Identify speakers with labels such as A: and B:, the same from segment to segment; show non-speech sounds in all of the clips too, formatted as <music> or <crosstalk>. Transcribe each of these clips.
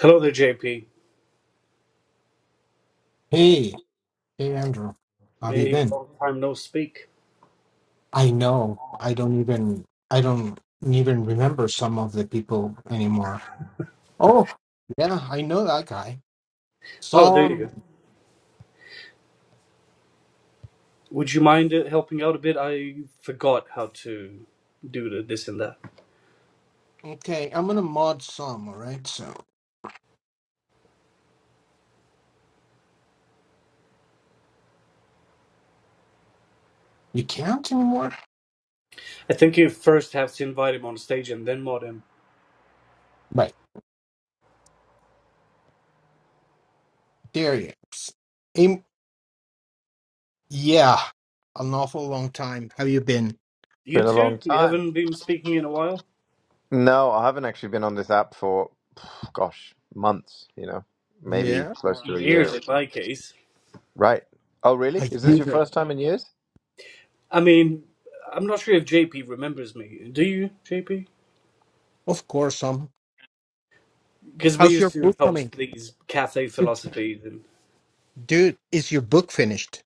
A: Hello there, JP.
B: Hey, hey Andrew, how have you
A: Hey,
B: been?
A: long time no speak.
B: I know I don't even I don't even remember some of the people anymore. Oh, yeah, I know that guy.
A: Oh, there you
B: Some
A: go. Would you mind uh, helping out a bit? I forgot how to do the this and that.
B: okay, I'm gonna mod some, all right? So you can't anymore?
A: I think you first have to invite him on stage and then mod him.
B: Right, there he is. Im- yeah, an awful long time. How you been?
A: You
C: Been a long
A: too? You
C: time.
A: haven't been speaking in a while?
C: No, I haven't actually been on this app for, <sighs> pff, gosh, months, you know,
A: Y-
C: maybe
B: Yeah,
C: close to a year.
A: Years in my case.
C: Right. Oh, really?
B: a
C: Is this your
B: user.
C: first time in years? <laughs>
A: I mean, I'm not sure if JP remembers me. Do you, JP?
B: Of course, um.
A: Because we
B: How's your
A: used to
B: book coming?
A: host these cafe
B: It's-
A: philosophies and
B: Dude, is your book finished?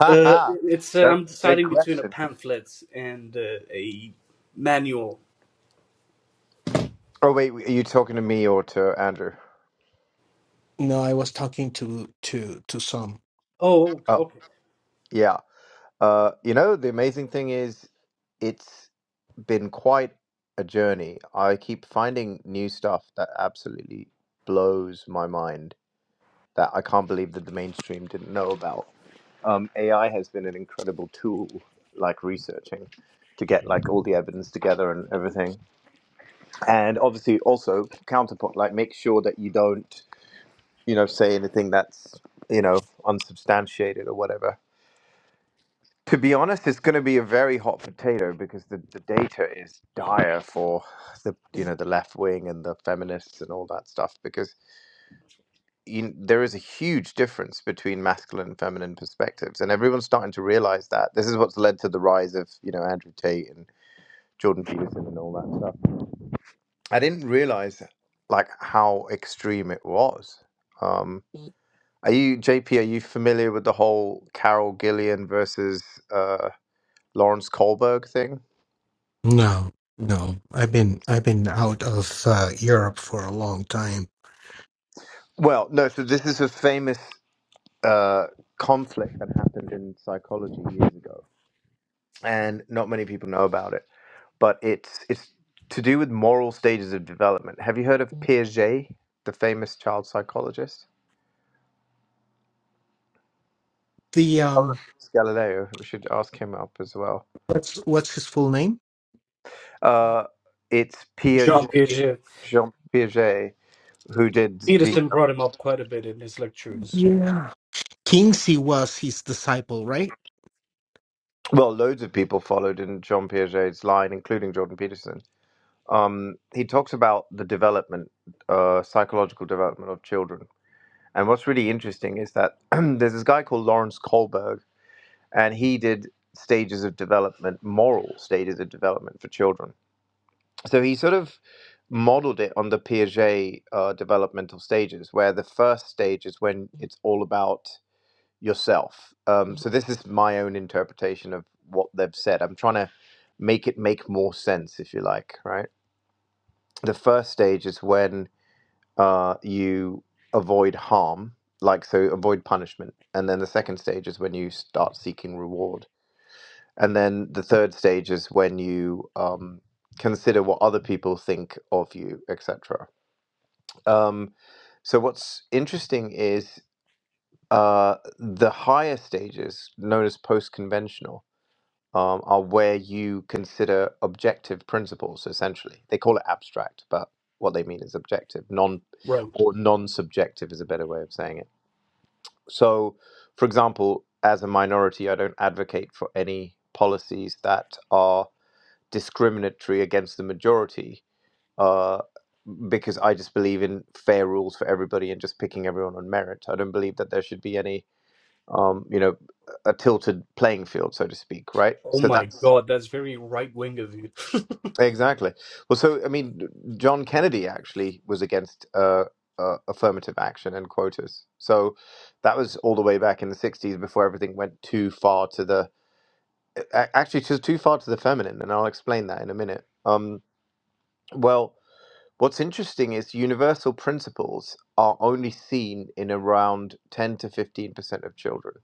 C: Ha
A: uh,
C: ha.
A: it's uh,
C: That's
A: I'm
C: a big
A: deciding between a
C: question.
A: pamphlet and uh, a manual
C: Oh, wait, are you talking to me or to Andrew?
B: No, I was talking to to to some.
A: Oh,
C: Oh,
A: okay.
C: yeah. Uh, you know, the amazing thing is it's been quite a journey. I keep finding new stuff that absolutely blows my mind. that I can't believe that the mainstream didn't know about. Um, AI has been an incredible tool, like researching, to get like all the evidence together and everything. And obviously, also counterpoint, like make sure that you don't, you know, say anything that's you know unsubstantiated or whatever. To be honest, it's going to be a very hot potato because the, the data is dire for the you know the left wing and the feminists and all that stuff because you, there is a huge difference between masculine and feminine perspectives, and everyone's starting to realize that. This is what's led to the rise of you know Andrew Tate and Jordan Peterson and all that stuff. I didn't realize like how extreme it was. Um, are you JP? Are you familiar with the whole Carol Gillian versus uh, Lawrence Kohlberg thing?
B: No, no. I've been I've been out of uh, Europe for a long time.
C: Well, no. So this is a famous uh, conflict that happened in psychology years ago, and not many people know about it but it's it's to do with moral stages of development. Have you heard of Piaget, the famous child psychologist?
B: The
C: Oh, look,
B: um,
C: it's Galileo. We should ask him up as well.
B: what's what's his full name?
C: Uh, it's
A: Sure. Jean
C: Piaget,
A: Piaget.
C: Jean Piaget, who did the
A: Peterson brought him up quite a bit in his lectures.
B: Yeah, Kingsley was his disciple, right?
C: well. Loads of people followed in Jean Piaget's line, including Jordan Peterson. Um, he talks about the development, uh, psychological development of children. And what's really interesting is that <clears throat> there's this guy called Lawrence Kohlberg and he did stages of development, moral stages of development for children. So he sort of modeled it on the Piaget uh, developmental stages, where the first stage is when it's all about yourself. Um, so this is my own interpretation of what they've said. I'm trying to make it make more sense, if you like, right? The first stage is when uh, you avoid harm, like so avoid punishment. And then the second stage is when you start seeking reward And then the third stage is when you um, consider what other people think of you, etc. Um, so what's interesting is uh, the higher stages, known as post-conventional, um, are where you consider objective principles. Essentially, they call it abstract, but what they mean is objective, non
A: Right.
C: or non-subjective is a better way of saying it. So, for example, as a minority, I don't advocate for any policies that are discriminatory against the majority uh, because I just believe in fair rules for everybody and just picking everyone on merit. I don't believe that there should be any, um, you know, a tilted playing field, so to speak, right?
A: Oh
C: So
A: my
C: that's
A: God, that's very right wing of you.
C: exactly. Well, so, I mean, John Kennedy actually was against uh, uh, affirmative action and quotas. So that was all the way back in the 60s before everything went too far to the, a- actually, too too far to the feminine. And I'll explain that in a minute. Um, well, What's interesting is universal principles are only seen in around 10 to 15% of children.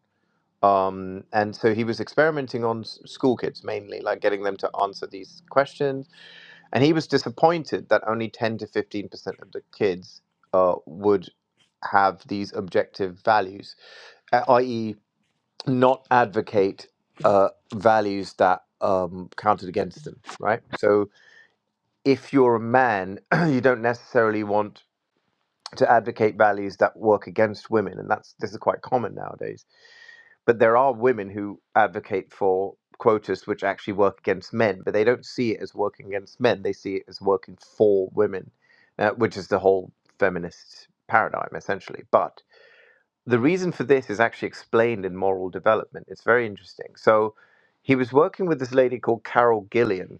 C: Um, and so he was experimenting on s- school kids mainly, like getting them to answer these questions. And he was disappointed that only 10 to 15% of the kids uh, would have these objective values, a- i.e., not advocate uh, values that um, counted against them, right? So if you're a man, <clears throat> you don't necessarily want to advocate values that work against women and that's this is quite common nowadays but there are women who advocate for quotas which actually work against men but they don't see it as working against men they see it as working for women uh, which is the whole feminist paradigm essentially but the reason for this is actually explained in moral development it's very interesting so he was working with this lady called carol gillian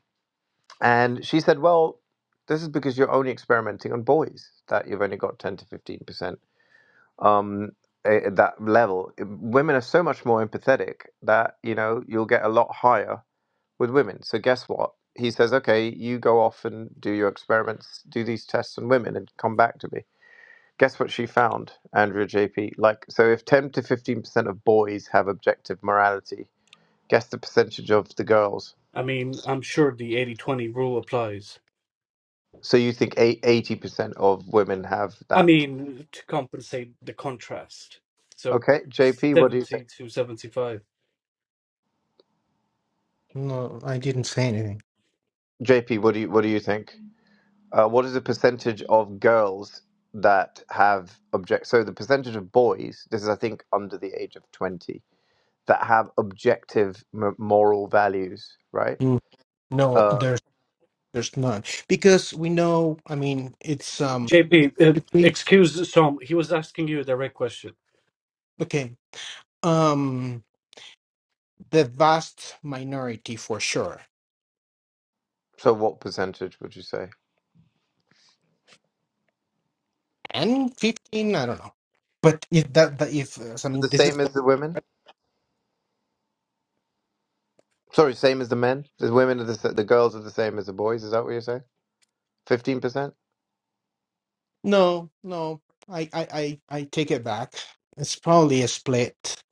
C: and she said well this is because you're only experimenting on boys that you've only got 10 to 15% um, a- that level. Women are so much more empathetic that you know you'll get a lot higher with women. So guess what? He says, okay, you go off and do your experiments, do these tests on women, and come back to me. Guess what she found, Andrea JP? Like, so if 10 to 15% of boys have objective morality, guess the percentage of the girls.
A: I mean, I'm sure the eighty twenty rule applies.
C: So you think eight- 80% of women have
A: I
C: that.
A: mean, to compensate the contrast. So
C: Okay, JP, what do you think?
A: 70 to 75.
B: No, I didn't say anything.
C: JP, what do you what do you think? Uh, what is the percentage of girls that have object? So the percentage of boys, this is I think under the age of twenty, that have objective m- moral values, right?
B: Mm, No,
C: Uh,
B: there's there's none because we know. I mean, it's um.
A: JP, uh,
B: If we
A: excuse Tom. He was asking you a direct question.
B: okay, Um, the vast minority for sure,
C: so what percentage would you say?
B: and fifteen, I don't know. But if that, that if uh, so, I
C: So
B: mean,
C: the
B: this is
C: same as the women? Sorry, same as the men. The women are the sa- the girls are the same as the boys. Is that what you're saying? Fifteen percent?
B: no, no. I, I, I, I take it back. It's probably a split,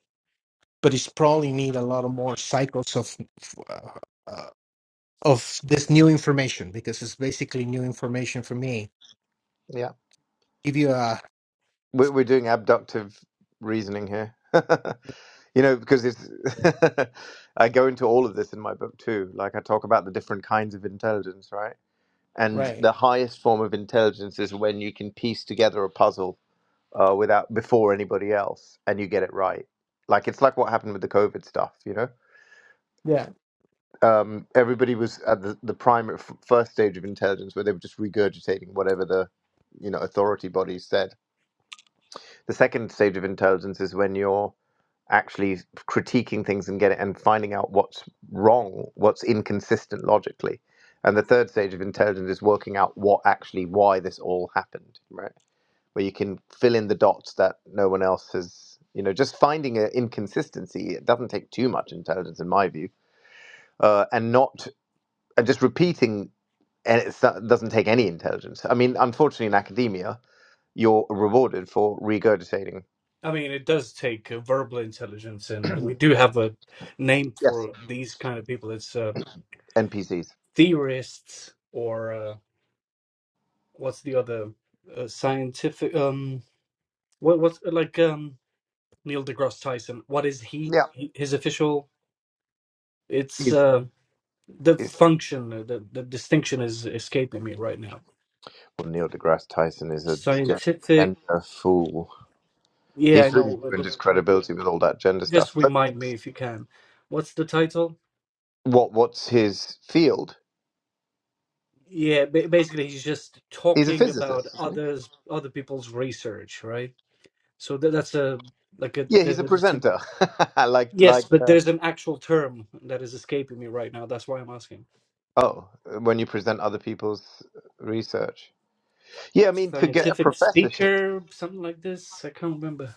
B: but it's probably need a lot of more cycles of uh, uh, of this new information because it's basically new information for me.
C: Yeah.
B: Give you a
C: We're, we're doing abductive reasoning here. <laughs> You know, because it's <laughs> I go into all of this in my book too. Like I talk about the different kinds of intelligence, right? And
B: right,
C: the highest form of intelligence is when you can piece together a puzzle uh, without before anybody else, and you get it right. Like it's like what happened with the COVID stuff, you know.
B: yeah.
C: Um, everybody was at the, the primary f- first stage of intelligence where they were just regurgitating whatever the you know authority bodies said The second stage of intelligence is when you're actually critiquing things and getting and finding out what's wrong, what's inconsistent logically. And the third stage of intelligence is working out what actually why this all happened, right? Where you can fill in the dots that no one else has, you know, just finding an inconsistency. It doesn't take too much intelligence, in my view, uh, and not and just repeating. And it doesn't take any intelligence. I mean, unfortunately, in academia, you're rewarded for regurgitating.
A: I mean, it does take uh, verbal intelligence, and we do have a name
C: Yes.
A: for these kind of people. It's uh,
C: NPCs.
A: theorists, or uh, what's the other uh, scientific? Um, what what's uh, like um, Neil deGrasse Tyson? What is he?
C: Yeah.
A: he his official? It's
C: He's,
A: uh, the
C: he's
A: function. uh, The the distinction is escaping me right now.
C: well, Neil deGrasse Tyson is a gen-
A: Scientific.
C: gender fool.
A: Yeah, I
C: He's really
A: know, but
C: ruined
A: but,
C: his
A: like.
C: credibility with all that gender
A: Just
C: stuff. But
A: remind me if you can. What's the title?
C: what what's his field?
A: Yeah, ba- basically he's just
C: He's a
A: talking about
C: physicist, isn't
A: others, other people's research, right? So tha- that's a like a
C: he? Yeah, he's
A: there's
C: a
A: a distinct.
C: presenter. <laughs> like
A: Yes,
C: like
A: but there's an actual term that is escaping me right now. That's why I'm asking.
C: oh, when you present other people's research. Yeah, I mean to get a
A: Scientific
C: professorship.
A: speaker, something like this. I can't remember.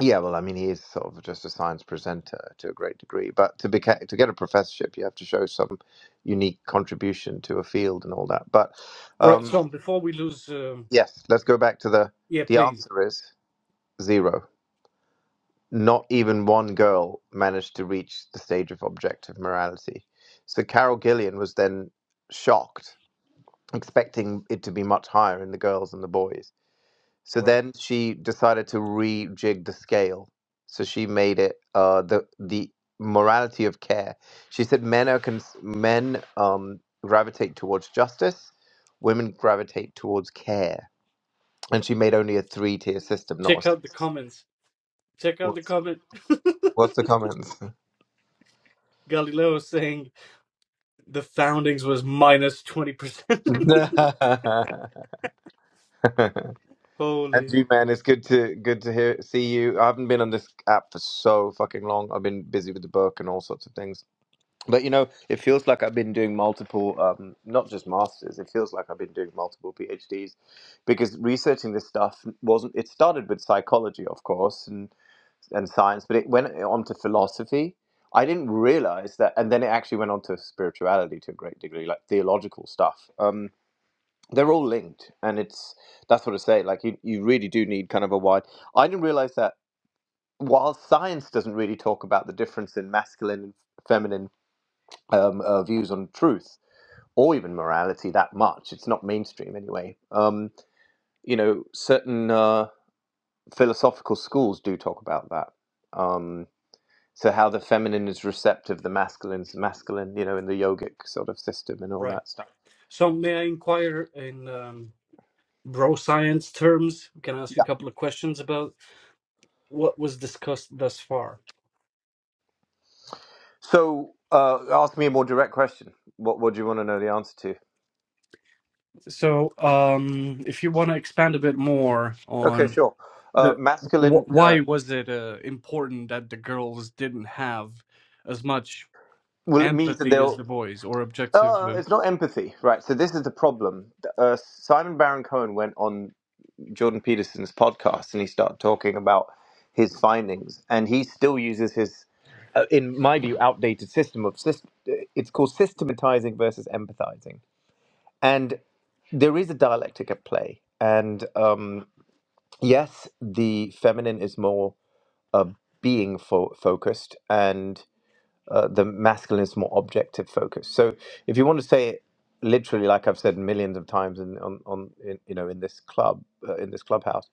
C: Yeah, well, I mean he is sort of just a science presenter to a great degree, but to be to get a professorship, you have to show some unique contribution to a field and all that. But
A: Right,
C: um,
A: Tom. Before we lose, um,
C: Yes, let's go back to the
A: yeah,
C: the
A: please.
C: answer is zero. Not even one girl managed to reach the stage of objective morality. So Carol Gillian was then shocked, expecting it to be much higher in the girls and the boys. So
A: Right,
C: then she decided to rejig the scale. So she made it uh, the the morality of care. She said men are cons- men um, gravitate towards justice, women gravitate towards care And she made only a three tier system, not a
A: check out the
C: six.
A: comments. Check out the
C: What's,
A: comment.
C: what's the comments?
A: <laughs> Galileo is saying the foundings was minus twenty percent. <laughs>
C: <laughs> and
A: Holy,
C: you, man, it's good to good to hear see you. I haven't been on this app for so fucking long. I've been busy with the book and all sorts of things. But you know, it feels like I've been doing multiple, um, not just masters. It feels like I've been doing multiple PhDs because researching this stuff wasn't. It started with psychology, of course, and. and science, but it went eh, on to philosophy. I didn't realize that, and then it actually went on to spirituality to a great degree, like theological stuff. Um, they're all linked, and it's that's what I say. Like you, you really do need kind of a wide. I didn't realize that while science doesn't really talk about the difference in masculine and feminine um, uh, views on truth or even morality that much, it's not mainstream anyway. Um, you know, certain uh, philosophical schools do talk about that. Um, So how the feminine is receptive, the masculine's masculine, you know, in the yogic sort of system and all
A: right.
C: that stuff.
A: So may I inquire in um, bro science terms? Can I ask you a couple of questions about what was discussed thus far?
C: So uh, ask me a more direct question. What what do you want to know the answer to?
A: So, um, if you want to expand a bit more
C: Okay,
A: on
C: sure. Uh,
A: the
C: masculine.
A: wh-
C: Uh,
A: why was it uh, important that the girls didn't have as much
C: well, it means that
A: empathy as
C: they'll.
A: the boys or objective
C: Uh,
A: uh,
C: it's not empathy, right? So this is the problem. Uh, Simon Baron Cohen went on Jordan Peterson's podcast and he started talking about his findings, and he still uses his, uh, in my view, outdated system of system. It's called systematizing versus empathizing And there is a dialectic at play. And um, yes, the feminine is more uh, being fo- focused, and uh, the masculine is more objective focused. So, if you want to say it literally, like I've said millions of times in on, on in, you know in this club uh, in this clubhouse,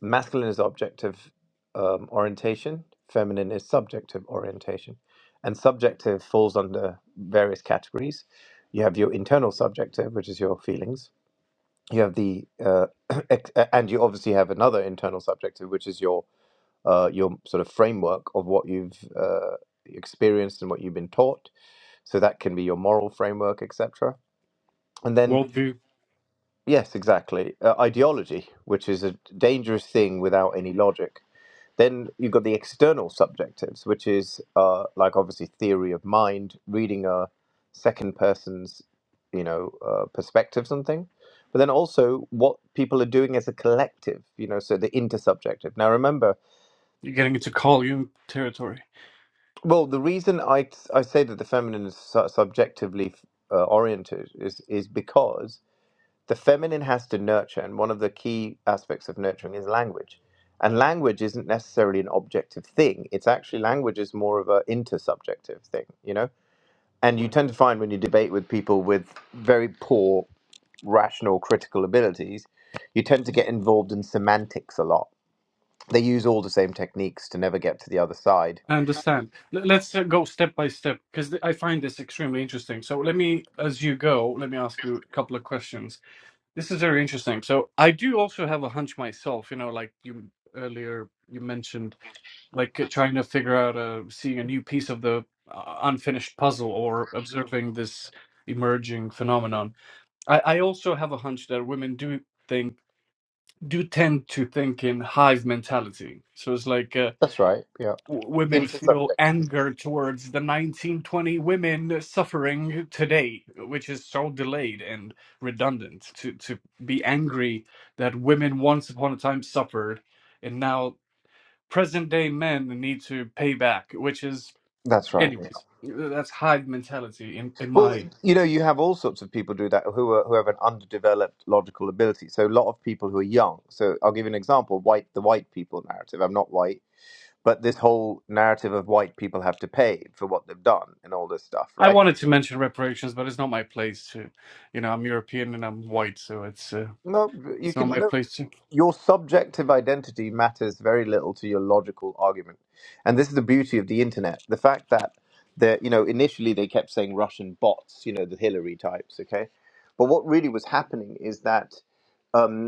C: masculine is objective um, orientation, feminine is subjective orientation, and subjective falls under various categories. You have your internal subjective, which is your feelings you have the uh, <clears throat> ex- a- and you obviously have another internal subjective which is your uh, your sort of framework of what you've uh, experienced and what you've been taught so that can be your moral framework etc and then
A: worldview?
C: yes exactly uh, ideology which is a dangerous thing without any logic then you've got the external subjectives, which is uh, like obviously theory of mind, reading a second person's, you know, uh, perspectives on things. But then also what people are doing as a collective, you know, so the intersubjective. Now remember,
A: You're getting into Carl Jung territory.
C: well, the reason I I say that the feminine is su- subjectively uh, oriented is is because the feminine has to nurture, and one of the key aspects of nurturing is language. And language isn't necessarily an objective thing. It's actually language is more of a intersubjective thing, you know. And
A: Right.
C: you tend to find when you debate with people with very poor rational critical abilities, you tend to get involved in semantics a lot. They use all the same techniques to never get to the other side.
A: I understand. L- Let's uh, go step by step because I find this extremely interesting. So let me, as you go, let me ask you a couple of questions. This is very interesting. So I do also have a hunch myself. You know, like you earlier you mentioned, like uh, trying to figure out a seeing a new piece of the uh, unfinished puzzle or observing this emerging phenomenon. I, I also have a hunch that women do think do tend to think in hive mentality. So it's like. Uh,
C: That's right. Yeah.
A: w- women feel
C: Intersubjective.
A: anger towards the 1920 women suffering today, which is so delayed and redundant to, to be angry that women once upon a time suffered and now present day men need to pay back, which is,
C: That's right.
A: anyways, that's Hyde mentality in, in
C: Well,
A: my.
C: you know, you have all sorts of people do that who are, who have an underdeveloped logical ability. So a lot of people who are young. So I'll give you an example: white, the white people narrative. I'm not white, but this whole narrative of white people have to pay for what they've done and all this stuff,
A: I
C: right?
A: wanted to mention reparations, but it's not my place to, you know, I'm European and I'm white, so it's uh,
C: No, you
A: it's not my
C: can. No,
A: place to.
C: your subjective identity matters very little to your logical argument, and this is the beauty of the internet: the fact that the you know initially they kept saying Russian bots, you know, the Hillary types, okay, but what really was happening is that. Um,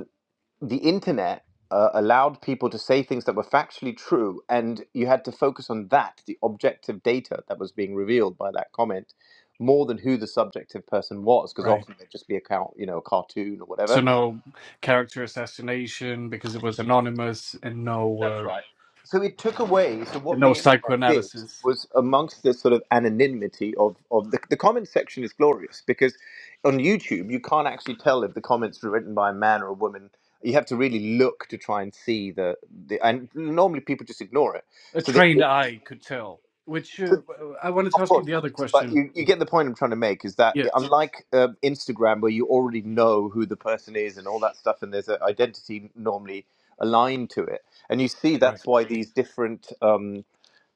C: the internet uh, allowed people to say things that were factually true, and you had to focus on that, the objective data that was being revealed by that comment, more than who the subjective person was, because
A: right.
C: often they'd just be a count, you know, a cartoon or
A: So
C: whatever.
A: no character assassination because it was anonymous, and no uh,
C: right? So it took away. So
A: and
C: what the
A: no
C: internet did
A: psychoanalysis.
C: was, amongst the sort of anonymity of of the, the comment section is glorious because on YouTube you can't actually tell if the comments were written by a man or a woman. You have to really look to try and see the the and normally people just ignore it.
A: A
C: So the
A: trained eye could tell. Which
C: so
A: uh, I wanted to
C: of
A: ask you
C: course.
A: the other
C: But
A: question.
C: you, you get the point I'm trying to make is that
A: Yes.
C: unlike um, Instagram, where you already know who the person is and all that stuff, and there's an identity normally aligned to it, and you see
A: Right.
C: that's why these different um,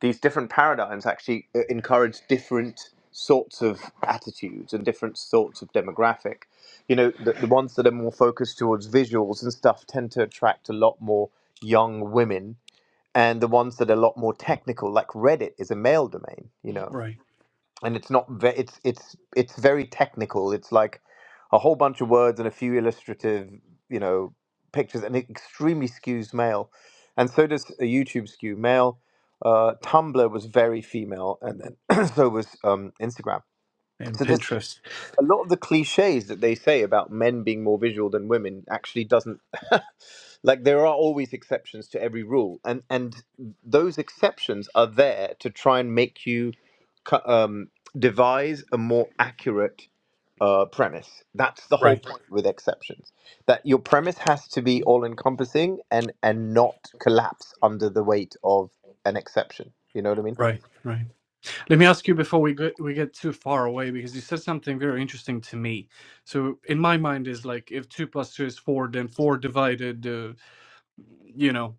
C: these different paradigms actually uh, encourage different sorts of attitudes and different sorts of demographic. You know, the, the ones that are more focused towards visuals and stuff tend to attract a lot more young women, and the ones that are a lot more technical, like Reddit, is a male domain. You know
A: Right.
C: and it's not ve- it's it's it's very technical it's like a whole bunch of words and a few illustrative you know pictures and it extremely skews male and so does a youtube skew male uh, tumblr was very female and then <clears throat> so was um, instagram
A: And
C: so this
A: Pinterest.
C: a lot of the cliches that they say about men being more visual than women actually doesn't <laughs> like there are always exceptions to every rule and and those exceptions are there to try and make you co- um, devise a more accurate uh, premise that's the whole
A: Right.
C: point with exceptions that your premise has to be all encompassing and and not collapse under the weight of an exception you know what i mean
A: Right. Right. Let me ask you before we get we get too far away because you said something very interesting to me. So in my mind is like if two plus two is four, then four divided, uh, you know,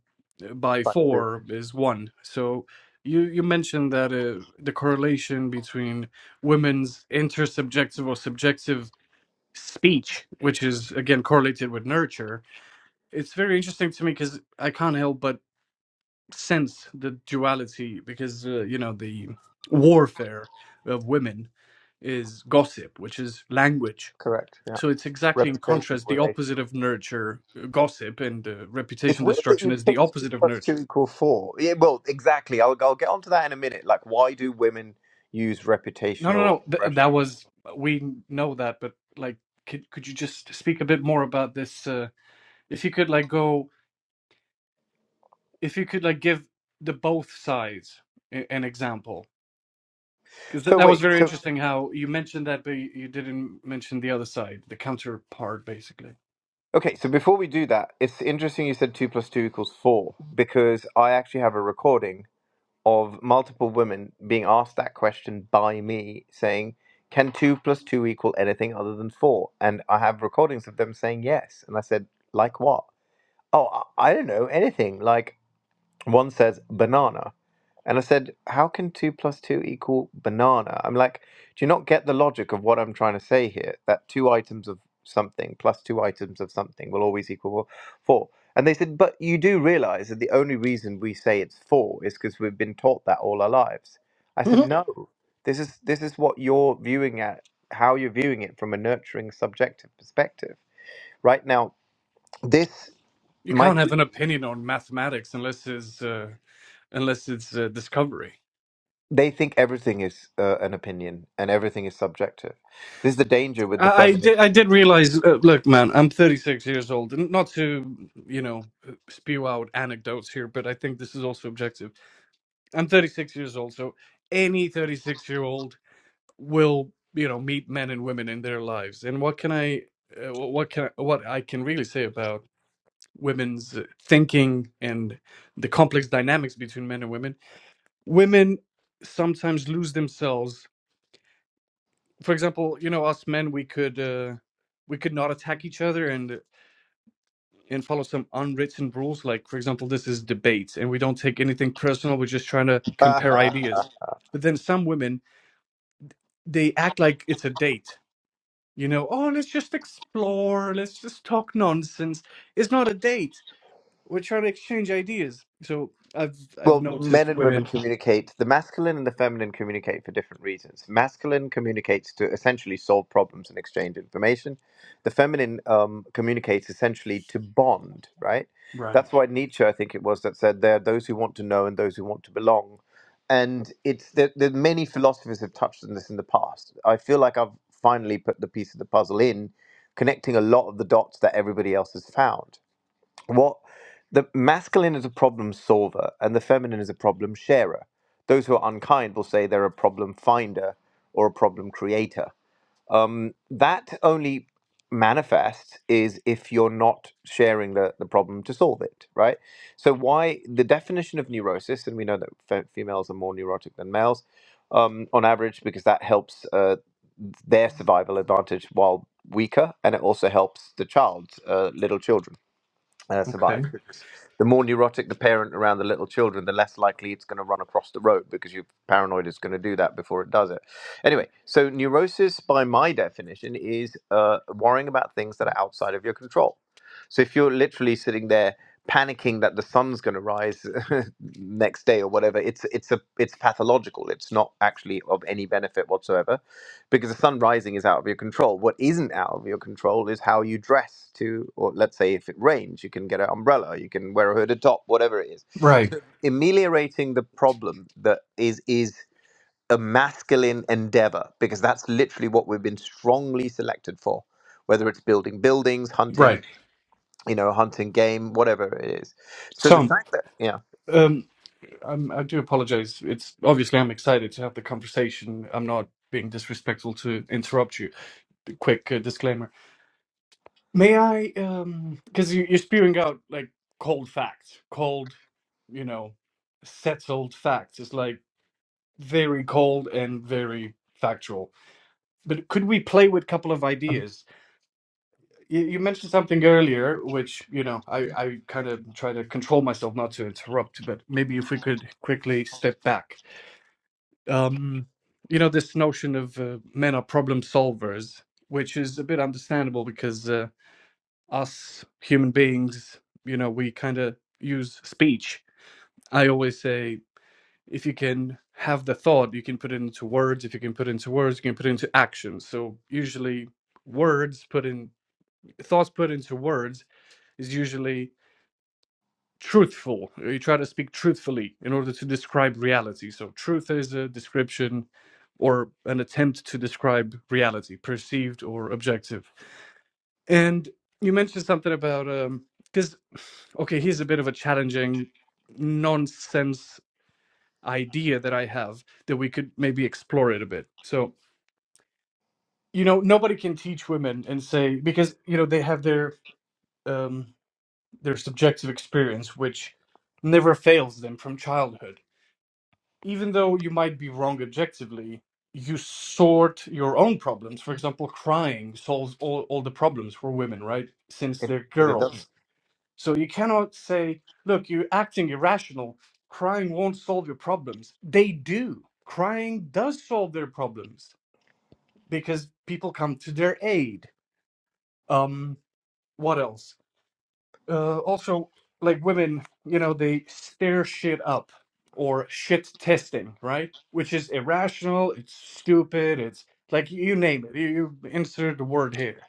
A: by
C: right
A: four is one. So you you mentioned that uh, the correlation between women's intersubjective or subjective speech, which is again correlated with nurture, it's very interesting to me because I can't help but sense the duality because uh, you know the warfare of women is gossip which is language
C: correct yeah
A: so it's exactly in
C: reputational
A: contrast the
C: relational
A: opposite of nurture uh, gossip and uh,
C: It's
A: reputation
C: weird that
A: destruction
C: you
A: is the
C: picked two
A: opposite of
C: plus two
A: nurture
C: equal four. Yeah, well, exactly. I'll, I'll get onto that in a minute. Like, why do women use
A: no no
C: reputational
A: no th-
C: aggression?
A: that was we know that but like could could you just speak a bit more about this uh, if you could like go if you could like give the both sides a- an example Because th-
C: So
A: that was
C: wait,
A: very
C: so
A: interesting how you mentioned that, but you you didn't mention the other side, the counterpart, basically.
C: okay, so before we do that, it's interesting you said two plus two equals four because I actually have a recording of multiple women being asked that question by me saying, "Can two plus two equal anything other than four?" And I have recordings of them saying yes, and I said, "Like what? Oh, I, I don't know anything. Like." One says banana. And I said, How can two plus two equal banana? I'm like, Do you not get the logic of what I'm trying to say here? That two items of something plus two items of something will always equal four. And they said, But you do realize that the only reason we say it's four is because we've been taught that all our lives. I said,
A: Mhm.
C: No, this is this is what you're viewing at how you're viewing it from a nurturing subjective perspective. Right now, this
A: You
C: my
A: can't have an
C: theory
A: opinion on mathematics unless it's uh, unless it's uh, discovery.
C: they think everything is uh, an opinion and everything is subjective. This is the danger with
A: I,
C: the
A: I
C: feminine.
A: did I did realize. Uh, look, man, I'm 36 years old, and not to you know spew out anecdotes here, but I think this is also objective. I'm 36 years old, so any 36 year old will, you know, meet men and women in their lives. And what can I, uh, what can I, what I can really say about women's thinking and the complex dynamics between men and women? Women sometimes lose themselves. For example, you know, us men, we could, uh, we could not attack each other and and follow some unwritten rules like for example this is debate and we don't take anything personal we're just trying to compare
C: <laughs>
A: ideas but then some women they act like it's a date. You know, oh, let's just explore, let's just talk nonsense. It's not a date. We're trying to exchange ideas. So I've I've
C: Well, men
A: noticed
C: and women
A: women.
C: communicate. The masculine and the feminine communicate for different reasons. Masculine communicates to essentially solve problems and exchange information. The feminine um, communicates essentially to bond, right?
A: Right.
C: That's why Nietzsche, I think it was, that said there are those who want to know and those who want to belong. And it's that that many philosophers have touched on this in the past. I feel like I've finally put the piece of the puzzle in, connecting a lot of the dots that everybody else has found what the masculine is a problem solver and the feminine is a problem sharer those who are unkind will say they're a problem finder or a problem creator um, that only manifests is if you're not sharing the, the problem to solve it right so why the definition of neurosis and we know that fe- females are more neurotic than males um, on average because that helps uh, their survival advantage while weaker and it also helps the child's uh, little children uh, survive.
A: Okay.
C: Because the more neurotic the parent around the little children, the less likely it's going to run across the road because you're paranoid it's going to do that before it does it. Anyway, so neurosis, by my definition, is uh, worrying about things that are outside of your control. So if you're literally sitting there panicking that the sun's going to rise <laughs> next day or whatever, it's it's a it's pathological. It's not actually of any benefit whatsoever because the sun rising is out of your control. What isn't out of your control is how you dress to, or let's say if it rains, you can get an umbrella, you can wear a hooded top, whatever it is.
A: Right.
C: So ameliorating the problem that is is a masculine endeavor because that's literally what we've been strongly selected for, whether it's building buildings,
A: Right.
C: hunting, you know, hunting game, whatever it is. So the
A: So
C: fact that yeah.
A: um, I'm, I do apologize. It's obviously I'm excited to have the conversation. I'm not being disrespectful to interrupt you. Quick uh, disclaimer. May I? Um, because you, you're spewing out like cold facts, cold, you know, settled facts. It's like very cold and very factual. But could we play with a couple of ideas? You, you mentioned something earlier, which you know I, I kind of try to control myself not to interrupt, but maybe if we could quickly step back. Um, you know this notion of uh, men are problem solvers, which is a bit understandable because uh, us human beings, you know, we kind of use speech. I always say if you can have the thought, you can put it into words. If you can put it into words, you can put it into actions. So usually, words put in thoughts put into words is usually truthful. You try to speak truthfully in order to describe reality. So truth is a description or an attempt to describe reality, perceived or objective. And you mentioned something about um because okay, here's a bit of a challenging nonsense idea that I have that we could maybe explore it a bit. So, you know, nobody can teach women and say because you know they have their um their subjective experience which never fails them from childhood. Even though you might be wrong objectively, you sort your own problems. For example, crying solves all, all the problems for women, right? Since
C: It,
A: they're
C: but it doesn't.
A: girls So you cannot say, look, you're acting irrational. Crying won't solve your problems. They do. Crying does solve their problems because people come to their aid. Um, what else? Uh, also, like women, you know, they stir shit up or shit testing, right? Which is irrational, it's stupid, it's like you name it, you you insert the word here.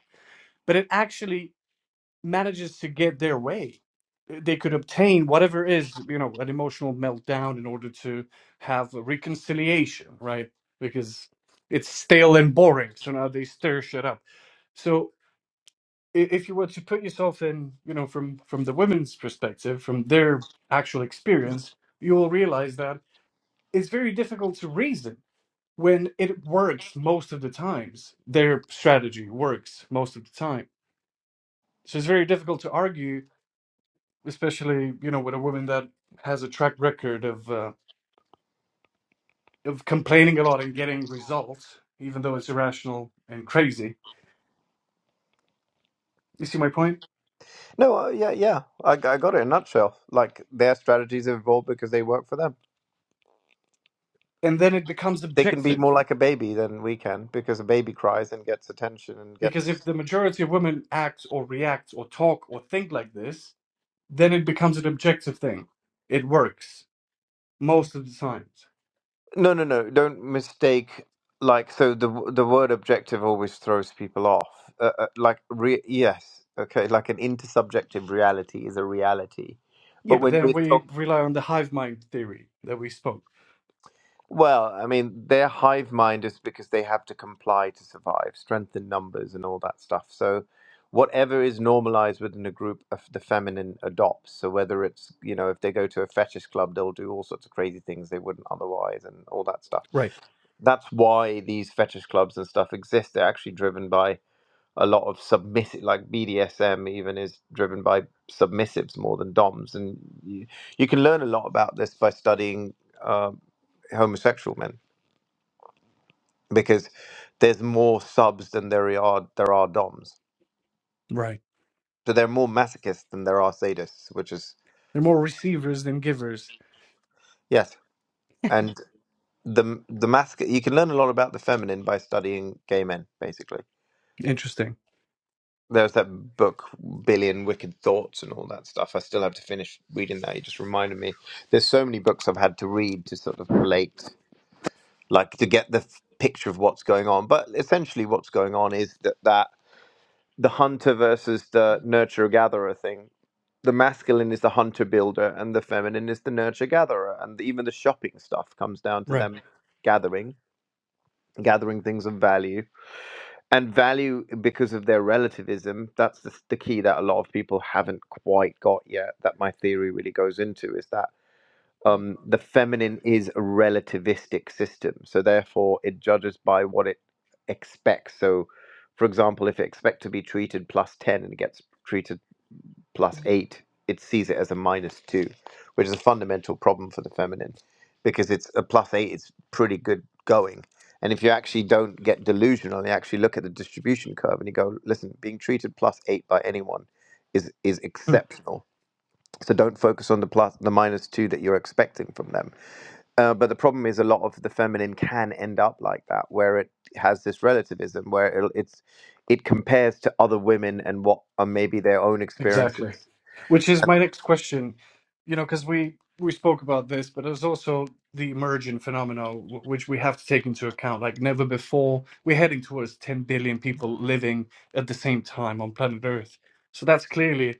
A: But it actually manages to get their way Uh, they could obtain whatever is you know an emotional meltdown in order to have a reconciliation right because it's stale and boring so now they stir shit up so i- if you were to put yourself in you know from from the women's perspective from their actual experience you'll realize that it's very difficult to reason when it works most of the times their strategy works most of the time so it's very difficult to argue especially you know with a woman that has a track record of uh, of complaining a lot and getting results even though it's irrational and crazy you see my point point?
C: No, uh, yeah, yeah. I, I got it in a nutshell. Like their strategies have evolved because they work for them.
A: and then it becomes
C: they can be
A: objective
C: more like a baby than we can because a baby cries and gets attention and
A: because if
C: gets
A: the majority of women act or react or talk or think like this then it becomes an objective thing it works most of the times
C: no no no don't mistake like so the w- the word objective always throws people off uh, uh, like re- yes okay like an intersubjective reality is a reality
A: yeah
C: but
A: but
C: when
A: then
C: we're talking
A: we rely on the hive mind theory that we spoke
C: Well, I mean, their hive mind is because they have to comply to survive, strength in numbers, and all that stuff. So, whatever is normalized within a group, of the feminine adopts. So, whether it's, you know, if they go to a fetish club, they'll do all sorts of crazy things they wouldn't otherwise, and all that stuff.
A: Right,
C: That's why these fetish clubs and stuff exist. They're actually driven by a lot of submissive, like BDSM even is driven by submissives more than DOMs. And you, you can learn a lot about this by studying um homosexual men because there's more subs than there are there are DOMs.
A: right,
C: So there are more masochists than there are sadists, which is
A: they're more receivers than givers
C: yes. And the the masoch you can learn a lot about the feminine by studying gay men, basically.
A: interesting
C: There was that book, Billion Wicked Thoughts, and all that stuff. I still have to finish reading that. It just reminded me. There's so many books I've had to read to sort of relate, like to get the f- picture of what's going on. But essentially, what's going on is that, that the hunter versus the nurturer gatherer thing the masculine is the hunter builder and the feminine is the nurture gatherer and even the shopping stuff comes down to
A: right.
C: them gathering gathering things of value and value because of their relativism that's the, the key that a lot of people haven't quite got yet that my theory really goes into is that um, the feminine is a relativistic system so therefore it judges by what it expects so for example if it expects to be treated plus 10 and it gets treated plus 8, it sees it as a minus 2, which is a fundamental problem for the feminine because it's a plus 8 is pretty good going. And if you actually don't get delusional, you actually look at the distribution curve and you go, listen, being treated plus 8 by anyone is is exceptional. So don't focus on the plus the minus 2 that you're expecting from them. Uh, but the problem is a lot of the feminine can end up like that, where it has this relativism, where it, it's it compares to other women and what are maybe their own
A: Exactly.
C: experiences
A: Which is my next question, you know, because we we spoke about this, but there's also the emergent phenomena w- which we have to take into account. Like never before, we're heading towards 10 billion people living at the same time on planet Earth. So that's clearly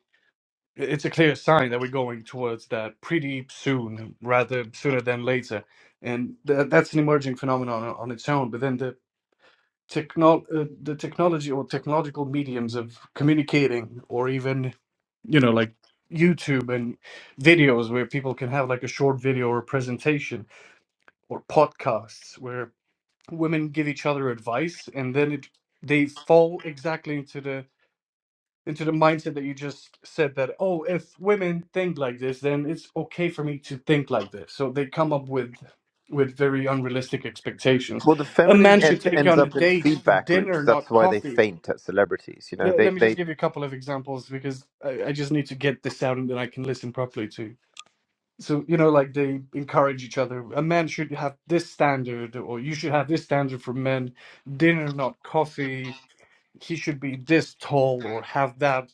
A: it's a clear sign that we're going towards that pretty soon, rather sooner than later. And th- that's an emerging phenomenon on on its own. But then the technol uh, the technology or technological mediums of communicating or even you know like youtube and videos where people can have like a short video or presentation or podcasts where women give each other advice and then it they fall exactly into the into the mindset that you just said that oh if women think like this then it's okay for me to think like this so they come up with with very unrealistic expectations
C: Well, the
A: a man
C: feminine
A: should
C: ends,
A: take you
C: ends
A: on a
C: up in
A: date for
C: feedback
A: dinner
C: loops. That's
A: not
C: why they
A: coffee
C: faint at celebrities. You know,
A: let,
C: they
A: let me just
C: they
A: give you a couple of examples because I, I just need to get this out and then I can listen properly to you. so you know like they encourage each other a man should have this standard or you should have this standard for men dinner not coffee he should be this tall or have that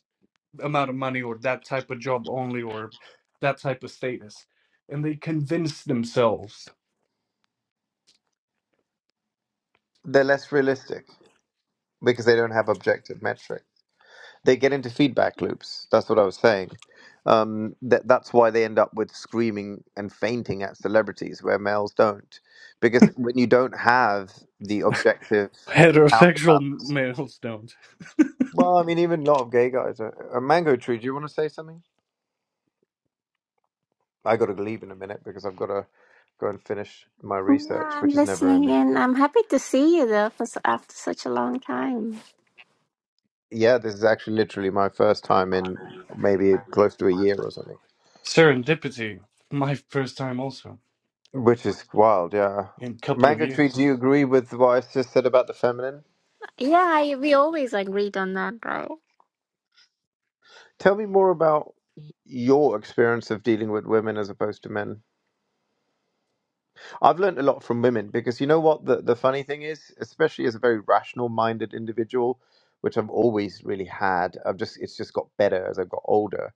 A: amount of money or that type of job only or that type of status and they convince themselves
C: they're less realistic because they don't have objective metric. They get into feedback loops. That's what I was saying. Um, that that's why they end up with screaming and fainting at celebrities, where males don't, because when you don't have the objective
A: heterosexual
C: counterbalance.
A: males don't
C: Well, I mean, even a lot of gay guys. A, a mango tree. Do you want to say something? I got to leave in a minute because I've got to go and finish my
D: No,
C: research,
D: I'm
C: which is never
D: listening
C: ending.
D: in. I'm happy to see you though, for s- after such a long time.
C: Yeah, this is actually literally my first time in maybe close to a year or something,
A: serendipity my first time also
C: which is wild. Yeah,
A: in a couple of
C: Mango Tree,
A: years
C: do you agree with what I just said about the feminine?
D: Yeah, I, we always agreed on that, right?
C: Tell me more about your experience of dealing with women as opposed to men. I've learned a lot from women because you know what the the funny thing is, especially as a very rational minded individual, which I've always really had. I've just it's just got better as I've got older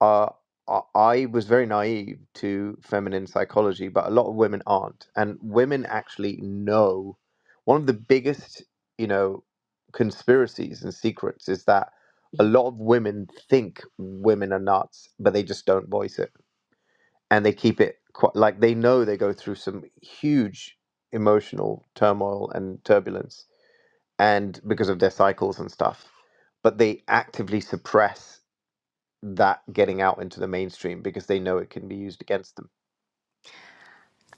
C: uh, I I was very naive to feminine psychology, but a lot of women aren't. And women actually know one of the biggest, you know, conspiracies and secrets is that a lot of women think women are nuts, but they just don't voice it. And they keep it quite like they know they go through some huge emotional turmoil and turbulence and because of their cycles and stuff, but they actively suppress that getting out into the mainstream because they know it can be used against them.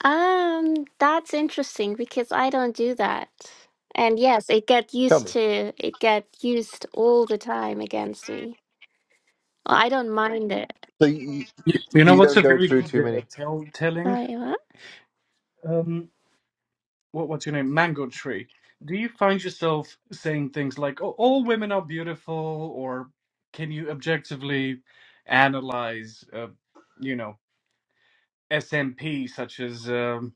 D: Um, that's interesting because I don't do that. And yes, it get
C: Tell
D: used
C: me.
D: to it get used all the time against me. Well, I don't mind it.
C: So you,
A: you, you know
C: you
A: what's
C: don't
A: a
C: go
A: very
C: through too
A: good uh,
C: many.
A: tell telling
D: Sorry, what?
A: Um, what what's your name mango tree do you find yourself saying things like oh, all women are beautiful or can you objectively analyze uh, you know smp such as um,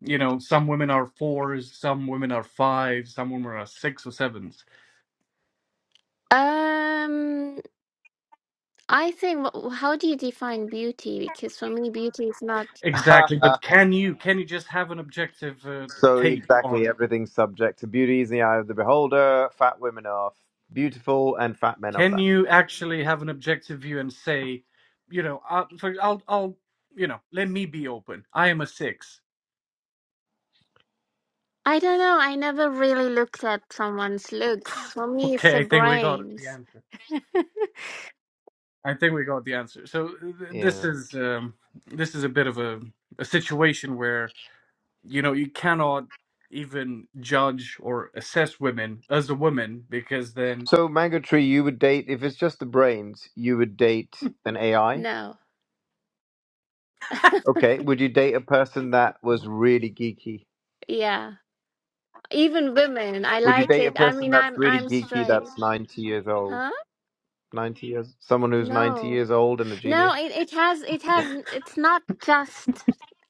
A: you know some women are fours some women are fives some women are six or sevens
D: Um, I think wh- wh- how do you define beauty? Because for me, beauty is not.
C: <laughs>
A: exactly but can you can you just have an objective uh,
C: so
A: take
C: exactly,
A: on
C: everything's subject to beauty is in the eye of the beholder. Fat women are beautiful, and fat men are
A: can
C: fat.
A: you actually have an objective view and say you know I, for, i'll i'll you know let me be open i am a six
D: I don't know. I never really looked at someone's looks. For me, it's
A: Okay,
D: the
A: I think we got
D: brains.
A: the answer.
D: <laughs>
A: I think we got the answer. So th- this
C: Yeah.
A: is um, this is a bit of a, a situation where you know you cannot even judge or assess women as a woman because then
C: So mango tree, you would date if it's just the brains. You would date
A: <laughs>
C: an AI.
D: No.
C: Okay. Would you date a person that was really geeky?
D: Yeah. Even women, I
C: Would you
D: like
C: date a
D: it. I
C: person
D: mean,
C: that's
D: I'm
C: really
D: I'm
C: geeky
D: straight.
C: that's ninety years old?
D: Huh?
C: Ninety years, someone who's ninety
D: No.
C: years old and a
D: No,
C: genius.
D: it, it has it has it's not just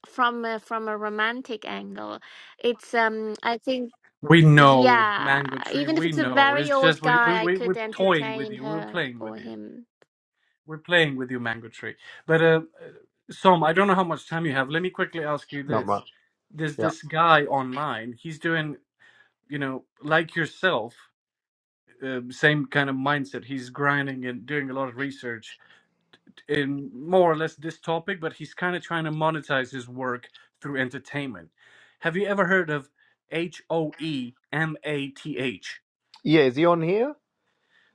D: from a, from a romantic angle. It's um I think
A: we know
D: yeah,
A: mango tree.
D: even if
A: We
D: it's a
A: know
D: very
A: it's just
D: old
A: we we
D: guy, I
A: we
D: could
A: we're toying with
D: entertain
A: you. We're
D: her
A: playing with
D: or
A: you.
D: him.
A: We're playing with you, mango tree. But uh, uh, Som, I don't know how much time you have. Let me quickly ask you
C: Not
A: this:
C: much.
A: There's
C: Yeah.
A: this guy online. He's doing you know like yourself. uh, same kind of mindset. He's grinding and doing a lot of research in more or less this topic, but he's kind of trying to monetize his work through entertainment. Have you ever heard of H O E M A T H?
C: Yeah. Is he on here?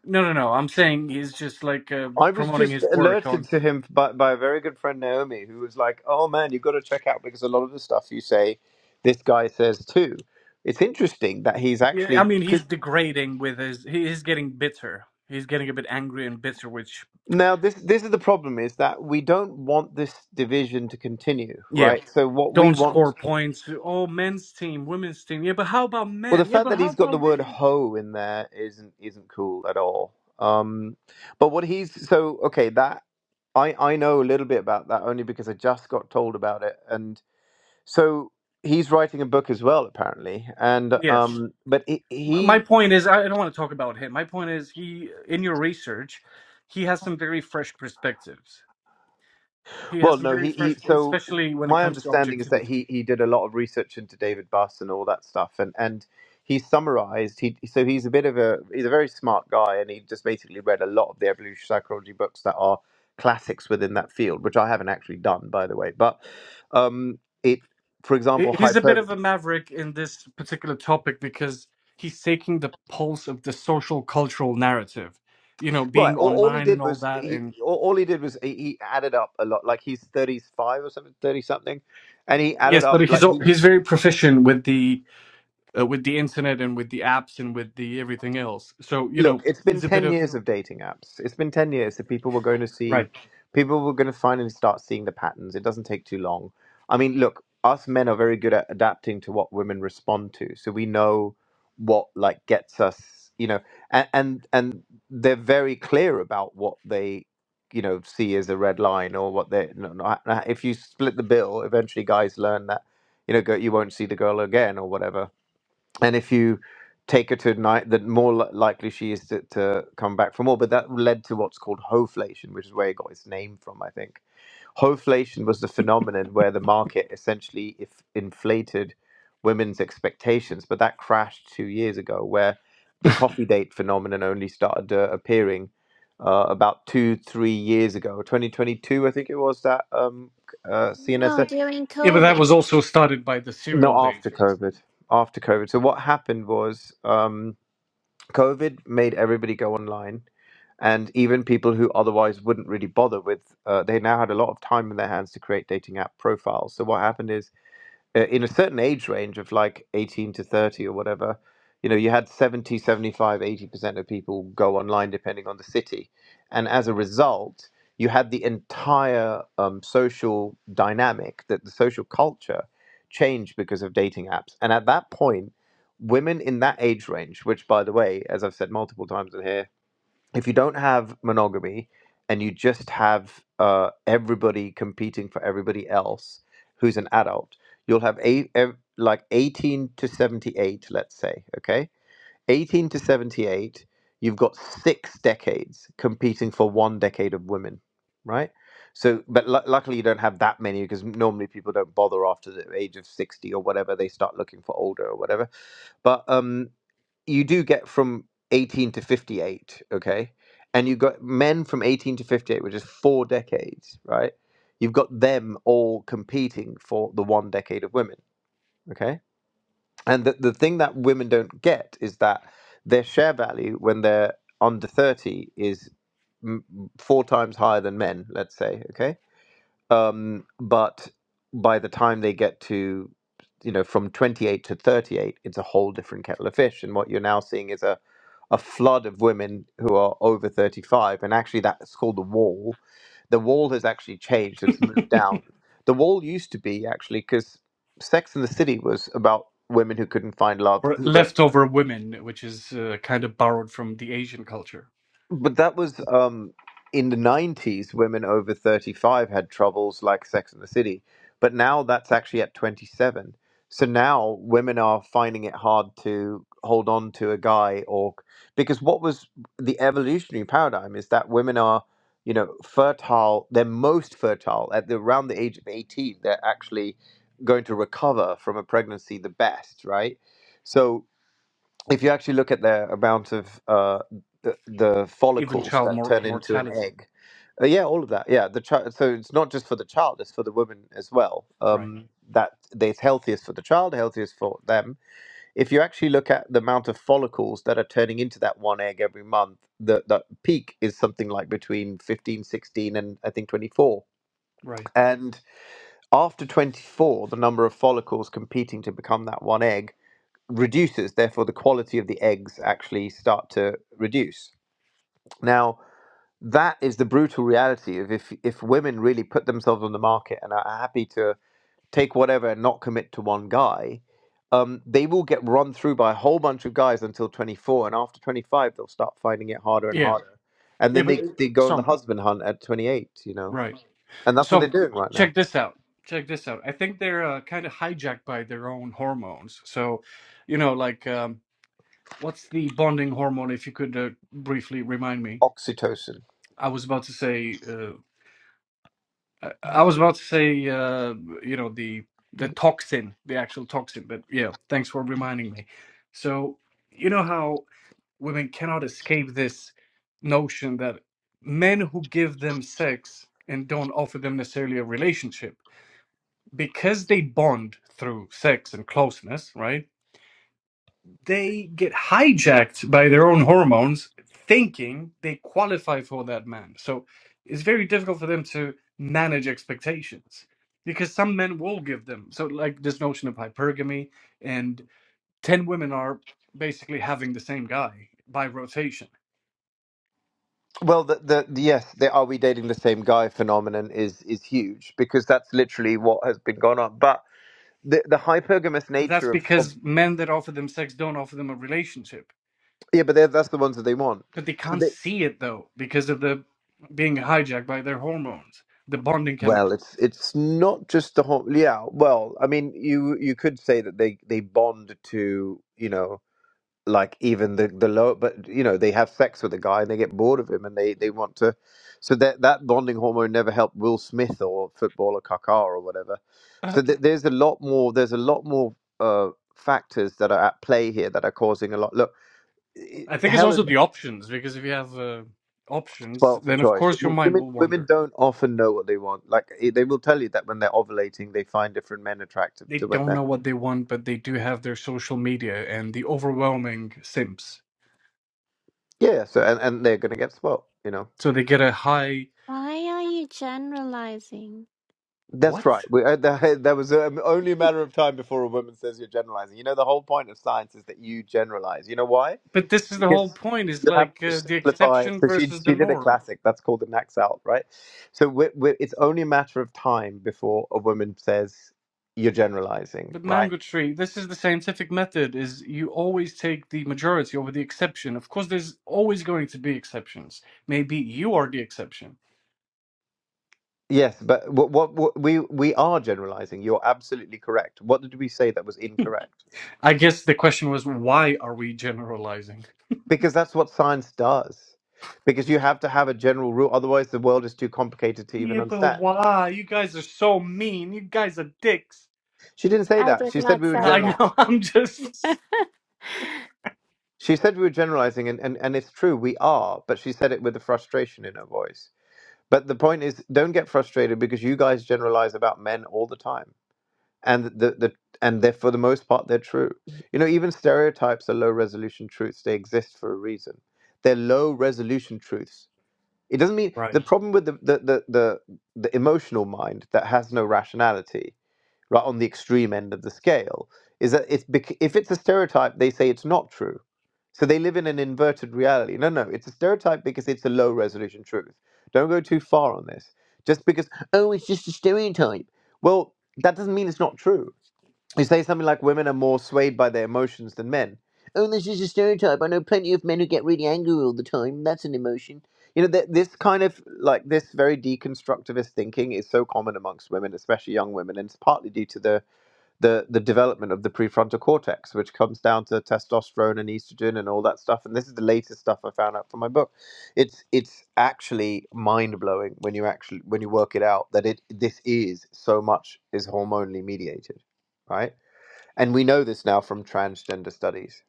A: No, no, no. I'm saying he's just like uh,
C: I was
A: promoting
C: just
A: his work
C: alerted
A: on.
C: to him by, by a very good friend, Naomi, who was like, oh man, you've got to check out because a lot of the stuff you say, this guy says too. It's interesting that he's
A: Yeah, I
C: actually.
A: mean,
C: 'cause-
A: he's degrading with his. he- He's getting bitter. He's getting a bit angry and bitter, which,
C: Now, this, this is the problem is that we don't want this division to continue,
A: yeah,
C: right? So, what we
A: don't
C: want.
A: score points. Oh, men's team, women's team. Yeah, but how about
C: Well, the
A: men? Yeah,
C: fact
A: but
C: that
A: how
C: he's got the
A: about
C: word
A: women?
C: "ho" in there isn't isn't cool at all. Um, but what he's so okay that I I know a little bit about that only because I just got told about it, and so he's writing a book as well apparently, and
A: Yes.
C: um, but he,
A: my
C: he
A: point is i don't want to talk about him my point is he in your research he has some very fresh perspectives he has
C: Well,
A: some
C: no,
A: very
C: he, he
A: fresh
C: so
A: especially when it
C: my
A: comes to
C: understanding is that
A: objectivity
C: he he did a lot of research into David Buss and all that stuff, and and he summarized. He so he's a bit of a he's a very smart guy, and he just basically read a lot of the evolutionary psychology books that are classics within that field, which I haven't actually done, by the way. But um, it, for example,
A: He- he's a bit
C: hyper.
A: of a maverick in this particular topic because he's taking the pulse of the social cultural narrative you know
C: Right,
A: being
C: all, all he
A: online and
C: did
A: all
C: was
A: that
C: he
A: and
C: all, all he did was he, he added up a lot. Like he's thirty five or something, thirty something, and he added
A: yes
C: up
A: but he's
C: like
A: al-
C: he
A: he's very proficient with the uh, with the internet and with the apps and with the everything else so you know
C: look, it's been
A: he's a bit
C: 10
A: of
C: years of dating apps. It's been 10 years, so people were going to see,
A: right
C: people were going to finally start seeing the patterns. It doesn't take too long. I mean, look, us men are very good at adapting to what women respond to. So we know what like gets us, you know, and and, and they're very clear about what they you know see as a red line or what they no, no, if you split the bill eventually guys learn that you know go, you won't see the girl again or whatever and if you take her to night that more li- likely she is to, to come back for more but that led to what's called hoflation which is where it got its name from i think hoflation was the phenomenon where the market essentially if inflated women's expectations but that crashed two years ago where the coffee date phenomenon only started uh, appearing uh, about two three years ago 2022 i think it was that um uh,
D: No,
C: cns
D: during
A: yeah but that
D: COVID.
A: was also started by the
C: no
A: serial
C: after
A: daters
C: covid after covid so what happened was um COVID made everybody go online, and even people who otherwise wouldn't really bother with, uh, they now had a lot of time in their hands to create dating app profiles. So what happened is uh, in a certain age range of like 18 to 30 or whatever you know you had seventy, seventy-five, eighty percent of people go online depending on the city and as a result you had the entire um, social dynamic that the social culture changed because of dating apps and at that point women in that age range which by the way as i've said multiple times in here if you don't have monogamy and you just have uh, everybody competing for everybody else who's an adult, you'll have eight, ev- like 18 to 78, let's say, okay? 18 to 78, you've got six decades competing for one decade of women, right? So, but lu luckily you don't have that many because normally people don't bother after the age of 60 or whatever. They start looking for older or whatever. But um, you do get from 18 to 58 okay and you've got men from 18 to 58 which is four decades right you've got them all competing for the one decade of women okay and the, the thing that women don't get is that their share value when they're under 30 is m- four times higher than men let's say okay um, but by the time they get to you know from 28 to 38 it's a whole different kettle of fish and what you're now seeing is a a flood of women who are over 35 and actually that's called the wall the wall has actually changed it's moved down the wall used to be actually because sex in the city was about women who couldn't find love
A: Or
C: who were
A: leftover women, which is uh, kind of borrowed from the Asian culture.
C: But that was um, in the 90s, women over 35 had troubles like Sex and the City. But now that's actually at 27. So now women are finding it hard to hold on to a guy or because what was the evolutionary paradigm is that women are you know fertile they're most fertile at the, around the age of 18 they're actually going to recover from a pregnancy the best right so if you actually look at the amount of uh, the, the
A: even
C: follicles
A: child
C: that
A: mor-
C: turn into an
A: mortality.
C: egg, uh, yeah, all of that. Yeah, the child. So it's not just for the child; it's for the woman as well.
A: Right,
C: Um, that that is healthiest for the child, healthiest for them. If you actually look at the amount of follicles that are turning into that one egg every month, the the peak is something like between 15, 16, and I think twenty four.
A: right.
C: And after twenty four, the number of follicles competing to become that one egg reduces, therefore the quality of the eggs actually start to reduce. Now, that is the brutal reality of if if women really put themselves on the market and are happy to take whatever and not commit to one guy, um, they will get run through by a whole bunch of guys until 24, and after 25, they'll start finding it harder and
A: Yeah,
C: harder, and
A: yeah,
C: then
A: but
C: they
A: uh,
C: they go on the
A: some
C: husband hunt at 28, you know,
A: right.
C: and that's what they're
A: Some
C: doing right now.
A: check this out. Check this out. I think they're uh, kind of hijacked by their own hormones. So, you know, like um, what's the bonding hormone? If you could uh, briefly remind me,
C: Oxytocin.
A: I was about to say. Uh, I I was about to say. Uh, you know the the toxin, the actual toxin. But yeah, thanks for reminding me. So. You know how women cannot escape this notion that men who give them sex and don't offer them necessarily a relationship because they bond through sex and closeness right they get hijacked by their own hormones thinking they qualify for that man so it's very difficult for them to manage expectations because some men will give them so like this notion of hypergamy and 10 women are basically having the same guy by rotation
C: Well, the, the the- yes, the "Are we dating the same guy?" phenomenon is is huge because that's literally what has been going on. But the the hypergamous
A: But that's
C: nature of, of
A: because men that offer them sex don't offer them a relationship.
C: yeah, but they're- that's the ones that they want.
A: But they
C: So
A: can't
C: they
A: see it though, because of the being hijacked by their hormones, the bonding
C: well,
A: chemical.
C: it's it's not just the whole yeah. Well, I mean, you you could say that they they bond to you know like even the the low, but you know they have sex with a guy and they get bored of him and they they want to so that that bonding hormone never helped will smith or footballer kakar or whatever
A: Uh,
C: so th- there's a lot more there's a lot more uh factors that are at play here that are causing a lot look i-
A: I
C: i-
A: think it's
C: hell is
A: also the options because if you have uh, options,
C: spoiled for
A: then of
C: choice
A: course your
C: W-
A: mind
C: women
A: will
C: women
A: wander.
C: don't often know what they want like i- they will tell you that when they're ovulating they find different men attractive
A: They
C: to when
A: don't
C: they're
A: know what they want, but they do have their social media and the overwhelming sims,
C: yeah so and, and they're gonna get spoiled you know
A: so they get a high
D: Why are you generalizing?
C: That's
A: what?
C: right. We, uh, <laughs> that, that was um, only a matter of time before a woman says you're generalizing. You know, the whole point of science is that you generalize. You know why?
A: But this is the whole
C: Because
A: point. Is
C: you have
A: like
C: to
A: uh, the
C: simplify.
A: exception
C: So she
A: versus the
C: she did a
A: norm.
C: classic that's called the Max Out, right? So we we it's only a matter of time before a woman says you're generalizing,
A: But
C: right?
A: mango tree, this is the scientific method: is you always take the majority over the exception. Of course, there's always going to be exceptions. Maybe you are the exception.
C: Yes, but what, what what we we are generalizing. You're absolutely correct. What did we say that was incorrect?
A: I guess the question was, why are we generalizing?
C: Because that's what science does. Because you have to have a general rule, otherwise the world is too complicated to even
A: Yeah, but
C: understand.
A: why? You guys are so mean. You guys are dicks.
C: She didn't say
D: I
C: that.
D: did
C: She said
D: not
C: we were
D: say
A: I
C: general.
D: that.
A: know. <laughs> I'm just
D: <laughs>
C: She said we were generalizing, and, and, and it's true, we are, but she said it with a frustration in her voice. But the point is, don't get frustrated because you guys generalize about men all the time. And the, the and they're for the most part they're true. You know, even stereotypes are low resolution truths. They exist for a reason. They're low resolution truths It doesn't mean the
A: right
C: problem with the the the the, the emotional mind that has no rationality, right on the extreme end of the scale, is that it's bec- if it's a stereotype, they say it's not true. So they live in an inverted reality. No, no, it's a stereotype because it's a low resolution truth. Don't go too far on this. Just because oh, it's just a stereotype. Well, that doesn't mean it's not true you say something like women are more swayed by their emotions than men. Oh, this is a stereotype. I know plenty of men who get really angry all the time. That's an emotion. You know, th- this kind of like this very deconstructivist thinking is so common amongst women, especially young women, and it's partly due to the the the development of the prefrontal cortex, which comes down to testosterone and estrogen and all that stuff. And this is the latest stuff I found out from my book. It's it's actually mind blowing when you actually when you work it out that it this is so much is hormonally mediated, right? And we know this now from transgender studies.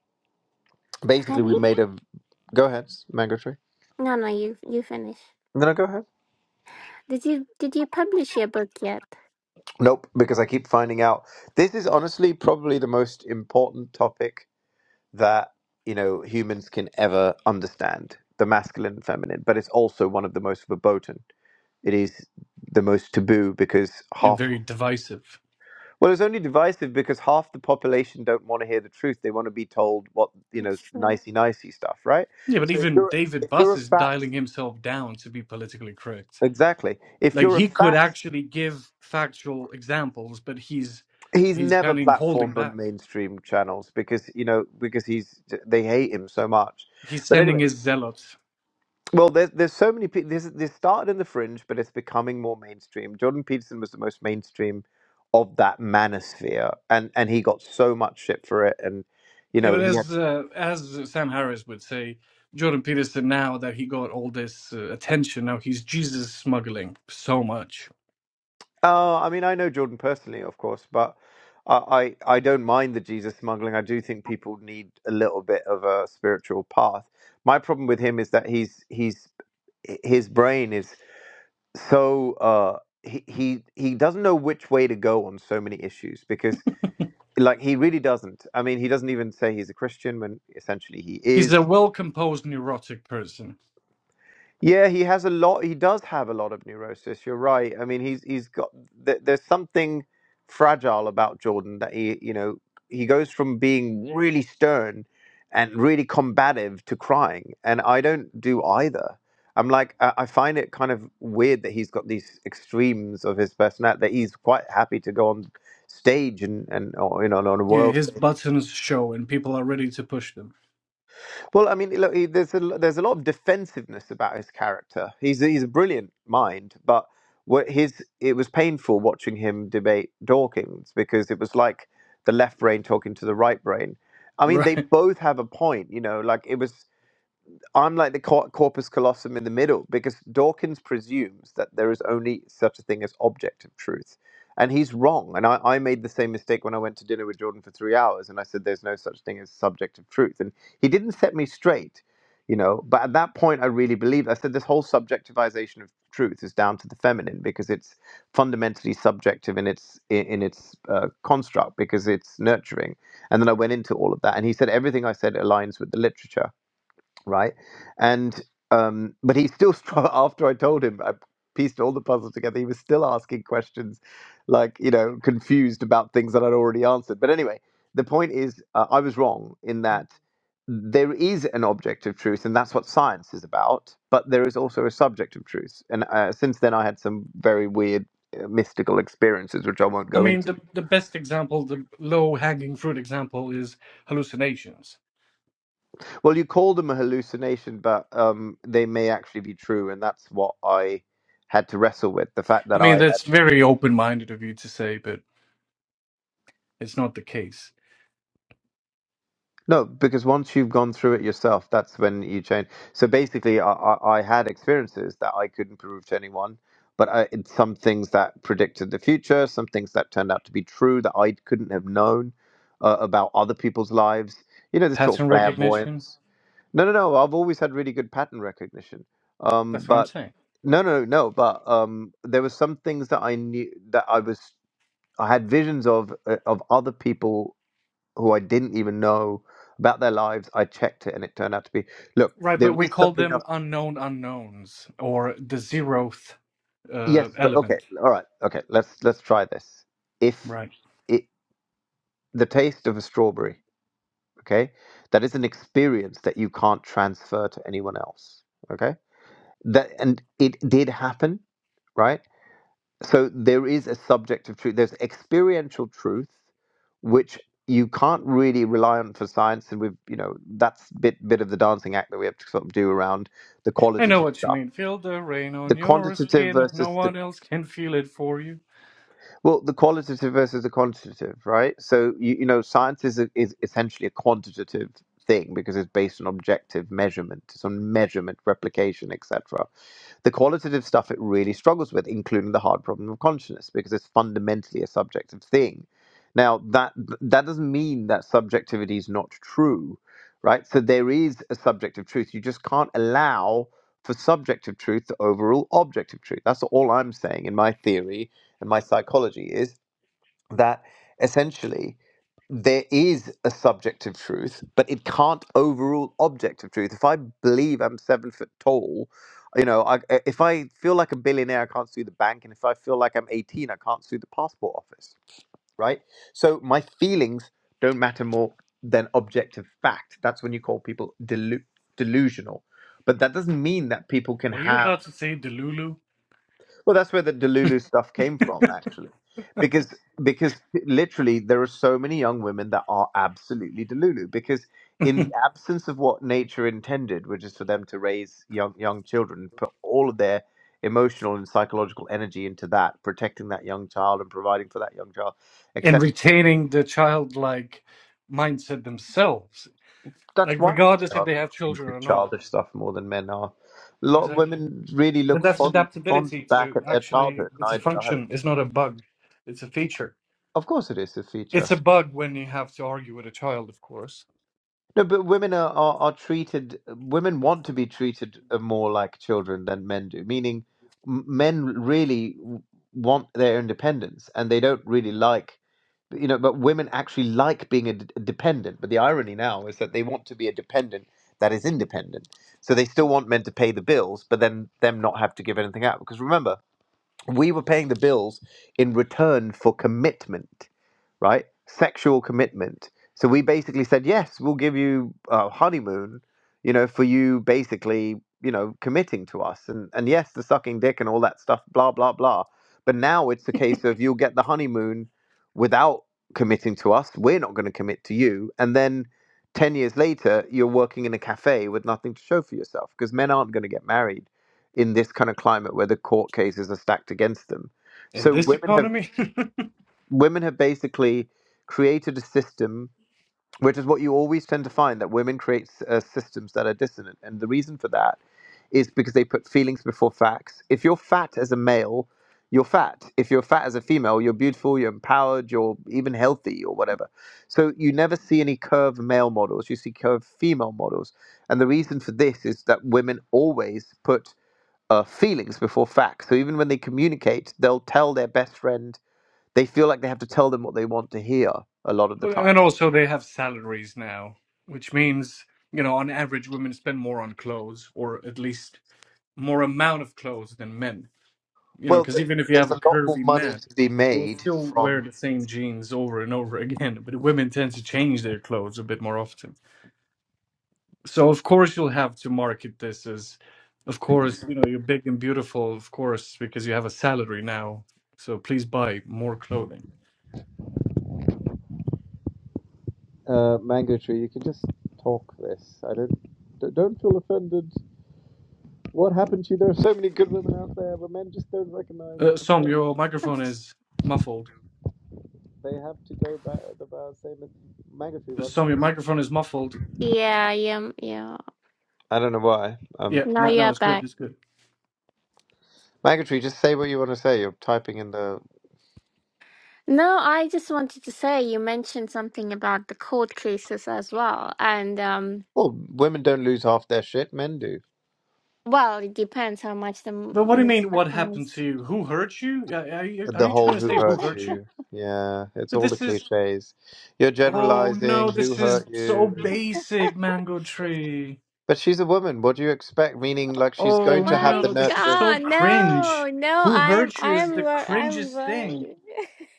C: Basically,
D: Have
C: we
D: you?
C: made a. Go ahead, Mango Tree.
D: No, no, you you finish.
C: No, go ahead.
D: Did you did you publish your book yet?
C: Nope, because I keep finding out. This is honestly probably the most important topic that, you know, humans can ever understand the masculine and feminine, but it's also one of the most verboten. It is the most taboo because
A: and
C: half.
A: very divisive.
C: Well, it's only divisive because half the population don't want to hear the truth. They want to be told what, you know,
D: That's true.
C: nicey nicey stuff, right?
A: Yeah, but
C: So if
A: even
C: you're
A: David
C: if you're
A: Buss
C: a
A: is
C: fat
A: dialing himself down to be politically correct.
C: Exactly. If
A: Like
C: you're a
A: he could
C: fat,
A: actually give factual examples, but he's
C: he's
A: he's
C: never
A: kind of holding
C: platformed on
A: back.
C: mainstream channels because you know because he's they hate him so much.
A: He's
C: But
A: sending
C: anyway,
A: his zealots.
C: well, there's there's so many people. This this started in the fringe, but it's becoming more mainstream. Jordan Peterson was the most mainstream of that manosphere, and and he got so much shit for it, and you
A: Yeah,
C: know
A: but
C: he
A: as uh, as Sam Harris would say, Jordan Peterson now that he got all this uh, attention, now he's Jesus smuggling so much.
C: Uh, I mean, I know Jordan personally, of course, but I, I I don't mind the Jesus smuggling. I do think people need a little bit of a spiritual path. My problem with him is that he's he's his brain is so uh he, he he doesn't know which way to go on so many issues because like he really doesn't i mean he doesn't even say he's a christian when essentially he
A: He's
C: is
A: a well-composed neurotic person.
C: Yeah, he has a lot. He does have a lot of neurosis. You're right. I mean, he's he's got th- there's something fragile about Jordan that he you know he goes from being really stern and really combative to crying, and I don't do either. I'm like I I find it kind of weird that he's got these extremes of his personality that he's quite happy to go on stage and and or, you know on a
A: Yeah,
C: world
A: his
C: stage
A: buttons show, and people are ready to push them. <laughs>
C: Well, I mean, look, he, there's a there's a lot of defensiveness about his character. He's a- he's a brilliant mind, but what his it was painful watching him debate Dawkins because it was like the left brain talking to the right brain. I mean, they
A: Right.
C: both have a point, you know. Like it was. I'm like the cor- corpus callosum in the middle because Dawkins presumes that there is only such a thing as objective truth. And he's wrong. And I, I made the same mistake when I went to dinner with Jordan for three hours and I said there's no such thing as subjective truth. And he didn't set me straight, you know. But at that point, I really believed. I said this whole subjectivization of truth is down to the feminine because it's fundamentally subjective in its, in, in its uh, construct because it's nurturing. And then I went into all of that. And he said everything I said aligns with the literature right? And um, but he still struggled <laughs> after I told him I pieced all the puzzle together. He was still asking questions, like you know, confused about things that I'd already answered. But anyway, the point is, uh, I was wrong in that there is an objective truth, and that's what science is about. But there is also a subjective truth, and uh, since then I had some very weird uh, mystical experiences, which I won't
A: I
C: go
A: mean,
C: into.
A: the the best example, the low-hanging fruit example, is hallucinations.
C: Well, you call them a hallucination, but um, they may actually be true, and that's what I had to wrestle with. The fact
A: I
C: that
A: mean,
C: I had
A: that's very open-minded of you to say, but it's not the case.
C: no, because once you've gone through it yourself, that's when you change. So basically, I, I, I had experiences that I couldn't prove to anyone, but I, it's some things that predicted the future, some things that turned out to be true that I couldn't have known uh, about other people's lives. You know, this sort
A: Pattern
C: of
A: recognition.
C: clairvoyance. No, no, no. I've always had really good pattern recognition. Um,
A: That's what I'm
C: but
A: saying.
C: no, no, no. But um, there were some things that I knew that I was I had visions of uh, of other people who I didn't even know about their lives. I checked it, and it turned out to be look.
A: Right,
C: There
A: but we
C: is
A: call
C: something
A: them
C: else.
A: unknown unknowns or the zeroth
C: Yes.
A: uh,
C: But, okay.
A: element.
C: All right. Okay. Let's let's try this. If
A: Right.
C: it the taste of a strawberry. Okay, that is an experience that you can't transfer to anyone else. Okay, that and it did happen right? so there is a subjective truth there's experiential truth which you can't really rely on for science and we've you know that's bit bit of the dancing act that we have to sort of do around the
A: I know
C: qualitative
A: what you
C: stuff
A: mean. Feel the rain
C: the
A: on your
C: quantitative
A: skin.
C: versus
A: No
C: the
A: one else can feel it for you.
C: well, the qualitative versus the quantitative, right? So you, you know, science is is essentially a quantitative thing because it's based on objective measurement, it's on measurement, replication, etc. The qualitative stuff it really struggles with, including the hard problem of consciousness, because it's fundamentally a subjective thing. Now that that doesn't mean that subjectivity is not true, right? So there is a subjective truth. You just can't allow for subjective truth to overrule objective truth. That's all I'm saying in my theory and my psychology is that essentially there is a subjective truth, but it can't overrule objective truth. If I believe I'm seven foot tall, you know, I, eh, if I feel like a billionaire, I can't sue the bank, and if I feel like I'm 18, I can't sue the passport office, right? So my feelings don't matter more than objective fact. That's when you call people delu- delusional, but that doesn't mean that people can
A: Were you
C: have.
A: about to say Delulu?
C: Well, that's where the Delulu stuff came from, actually, because because literally there are so many young women that are absolutely Delulu because in the
A: <laughs>
C: absence of what nature intended, which is for them to raise young young children, and put all of their emotional and psychological energy into that, protecting that young child and providing for that young child,
A: In
C: except
A: retaining the childlike mindset themselves, like
C: that's why women
A: regardless if
C: are
A: they have children
C: into
A: or not.
C: childish stuff more than men are. A lot of
A: Exactly.
C: women really
A: But
C: look
A: that's
C: fond, fond
A: adaptability
C: back
A: to
C: at their
A: actually,
C: childhood.
A: it's a
C: and I, I have,
A: function, it's not a bug, it's a feature.
C: of course, it is a feature.
A: It's a bug when you have to argue with a child, of course.
C: No, but women are, are, are treated, women want to be treated uh, more like children than men do, meaning m- men really w- want their independence and they don't really like, you know, but women actually like being a d- dependent. But the irony now is that they want to be a dependent that is independent. So they still want men to pay the bills, but then them not have to give anything out. Because remember, we were paying the bills in return for commitment, right? Sexual commitment. So we basically said, yes, we'll give you a honeymoon, you know, for you basically, you know, committing to us. And, and yes, the sucking dick and all that stuff, blah, blah, blah. But now it's the case of you'll get the honeymoon without committing to us. We're not going to commit to you. And then 10 years later, you're working in a cafe with nothing to show for yourself because men aren't going to get married in this kind of climate where the court cases are stacked against them.
A: In
C: So
A: this
C: women have
A: economy,
C: women have basically created a system, which is what you always tend to find that women create uh, systems that are dissonant, and the reason for that is because they put feelings before facts. If you're fat as a male, you're fat. If you're fat as a female, you're beautiful, you're empowered, you're even healthy or whatever. So you never see any curved male models. You see curved female models. And the reason for this is that women always put uh, feelings before facts. So even when they communicate, they'll tell their best friend. They feel like they have to tell them what they want to hear a lot of the time.
A: And also, they have salaries now, which means, you know, on average, women spend more on clothes, or at least more amount of clothes than men. You know,
C: Well,
A: because
C: th-
A: even if you have
C: there's
A: a
C: a lot more
A: curvy
C: money
A: man,
C: to be
A: will
C: made
A: still wear
C: from.
A: the same jeans over and over <laughs> again. But women tend to change their clothes a bit more often. So, of course, you'll have to market this as, of course, you know, you're big and beautiful, of course, because you have a salary now. So please buy more clothing.
C: Uh, Mango Tree, you can just talk this. I don't d- don't feel offended. What happened to you? There are so many good women out there, but men just don't recognize
A: Uh,
C: them.
A: Som, your
C: They,
A: microphone is muffled.
C: they have to go back the bar same as Mango Tree. Why don't
A: Some
C: you
A: your
C: just...
A: microphone is muffled.
D: Yeah, yeah, yeah.
C: I don't know why.
A: Yeah,
C: Um,
D: Now
A: no, no,
D: you're
A: it's good.
D: back.
A: It's good.
C: Magatry, just say what you want to say. You're typing in the.
D: No, I just wanted to say you mentioned something about the court cases as well, and um,
C: Well, women don't lose half their shit, men do.
D: well, it depends how much the,
A: But what do you
D: the
A: mean? What happened to you? Who hurt you? Are are you, are
C: The
A: you trying
C: whole
A: to
C: who
A: say who
C: hurt
A: hurt you?
C: you. Yeah, it's
A: But
C: all the
A: this is.
C: cliches. You're
A: Oh
C: generalizing
A: no,
C: who
A: this is
C: hurt
A: so
C: you.
A: basic, Mango Tree.
C: But she's a woman. What do you expect? Meaning, like, she's
A: Oh
C: going to have
D: My
C: the
A: no, this is
C: nurturing.
A: so
D: God, no,
A: cringe.
D: no,
A: Who
D: I am,
A: hurt you
D: I am,
A: is the
D: wor- I'm
A: cringest thing.
D: worried.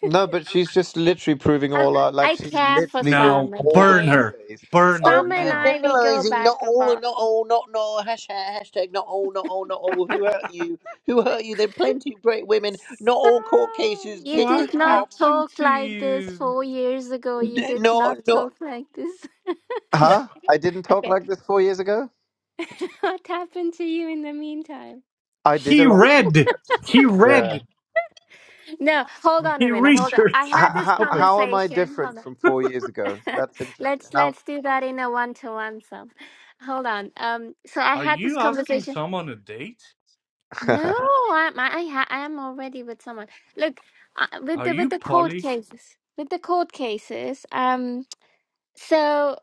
C: No, but she's just literally
D: <laughs>
C: proving
D: I,
C: all out. Like,
D: I
C: she's
D: care for
C: literally doing
D: some.
A: Now
C: all the
A: burn
D: Okay,
A: her,
C: cliches.
A: burn
C: Oh,
A: her
D: some
C: but
D: and
C: you're
A: now.
D: I we go
C: generalizing.
D: back
C: Not
D: about.
C: all, not all, not no. Hashtag, hashtag, not all, not all, not all. Who hurt you? Who hurt you? There are plenty of great women. Not all cork.
D: Sam, you
A: What
D: did not
A: happened
D: talk
A: to
D: like this
A: you?
D: four years ago. You did
C: No,
D: not
C: no.
D: talk like this. <laughs>
C: Huh? I didn't talk
D: Okay.
C: like this four years ago.
D: <laughs> What happened to you in the meantime?
C: I did a
A: He
C: lot of
A: read.
C: research.
A: He
C: Yeah.
A: read.
D: No, hold on a
A: He <laughs>
D: minute. Hold on. I
A: researched
C: How,
D: had
A: the
D: this
C: how,
A: topic.
C: how am I
D: conversation.
C: different
D: Hold
C: from four years ago?
D: on.
C: That's
D: <laughs>
C: interesting.
D: let's
C: How?
D: let's do that in a one to one Sam. Hold on. Um so I
A: Are
D: had this
A: you asking
D: conversation.
A: someone a date?
C: <laughs>
D: No, I'm I I ha- I am already with someone. Look, uh, with
A: Are
D: the with
A: you
D: the court
A: Polly?
D: cases. With the court cases, um so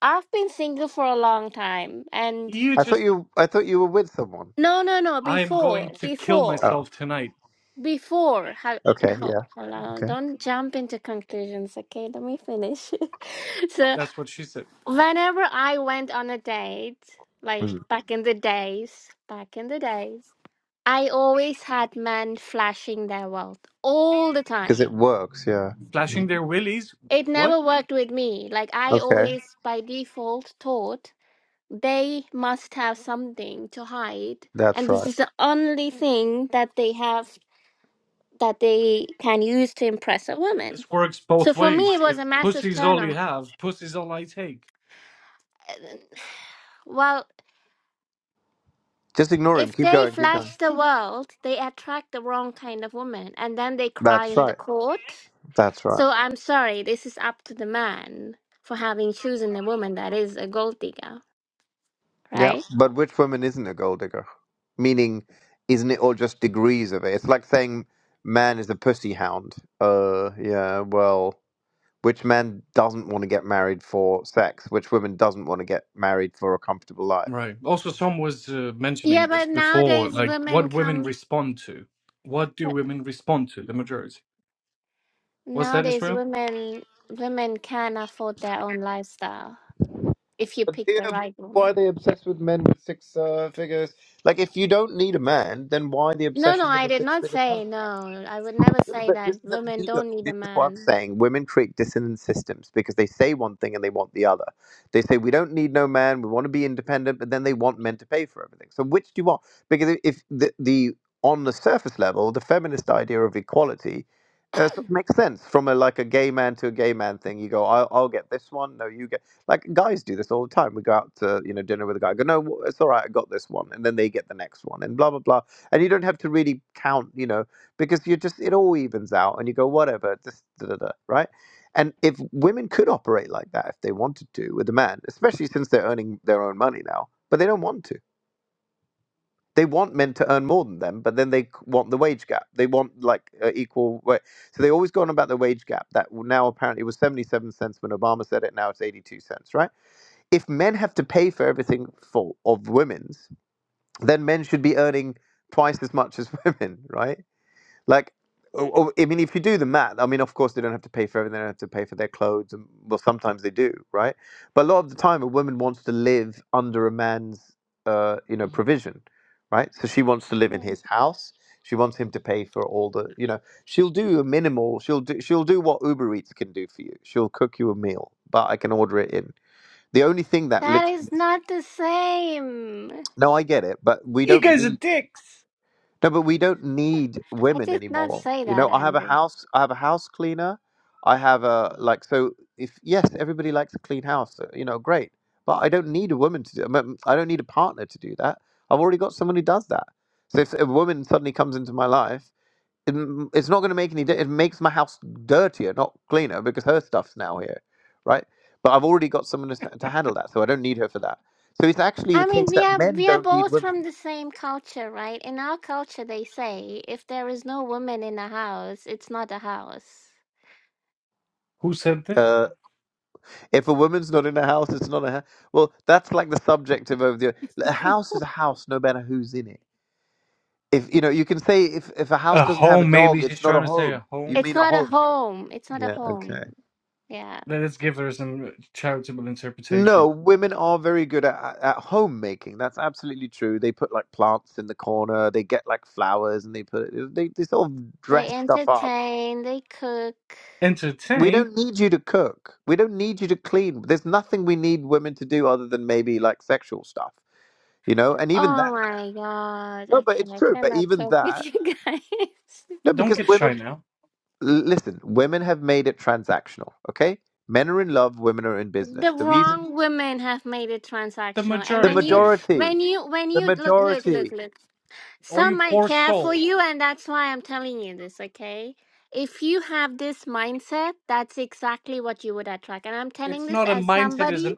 D: I've been single for a long time, and
A: You
C: I thought
A: just,
C: you I thought you were with someone.
D: no, no, no.
A: I am going
D: Before,
A: to kill
C: Oh.
D: before,
A: myself tonight.
D: before. How,
C: Okay.
D: ho-
C: Yeah.
D: hold on.
C: Okay.
D: Don't jump into conclusions, okay? Let me finish. <laughs> so,
A: That's what she said.
D: whenever I went on a date, like back in the days, back in the days, I always had men flashing their wealth all the
C: Because
D: time.
C: it works. Yeah. Mhm.
A: Flashing their willies?
D: It
A: Wh- What?
D: never worked with me. Like I
C: Okay.
D: always, by default, thought. They must have something to hide, and
C: That's
D: this
C: right.
D: is the only thing that they have that they can use to impress a woman.
A: This works
D: So
A: both
D: for me, it
A: ways.
D: was
A: If
D: a massive
A: pussy's
D: turn
A: all you
D: off.
A: have, pussy's all I take.
D: <sighs> Well,
C: Just ignore him.
D: if
C: Keep
D: they
C: going. Keep going.
D: flash the world, they attract the wrong kind of woman, and then they cry
C: That's
D: in the
C: right.
D: court.
C: That's right.
D: So I'm sorry, this is up to the man for having chosen a woman that is a gold digger,
C: Yeah.
D: right?
C: But which woman isn't a gold digger? Meaning, isn't it all just degrees of it? It's like saying man is a pussy hound. Uh. Yeah. Well. which men doesn't want to get married for sex, which women doesn't want to get married for a comfortable life.
A: Right. Also, some was uh, mentioning
D: Yeah,
A: this
D: but
A: before,
D: nowadays
A: like
D: women
A: what women
D: come.
A: respond to. What do women respond to? The majority. Was that
D: Nowadays,
A: Israel?
D: women women can afford their own lifestyle if you
C: But
D: pick
C: yeah,
D: the
C: but
D: right
C: why
D: woman.
C: are they obsessed with men with six uh, figures? Like, if you don't need a man, then why the
D: No, no,
C: obsession with
D: I
C: a
D: did not
C: six-figure salary?
D: say no. I would never
C: Yeah,
D: say
C: But
D: that
C: this is, the-
D: women
C: this look,
D: don't need a
C: this is what I'm
D: man.
C: saying. Women create dissonant systems because they say one thing and they want the other. They say we don't need no man, we want to be independent, but then they want men to pay for everything. So which do you want? Because if if the, the on the surface level, the feminist idea of equality uh, sort of makes sense from a like a gay man to a gay man thing. You go, I'll, I'll get this one. No, you get. Like guys do this all the time. We go out to you know dinner with a guy. I go no, it's all right. I got this one, and then they get the next one, and blah blah blah. And you don't have to really count, you know, because you just it all evens out, and you go whatever, just da da da, right? And if women could operate like that if they wanted to with a man, especially since they're earning their own money now, but they don't want to. They want men to earn more than them, but then they c- want the wage gap. They want like uh, equal wage. So they always go on about the wage gap that now apparently was 77 cents when Obama said it, now it's 82 cents, right? if men have to pay for everything for of women's, then men should be earning twice as much as <laughs> women, right? Like, oh, oh, I mean, if you do the math, I mean, of course they don't have to pay for everything. They don't have to pay for their clothes, and well, sometimes they do, right? But a lot of the time, a woman wants to live under a man's, uh, you know, provision, right? So she wants to live in
D: Yeah.
C: his house. She wants him to pay for all the, you know, she'll do a minimal. She'll do, she'll do what Uber Eats can do for you. She'll cook you a meal, but I can order it in. The only thing that
D: That is
C: literally
D: not the same.
C: No, I get it, but we
A: You
C: don't
A: guys are
C: need
A: dicks.
C: no, but we don't need
D: <laughs> I
C: women
D: did not
C: anymore.
D: say
C: You know,
D: that,
C: I have a
D: Andrew.
C: house. I have a house cleaner. I have a like. So if yes, everybody likes a clean house. so, You know, great. But I don't need a woman to do. I mean, I don't need a partner to do that. I've already got someone who does that. So if a woman suddenly comes into my life, it, m- it's not going to make any. di- It makes my house dirtier, not cleaner, because her stuff's now here, right? But I've already got someone to, s- to handle that, so I don't need her for that. So it's actually the
D: I
C: case
D: mean, we
C: that
D: are
C: men
D: we are
C: don't need
D: both
C: women.
D: from the same culture, right? In our culture, they say if there is no woman in a house, it's not a house.
A: Who said this?
C: Uh, if a woman's not in a house, it's not a house. Well, that's like the subjective over the. A house is a house, no matter who's in it. If you know, you can say if if a house
A: A
C: doesn't have a
A: home. Maybe
C: dog,
A: she's
C: it's not
A: trying
C: a
A: to say
C: home.
A: a
C: You
A: home.
D: It's
C: mean a
D: not a
C: home?
D: home. It's not a
C: Yeah.
D: home.
C: Okay.
D: Yeah.
A: Let's give her some charitable
C: No,
A: interpretation.
C: women are very good at at at homemaking. That's absolutely true. They put like plants in the corner. They get like flowers, and they put they they sort of
D: They
C: dress stuff up.
D: entertain, they cook.
C: We
A: entertain,
C: don't need you to cook. We don't need you to clean. There's nothing we need women to do other than maybe like sexual stuff, you know. And even
D: Oh
C: that.
D: my god.
C: No, but
D: Okay,
C: it's
D: I
C: true. But
D: cannot
C: even
D: talk with
C: that,
D: you guys. <laughs>
C: no,
A: don't
C: because
A: get shy
C: women,
A: now.
C: l- listen, women have made it transactional, okay? Men are in love, women are in business.
D: The
C: The reason,
D: wrong women have made it
A: The
D: transactional. And
C: the
D: when you
A: majority,
D: when
C: majority,
D: you when
C: the
D: you look look look
C: majority.
D: look.
A: or you
D: Some might
A: poor
D: care for
A: soul,
D: you and that's why I'm telling you this, okay? If you have this mindset, that's exactly what you would attract. And I'm telling
A: it's
D: this
A: not a
D: as
A: mindset, it's
D: somebody
A: an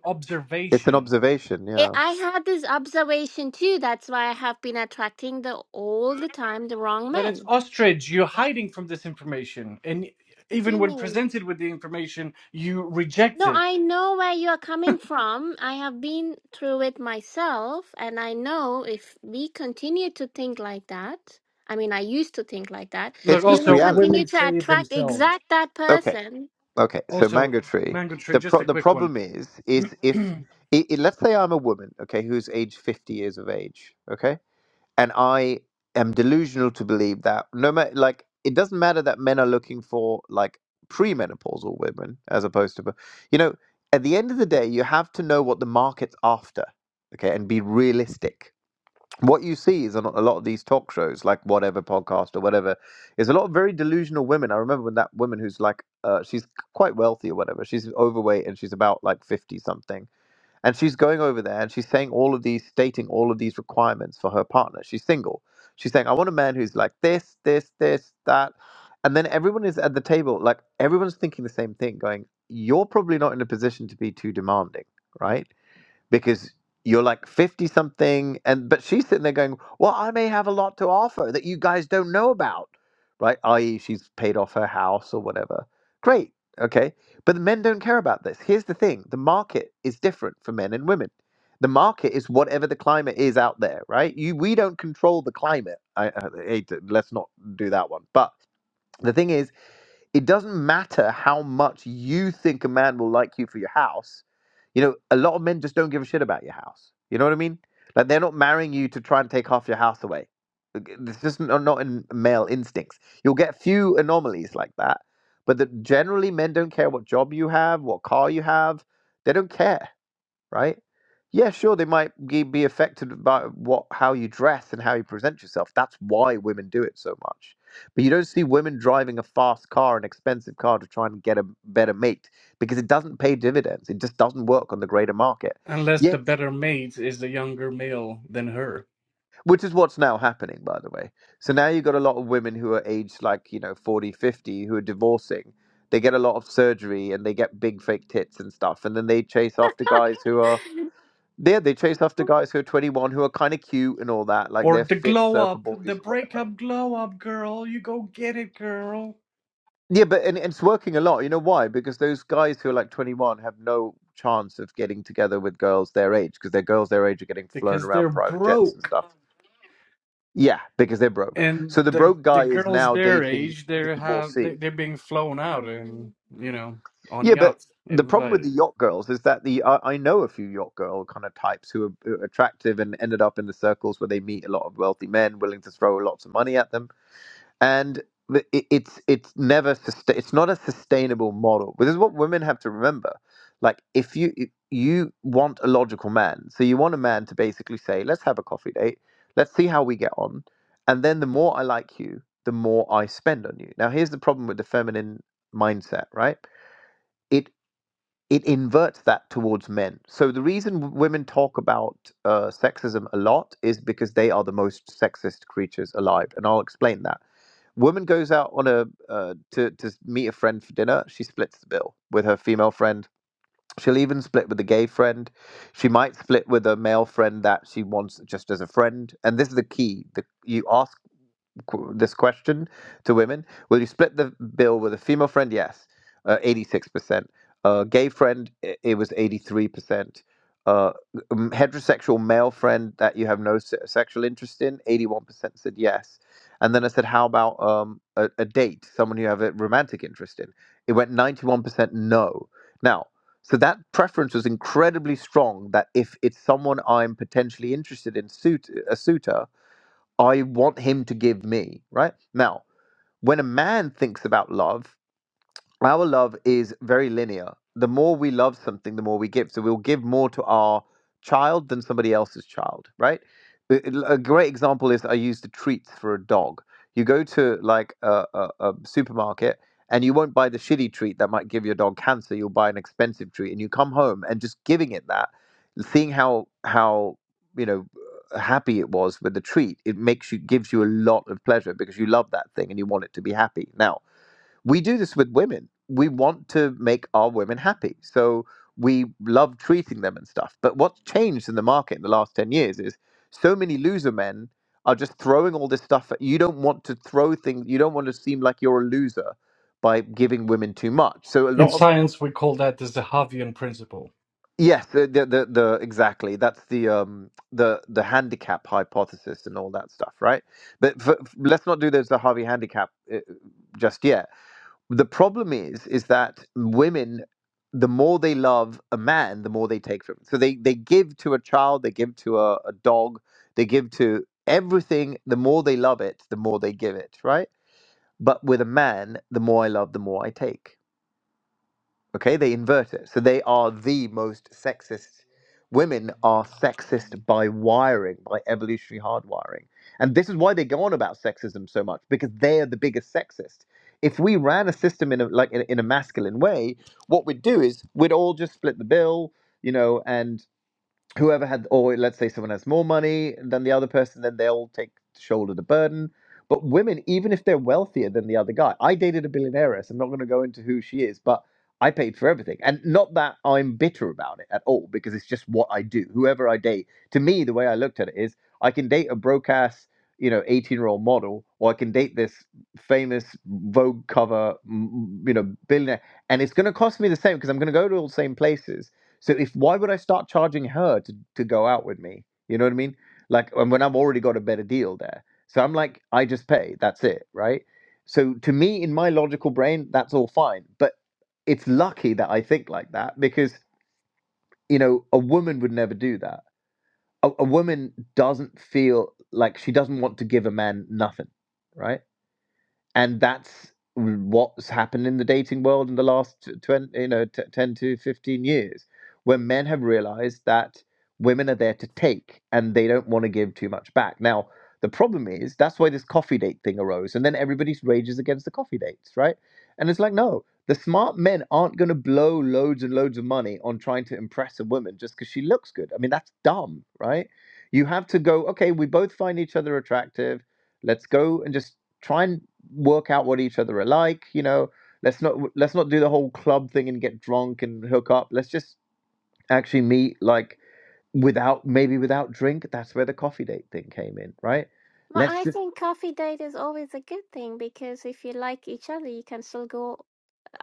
C: It's an
A: observation.
C: observation,
D: I
C: yeah.
D: I had this observation too. That's why I have been attracting the all the time the wrong
A: But it's
D: men.
A: ostrich, you're hiding from this information. And
D: What do
A: even
D: you
A: when
D: mean?
A: presented with the information, you reject
D: No,
A: it.
D: I know where you are coming from. I have been through it myself, and I know if we continue to think like that, I mean, I used to think like that,
A: Look,
C: It's
D: you
C: just
D: will
A: also, women
D: continue
C: reality.
D: to
A: say it
D: attract
A: themselves.
D: exact that
C: Okay,
D: person.
C: okay. So
A: Also,
C: mango tree.
A: Mango Tree,
C: The
A: just
C: pro-
A: a
C: the
A: quick one.
C: problem is, is if
A: <clears throat>
C: i i let's say I'm a woman, okay, who's age fifty years of age, okay, and I am delusional to believe that no matter like it doesn't matter that men are looking for like premenopausal women as opposed to you know at the end of the day you have to know what the market's after okay and be realistic what you see is on a lot of these talk shows like whatever podcast or whatever is a lot of very delusional women i remember when that woman who's like uh, she's quite wealthy or whatever she's overweight and she's about like 50 something and she's going over there and she's saying all of these, stating all of these requirements for her partner. She's single. She's saying, I want a man who's like this, this, this, that. And then everyone is at the table, like everyone's thinking the same thing, going, You're probably not in a position to be too demanding, right? because you're like 50 something and but she's sitting there going well i may have a lot to offer that you guys don't know about right i.e she's paid off her house or whatever great okay but the men don't care about this here's the thing the market is different for men and women the market is whatever the climate is out there right you we don't control the climate I, I hate to, let's not do that one but the thing is it doesn't matter how much you think a man will like you for your house. You know, a lot of men just don't give a shit about your house. You know what I mean? Like they're not marrying you to try and take half your house away. Like, It's just not not in male instincts. You'll get few anomalies like that, but that generally men don't care what job you have, what car you have. They don't care right? Yeah, sure, they might ge- be affected by what how you dress and how you present yourself. That's why women do it so much. But you don't see women driving a fast car, an expensive car, to try and get a better mate because it doesn't pay dividends. It just doesn't work on the greater market.
A: Unless the
C: Yes,
A: better mate is the younger male than her.
C: which is what's now happening, by the way. So now you've got a lot of women who are aged like, you know, 40, 50, who are divorcing. They get a lot of surgery and they get big fake tits and stuff. And then they chase after guys who are
D: <laughs>
C: Yeah, they chase after guys who are 21 who are kind of cute and all that, like
A: Or
C: they're
A: the
C: fit
A: glow
C: surfer
A: up, the
C: boys or whatever.
A: breakup glow up, girl. You go get it, girl.
C: Yeah, but and, it's working a lot. You know why? Because those guys who are like 21 have no chance of getting together with girls their age because their girls their age are getting flown
A: because they're
C: around private jets and
A: broke
C: stuff. Yeah, because they're broke.
A: and
C: So the
A: the
C: broke guy
A: the
C: is
A: girls
C: now
A: their
C: dating
A: age
C: the
A: they're have
C: divorcee.
A: they, they're being flown
D: Oh
A: out
D: my
A: and you
D: God.
A: know on
C: Yeah, but
A: yachts
C: the problem with
A: invited
C: the yacht girls is that the I I know a few yacht girl kind of types who are, who are attractive and ended up in the circles where they meet a lot of wealthy men willing to throw lots of money at them and it, it's it's never sustain, it's not a sustainable model But this is what women have to remember like if you if you want a logical man so you want a man to basically say let's have a coffee date let's see how we get on and then the more i like you the more i spend on you now here's the problem with the feminine mindset right it it inverts that towards men so the reason w- women talk about uh, sexism a lot is because they are the most sexist creatures alive and i'll explain that Woman goes out on a uh, to to meet a friend for dinner. She splits the bill with her female friend. She'll even split with a gay friend. She might split with a male friend that she wants just as a friend. And this is the key: the, you ask qu- this question to women. Will you split the bill with a female friend? Yes, uh, 86%. Uh, gay friend, i- it was 83%. Uh, m- heterosexual male friend that you have no se- sexual interest in, 81% said yes. And then I said, how about um, a, a date, someone you have a romantic interest in? It went 91% no. Now, so that preference was incredibly strong that if it's someone I'm potentially interested in, suit, a suitor, I want him to give me, right? Now, when a man thinks about love, our love is very linear. The more we love something, the more we give. So we'll give more to our child than somebody else's child, right? A a- a great example is I use the treats for a dog. You go to like a, a, a supermarket and you won't buy the shitty treat that might give your dog cancer. You'll buy an expensive treat and you come home and just giving it that, seeing how, how, you know, happy it was with the treat, it makes you, gives you a lot of pleasure because you love that thing and you want it to be happy. Now, we do this with women. We want to make our women happy. So we love treating them and stuff. But what's changed in the market in the last 10 years is so many loser men are just throwing all this stuff at you don't want to throw things you don't want to seem like you're a loser by giving women too much. So a
A: in
C: lot of
A: science we call that the zahavian principle
C: yes, the the the, the exactly. That's the um the the handicap hypothesis and all that stuff, right? But for, let's not do those the Harvey handicap uh, just yet the problem is is that women the more they love a man the more they take from him so they they give to a child they give to a, a dog they give to everything the more they love it the more they give it right but with a man the more i love the more i take Okay, they invert it. So they are the most sexist. Women are sexist by wiring, by evolutionary hardwiring. And this is why they go on about sexism so much, because they are the biggest sexist. If we ran a system in a, like in, in a masculine way, what we'd do is we'd all just split the bill, you know, and whoever had or let's say someone has more money than the other person then they'll take shoulder the burden but women even if they're wealthier than the other guy i dated a billionaire i'm not going to go into who she is but i paid for everything and not that i'm bitter about it at all because it's just what i do whoever i date to me the way i looked at it is i can date a broke ass you know 18 year old model or i can date this famous vogue cover you know billionaire and it's going to cost me the same because i'm going to go to all the same places so if why would I start charging her to, to go out with me? You know what I mean? Like and when I've already got a better deal there. So I'm like, I just pay, that's it, right? So to me, in my logical brain, that's all fine. But it's lucky that I think like that because, you know, a woman would never do that. A, a woman doesn't feel like she doesn't want to give a man nothing, right? and that's what's happened in the dating world in the last 20 you know t- 10 to 15 years when men have realized that women are there to take and they don't want to give too much back now the problem is that's why this coffee date thing arose and then everybody rages against the coffee dates right and it's like no the smart men aren't going to blow loads and loads of money on trying to impress a woman just because she looks good i mean that's dumb right you have to go okay we both find each other attractive let's go and just try and work out what each other are like you know let's not let's not do the whole club thing and get drunk and hook up let's just actually meet like without maybe without drink that's where the coffee date thing came in right
D: Well,
C: let's
D: I
C: just
D: think coffee date is always a good thing because if you like each other, you can still go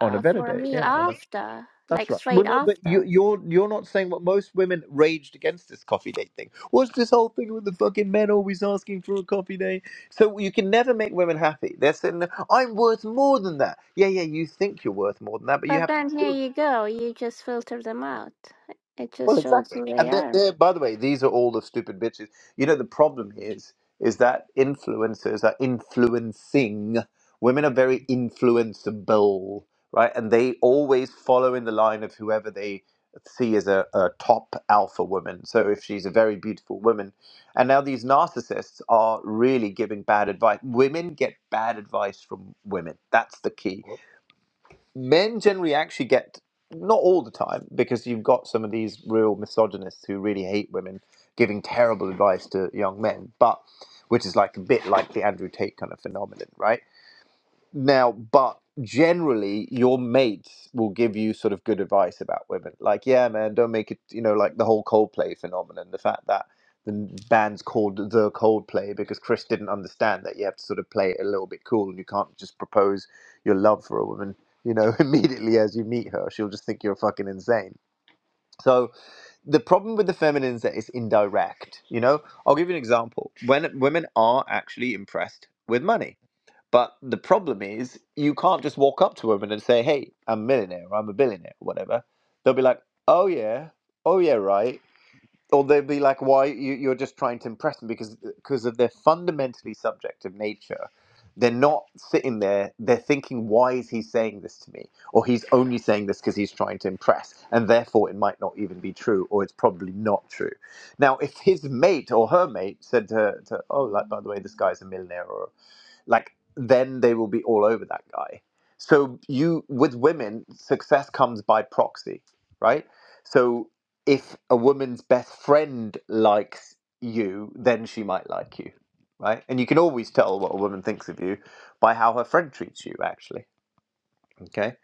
C: on a better
D: for a
C: date
D: meal
C: yeah on a,
D: after,
C: that's
D: like
C: right
D: straight
C: well no but you
D: after.
C: you're you're not saying what most women raged against this coffee date thing what's this whole thing with the fucking men always asking for a coffee date so you can never make women happy they're saying i'm worth more than that yeah yeah you think you're worth more than that but you
D: But
C: have to
D: then here
C: prove it
D: you go, you just filter them out. It just
C: Well,
D: shows
C: exactly.
D: who they
C: And they're,
D: are.
C: they're, by the way, these are all the stupid bitches. You know, the problem is is that influencers are influencing. Women are very influenceable, right? And they always follow in the line of whoever they see as a, a top alpha woman. So if she's a very beautiful woman, and now these narcissists are really giving bad advice. Women get bad advice from women. That's the key men generally actually get not all the time because you've got some of these real misogynists who really hate women giving terrible advice to young men but which is like a bit like the andrew tate kind of phenomenon right now, but generally, your mates will give you sort of good advice about women. Like, yeah, man, don't make it, you know, like the whole Coldplay phenomenon, the fact that the band's called The Coldplay because Chris didn't understand that you have to sort of play it a little bit cool and you can't just propose your love for a woman, you know, <laughs> immediately as you meet her. She'll just think you're fucking insane. So, the problem with the feminine is that it's indirect. You know, I'll give you an example. When women are actually impressed with money, but the problem is, you can't just walk up to women and say, "Hey, I'm a millionaire, or I'm a billionaire, or whatever." They'll be like, "Oh yeah, oh yeah, right," or they'll be like, "Why you, you're just trying to impress them?" Because because of their fundamentally subjective nature, they're not sitting there. They're thinking, "Why is he saying this to me?" Or he's only saying this because he's trying to impress, and therefore it might not even be true, or it's probably not true. Now, if his mate or her mate said to, her, to "Oh, like by the way, this guy's a millionaire," or like then they will be all over that guy so you with women success comes by proxy right so if a woman's best friend likes you then she might like you right and you can always tell what a woman thinks of you by how her friend treats you actually okay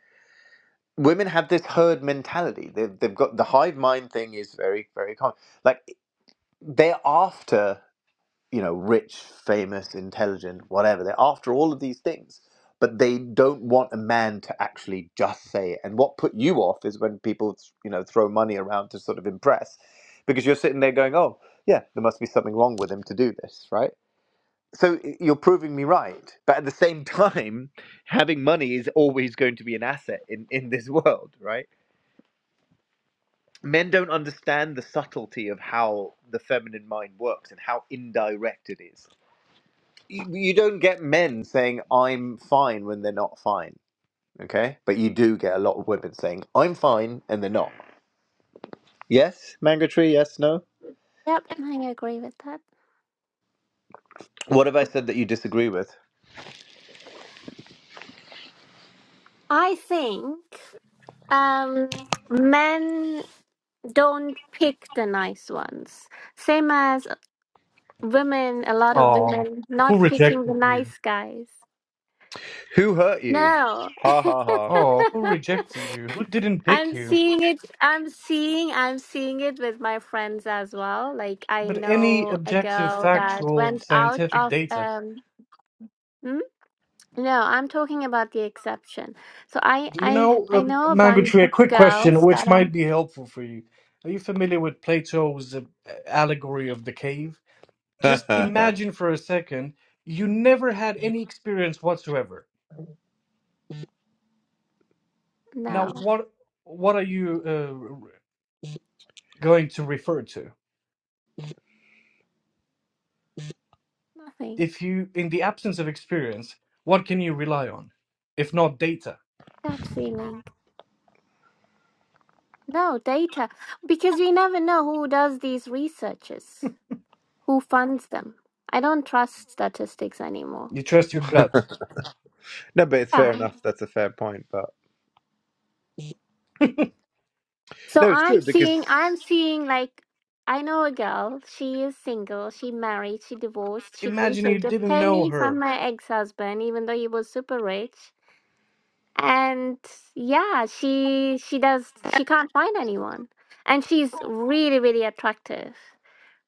C: women have this herd mentality they've, they've got the hive mind thing is very very common like they're after you know, rich, famous, intelligent, whatever. They're after all of these things, but they don't want a man to actually just say it. And what put you off is when people, you know, throw money around to sort of impress, because you're sitting there going, oh, yeah, there must be something wrong with him to do this, right? So you're proving me right. But at the same <laughs> time, having money is always going to be an asset in, in this <laughs> world, right? Men don't understand the subtlety of how the feminine mind works and how indirect it is you, you don't get men saying I'm fine when they're not fine. Okay, but you do get a lot of women saying I'm fine and they're not. Yes, manga tree. Yes, no.
D: Yep, I agree with that.
C: What have I said that you disagree with?
D: I think um, men don't pick the nice ones. Same as women, a lot of
A: oh
D: women not
A: who
D: picking the
A: rejected you
D: nice guys.
C: Who hurt you?
D: No.
C: Ha
D: <laughs>
C: ha
A: oh who rejected you who didn't pick
D: I'm
A: you
D: seeing it I'm seeing I'm seeing it with my friends as well. Like I
A: but any
D: know a
A: objective
D: girl that
A: factual
D: went out
A: scientific
D: of
A: data
D: um hmm? No, I'm talking about the exception. So I
A: do you
D: I
A: know
D: I
A: um,
D: know a
A: mango
D: bunch
A: tree a
D: of
A: quick question
D: girls
A: which
D: that are
A: might be helpful for you are you familiar with plato's uh, allegory of the cave just
C: ha.
A: imagine for a second you never had any experience whatsoever now
D: no,
A: what what are you uh, going to refer to
D: nothing.
A: if you in the absence of experience what can you rely on if not data
D: Gut feeling. No data. Because we never know who does these researches, who funds them. I don't trust statistics anymore.
A: you trust your gut
C: <laughs> no, but it's fair
D: Yeah.
C: enough. That's a fair point. But
D: So
C: no, it's
D: I'm
C: true because.
D: seeing I'm seeing like I know a girl, she is single, she married, she divorced, she didn't
A: imagine you
D: take a
A: didn't know
D: penny from
A: her
D: her ex-husband, even though he was super rich. And yeah, she she does she can't find anyone. And she's really, really attractive.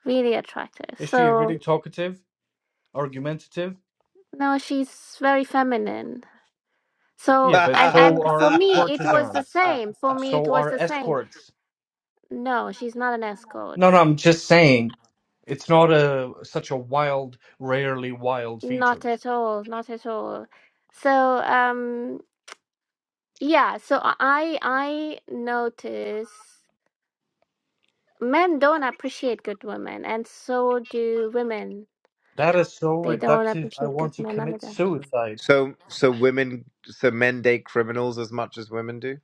D: Really attractive.
A: is she
D: So
A: really talkative argumentative
D: no, she's very feminine.
C: <laughs>
D: So
A: yeah but
D: and
A: so
D: and for
A: are
D: me it was the
A: courtesans
D: same. For me it
A: so
D: was
A: are
D: the same.
A: escorts
D: No, she's not an escort.
A: no no i'm just saying it's not a such a wild rarely wild feature
D: Not at all. Not at all. So um yeah, so I I notice men don't appreciate good women and so do women
A: That is so
D: They don't
A: reductive. I
D: appreciate good
A: want to
D: men
A: commit
D: either.
A: suicide.
C: so so women so men date criminals as much as women do.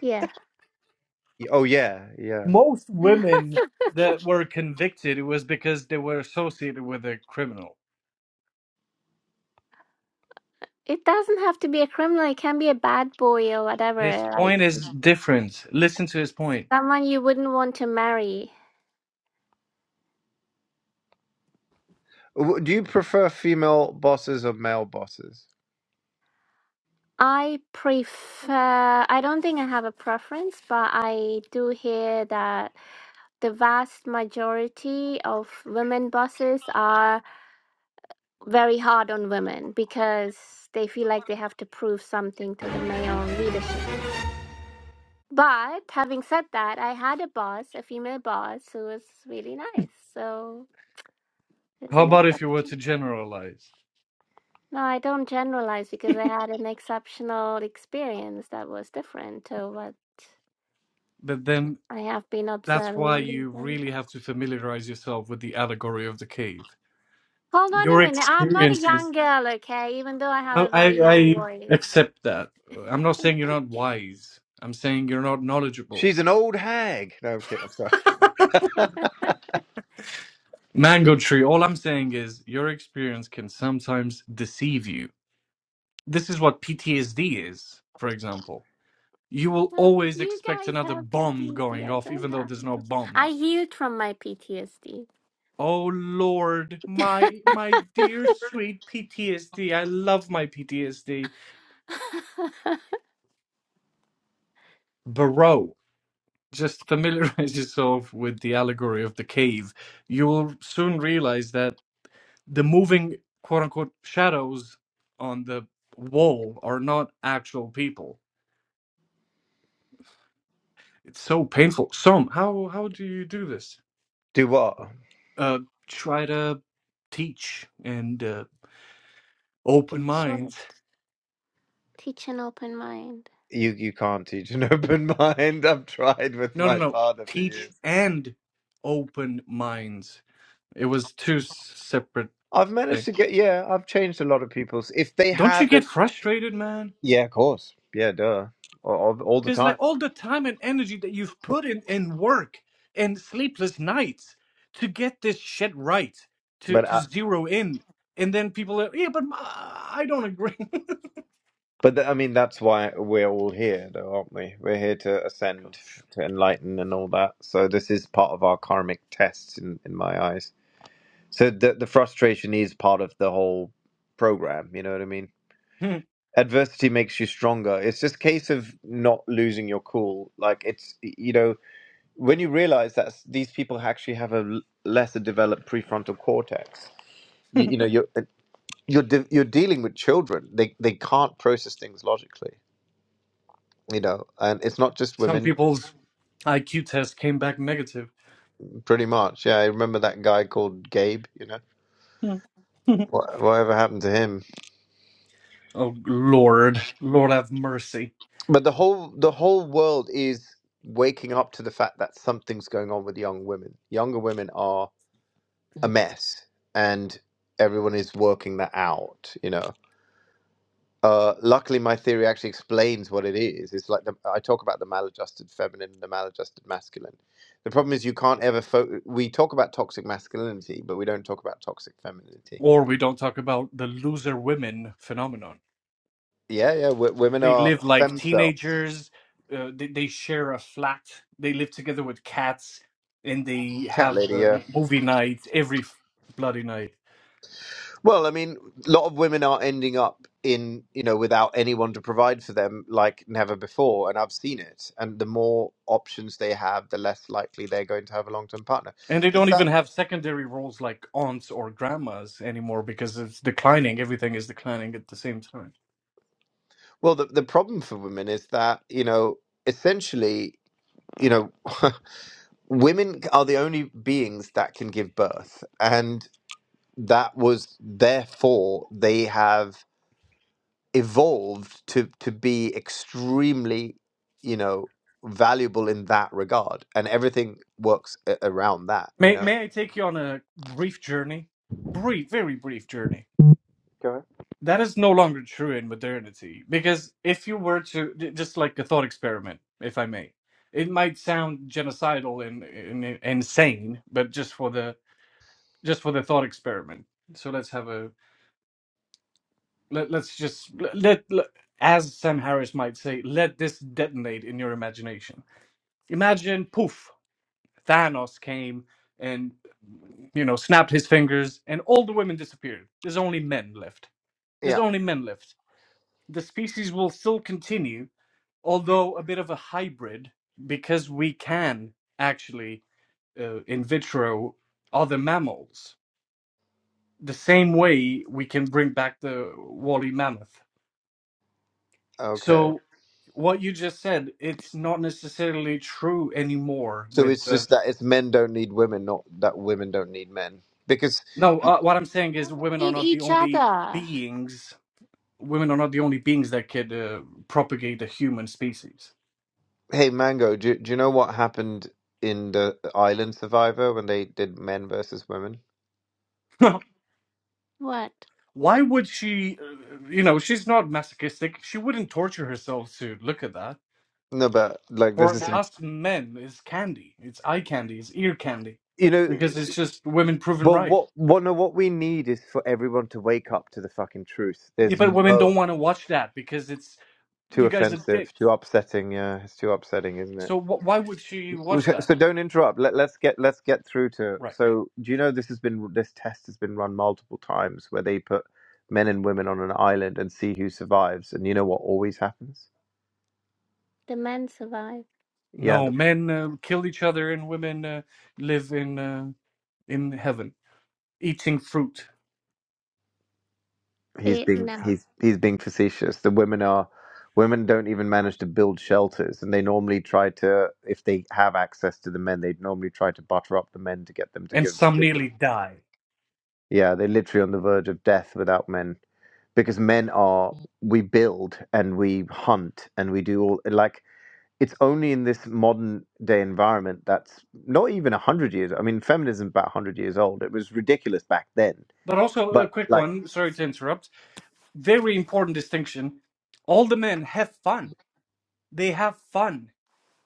D: Yeah.
C: Oh yeah, yeah.
A: Most
D: <laughs>
A: women
D: it
A: that were convicted it was because they were associated with a criminal.
D: doesn't have to be a criminal. It can be a bad boy or whatever,
A: His
D: like
A: point is different. Listen to his point.
D: someone you wouldn't want to marry.
C: W- Do you prefer female bosses or male bosses?
D: I prefer, I don't think I have a preference, but I do hear that the vast majority of women bosses are very hard on women because they feel like they have to prove something to the male leadership. But having said that, I had a boss, a female boss, who was really nice. So it's
A: How
D: an
A: about if you were
D: exception.
A: to generalize?
D: No, I don't generalize because I had an exceptional experience that was different to what
A: But then
D: I have been
A: that's why
D: observing.
A: you really
D: Hold
A: have to familiarize yourself with the allegory of the cave.
D: on
A: your
D: a minute. I'm not a young
A: experiences.
D: girl, okay? Even though I
A: I,
D: have a
A: I
D: very young
A: I
D: voice.
A: accept that. I'm not
D: <laughs>
A: saying you're not wise. I'm saying you're not knowledgeable.
C: She's an old hag. No, I'm kidding. I'm sorry.
A: Mango tree. All I'm saying is your experience can sometimes deceive you. This is what PTSD is, for example. You
D: I
A: will
D: don't,
A: always
D: you
A: expect
D: guys
A: another
D: have
A: bomb
D: PTSD.
A: going
D: I
A: off,
D: don't
A: even though
D: have
A: there's no
D: PTSD. I
A: bombs.
D: healed from my PTSD.
A: Oh Lord, my my dear sweet PTSD. I love my PTSD, bro. just <laughs> familiarize yourself with the allegory of the cave, you will soon realize that the moving quote unquote shadows on the wall are not actual people. It's so painful. So how how do you do this?
C: <laughs> Do what?
A: Uh, try to teach and uh, open
D: <laughs> sure.
A: minds.
D: Teach an open mind.
C: You you can't teach an <laughs> open mind. I've tried with
A: No, no,
C: my
A: no.
C: father for
A: Teach
C: years.
A: and open minds. It was two s- separate
C: I've managed
A: things.
C: to get yeah. I've changed a lot of people's. If they
A: Don't you get
C: haven't,
A: frustrated, man?
C: yeah, of course, yeah, duh, all, all all the
A: Because like
C: time.
A: all the time and energy that you've put in in work and sleepless nights to get this shit right, to
C: But
A: to
C: I,
A: zero in, and then people are yeah, but my, I don't agree. <laughs>
C: but th- I mean, that's why we're all here, though, aren't we? We're here to ascend,
A: Gosh,
C: to enlighten, and all that. So this is part of our karmic tests, in in my eyes. So the the frustration is part of the whole program. You know what I mean?
A: Hmm.
C: adversity makes you stronger. It's just a case of not losing your cool. Like it's you know when you realize that these people actually have a l- lesser developed prefrontal cortex. You, you know you're uh, you're de- you're dealing with children. They they can't process things logically. You know, and it's not just
A: some
C: women.
A: people's IQ test came back negative.
C: Pretty much, yeah. I remember that guy called Gabe. You know,
A: Hmm. <laughs>
C: Wha- whatever happened to him?
A: oh Lord, Lord have mercy.
C: But the whole the whole world is waking up to the fact that something's going on with young women. Younger women are a mess and everyone is working that out you know uh, luckily my theory actually explains what it is it's like the, i talk about the maladjusted feminine and the maladjusted masculine the problem is you can't ever fo- we talk about toxic masculinity but we don't talk about toxic femininity
A: Or we don't talk about the loser women phenomenon.
C: yeah yeah w- women
A: they
C: are
A: live like
C: femcel
A: teenagers. Uh, they, they share a flat. They live together with cats, and they
C: cat
A: have
C: lady
A: uh,
C: Yeah.
A: movie night every f- bloody night.
C: Well, I mean, a lot of women are ending up in, you know, without anyone to provide for them like never before. And I've seen it. And the more options they have, the less likely they're going to have a long term partner.
A: And they
C: Does
A: don't even
C: that,
A: have secondary roles like aunts or grandmas anymore because it's declining. Everything is declining at the same time.
C: well, the, the problem for women is that, you know, essentially, you know, <laughs> women are the only beings that can give birth. And that was therefore they have evolved to to be extremely you know valuable in that regard and everything works a- around that you
A: May
C: know
A: may I take you on a brief journey? Brief, very brief journey.
C: Go ahead.
A: That is no longer true in modernity because if you were to j- just like a thought experiment, if I may, it might sound genocidal and, and, and insane, but just for the just for the thought experiment. So let's have a let, let's just let, let let- as Sam Harris might say, let this detonate in your imagination. Imagine poof. Thanos came and you know snapped his fingers, and all the women disappeared. There's only men left. There's
C: yeah
A: only men left. The species will still continue, although a bit of a hybrid, because we can actually uh, in vitro other mammals. The same way we can bring back the woolly mammoth.
C: okay
A: So what you just said, it's not necessarily true anymore
C: so
A: with
C: it's
A: the
C: just that it's men don't need women not that women don't need men because
A: no, uh, what I'm saying
D: How
A: is
D: they
A: women are
D: need
A: not the
D: each
A: only
D: other.
A: beings women are not the only beings that could uh, propagate the human species.
C: hey mango do, do you know what happened in the island survivor when they did men versus women
A: <laughs>
D: What?
A: Why would she? Uh, you know, she's not masochistic. She wouldn't torture herself to look at that.
C: no but like this
A: For
C: is some,
A: us men, it's candy. It's eye candy. It's ear candy,
C: you know
A: because it's just women proven
C: well
A: right.
C: what what no what we need is for everyone to wake up to the fucking truth
A: Yeah,
C: there's
A: but women
C: no
A: don't want to watch that because it's
C: too
A: you guys are
C: offensive,
A: dicks.
C: too upsetting. Yeah, it's too upsetting, isn't it?
A: So wh- why would she watch
C: Which-
A: that?
C: So don't interrupt. Let, let's get let's get through to.
A: Right.
C: So do you know this has been this test has been run multiple times where they put men and women on an island and see who survives, and you know what always happens?
D: The men survive.
C: Yeah,
A: No,
C: the,
A: men uh, kill each other and women uh, live in uh, in heaven, eating fruit,
C: he's
D: Wait,
C: being
D: no.
C: he's he's being facetious. The women are women don't even manage to build shelters, and they normally try to if they have access to the men, they'd normally try to butter up the men to get them to
A: and
C: give
A: some
C: give them.
A: nearly die.
C: Yeah, they're literally on the verge of death without men. because men are we build and we hunt and we do all like it's only in this modern day environment that's not even 100 years i mean feminism's about 100 years old it was ridiculous back then
A: But also a
C: but
A: quick
C: like
A: one, sorry to interrupt. Very important distinction. All the men have fun. They have fun.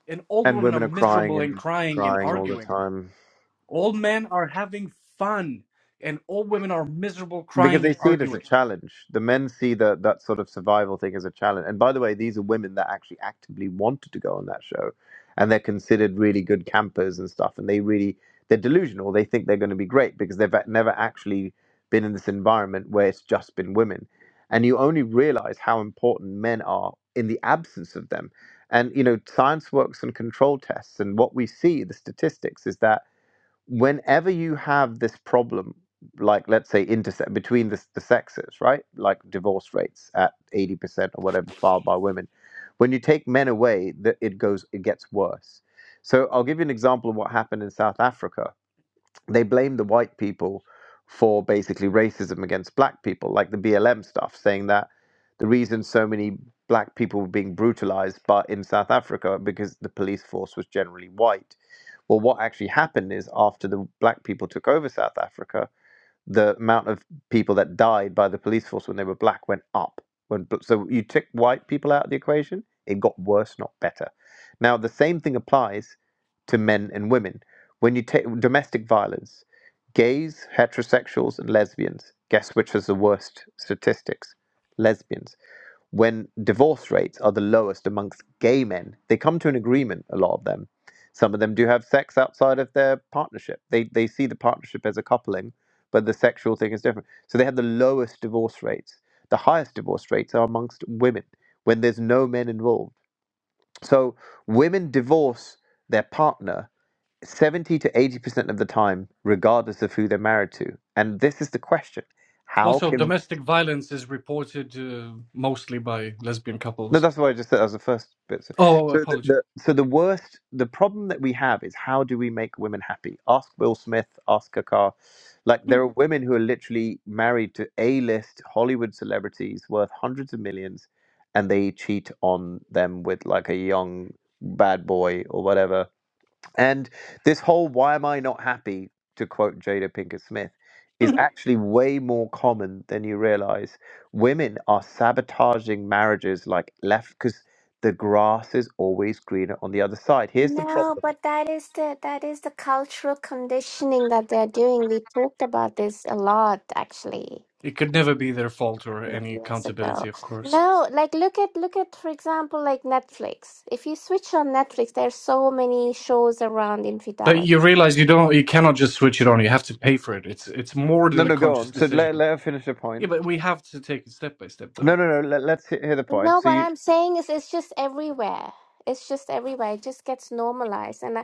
A: And
C: <laughs>
A: all the
C: and
A: women are
C: women are crying
A: miserable and
C: and
A: crying and
C: crying all the
A: arguing.
C: time
A: All men are having fun. And all women are miserable,
C: because
A: crying
C: they
A: and
C: see it as a
A: arguing.
C: challenge. The men see that that sort of survival thing as a challenge. And by the way, these are women that actually actively wanted to go on that show, and they're considered really good campers and stuff. And they really they're delusional. They think they're going to be great because they've never actually been in this environment where it's just been women. And you only realize how important men are in the absence of them. And you know, science works on control tests, and what we see the statistics is that whenever you have this problem, like let's say intersex between the, the sexes, right? Like divorce rates at 80% or whatever filed by women. When you take men away, that it goes, it gets worse. So I'll give you an example of what happened in South Africa they blame the white people for basically racism against black people, like the BLM stuff, saying that the reason so many black people were being brutalized but in South Africa because the police force was generally white. Well, what actually happened is after the black people took over South Africa, the amount of people that died by the police force when they were black went up. When so you took white people out of the equation, it got worse, not better. Now the same thing applies to men and women. When you take domestic violence, gays, heterosexuals, and lesbians. Guess which has the worst statistics? Lesbians when divorce rates are the lowest amongst gay men. They come to an agreement, a lot of them. Some of them do have sex outside of their partnership. They, they see the partnership as a coupling, but the sexual thing is different. So they have the lowest divorce rates. The highest divorce rates are amongst women when there's no men involved. So women divorce their partner 70 to 80% of the time, regardless of who they're married to. And this is the question how
A: Also,
C: can
A: domestic violence is reported uh, mostly by lesbian
C: No,
A: couples.
C: that's why I just said that was the first bit. So,
A: Oh,
C: so the,
A: apology.
C: the so the worst the problem that we have is how do we make women happy? Ask Will Smith, ask Kakar. Like there are women who are literally married to A-list Hollywood celebrities worth hundreds of millions, and they cheat on them with like a young bad boy or whatever and this whole why am I not happy, to quote Jada Pinkett Smith, is
A: <laughs>
C: actually way more common than you realize. Women are sabotaging marriages like left because the grass is always greener on the other side. Here's the
D: No,
C: problem.
D: but that is the that is the cultural conditioning that they're doing. We talked about this a lot actually
A: it could never be their fault or any
D: years ago.
A: accountability, of course.
D: No, like look at look at for example like Netflix. If you switch on Netflix, there's so many shows around
A: But
D: infidelity.
A: you realize you don't, you cannot just switch it on. You have to pay for it. It's it's more
C: No,
A: than a
C: no, go
A: conscious
C: on. So let,
A: decision.
C: let her finish her
A: Yeah,
C: point.
A: but we have to take it step by step,
C: No,
A: though.
C: no, no. Let, let's he- hear the point.
D: No,
C: So
D: what
C: you
D: I'm saying is it's just everywhere. It's just everywhere. It just gets normalized. And I,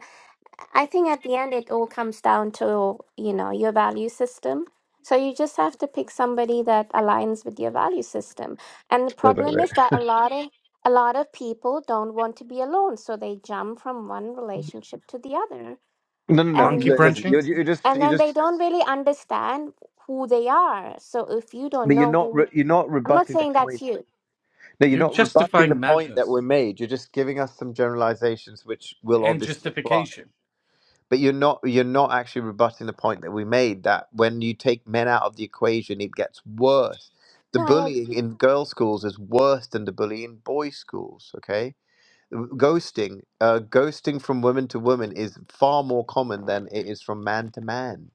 D: I think at the end it all comes down to, you know, your value system. So you just have to pick somebody that aligns with your value system. And the
C: wait, wait,
D: problem
C: wait.
D: is that a lot of a lot of people don't want to be alone, so they jump from one relationship to the other.
C: No, no, no.
A: Monkey
D: And
C: li- Listen, you're,
A: branching.
C: you're just,
D: and
C: you're
D: then they
C: just,
D: don't really understand who they are. So if you don't
C: but you're
D: know
C: not,
D: who
C: re- you're not
D: I'm not
C: rebutting the
D: saying
C: point.
D: that's you.
C: No, you're
A: You're
C: not rebutting
A: justifying
C: the point that
A: madness
C: we made. You're just giving us some generalizations, which will
A: and
C: obviously apply.
A: justification.
C: but you're not you're not actually rebutting the point that we made that when you take men out of the equation it gets worse the
D: No, I ag-
C: bullying in girls schools is worse than the bullying in boys schools okay ghosting uh, ghosting from women to women is far more common than it is from man to man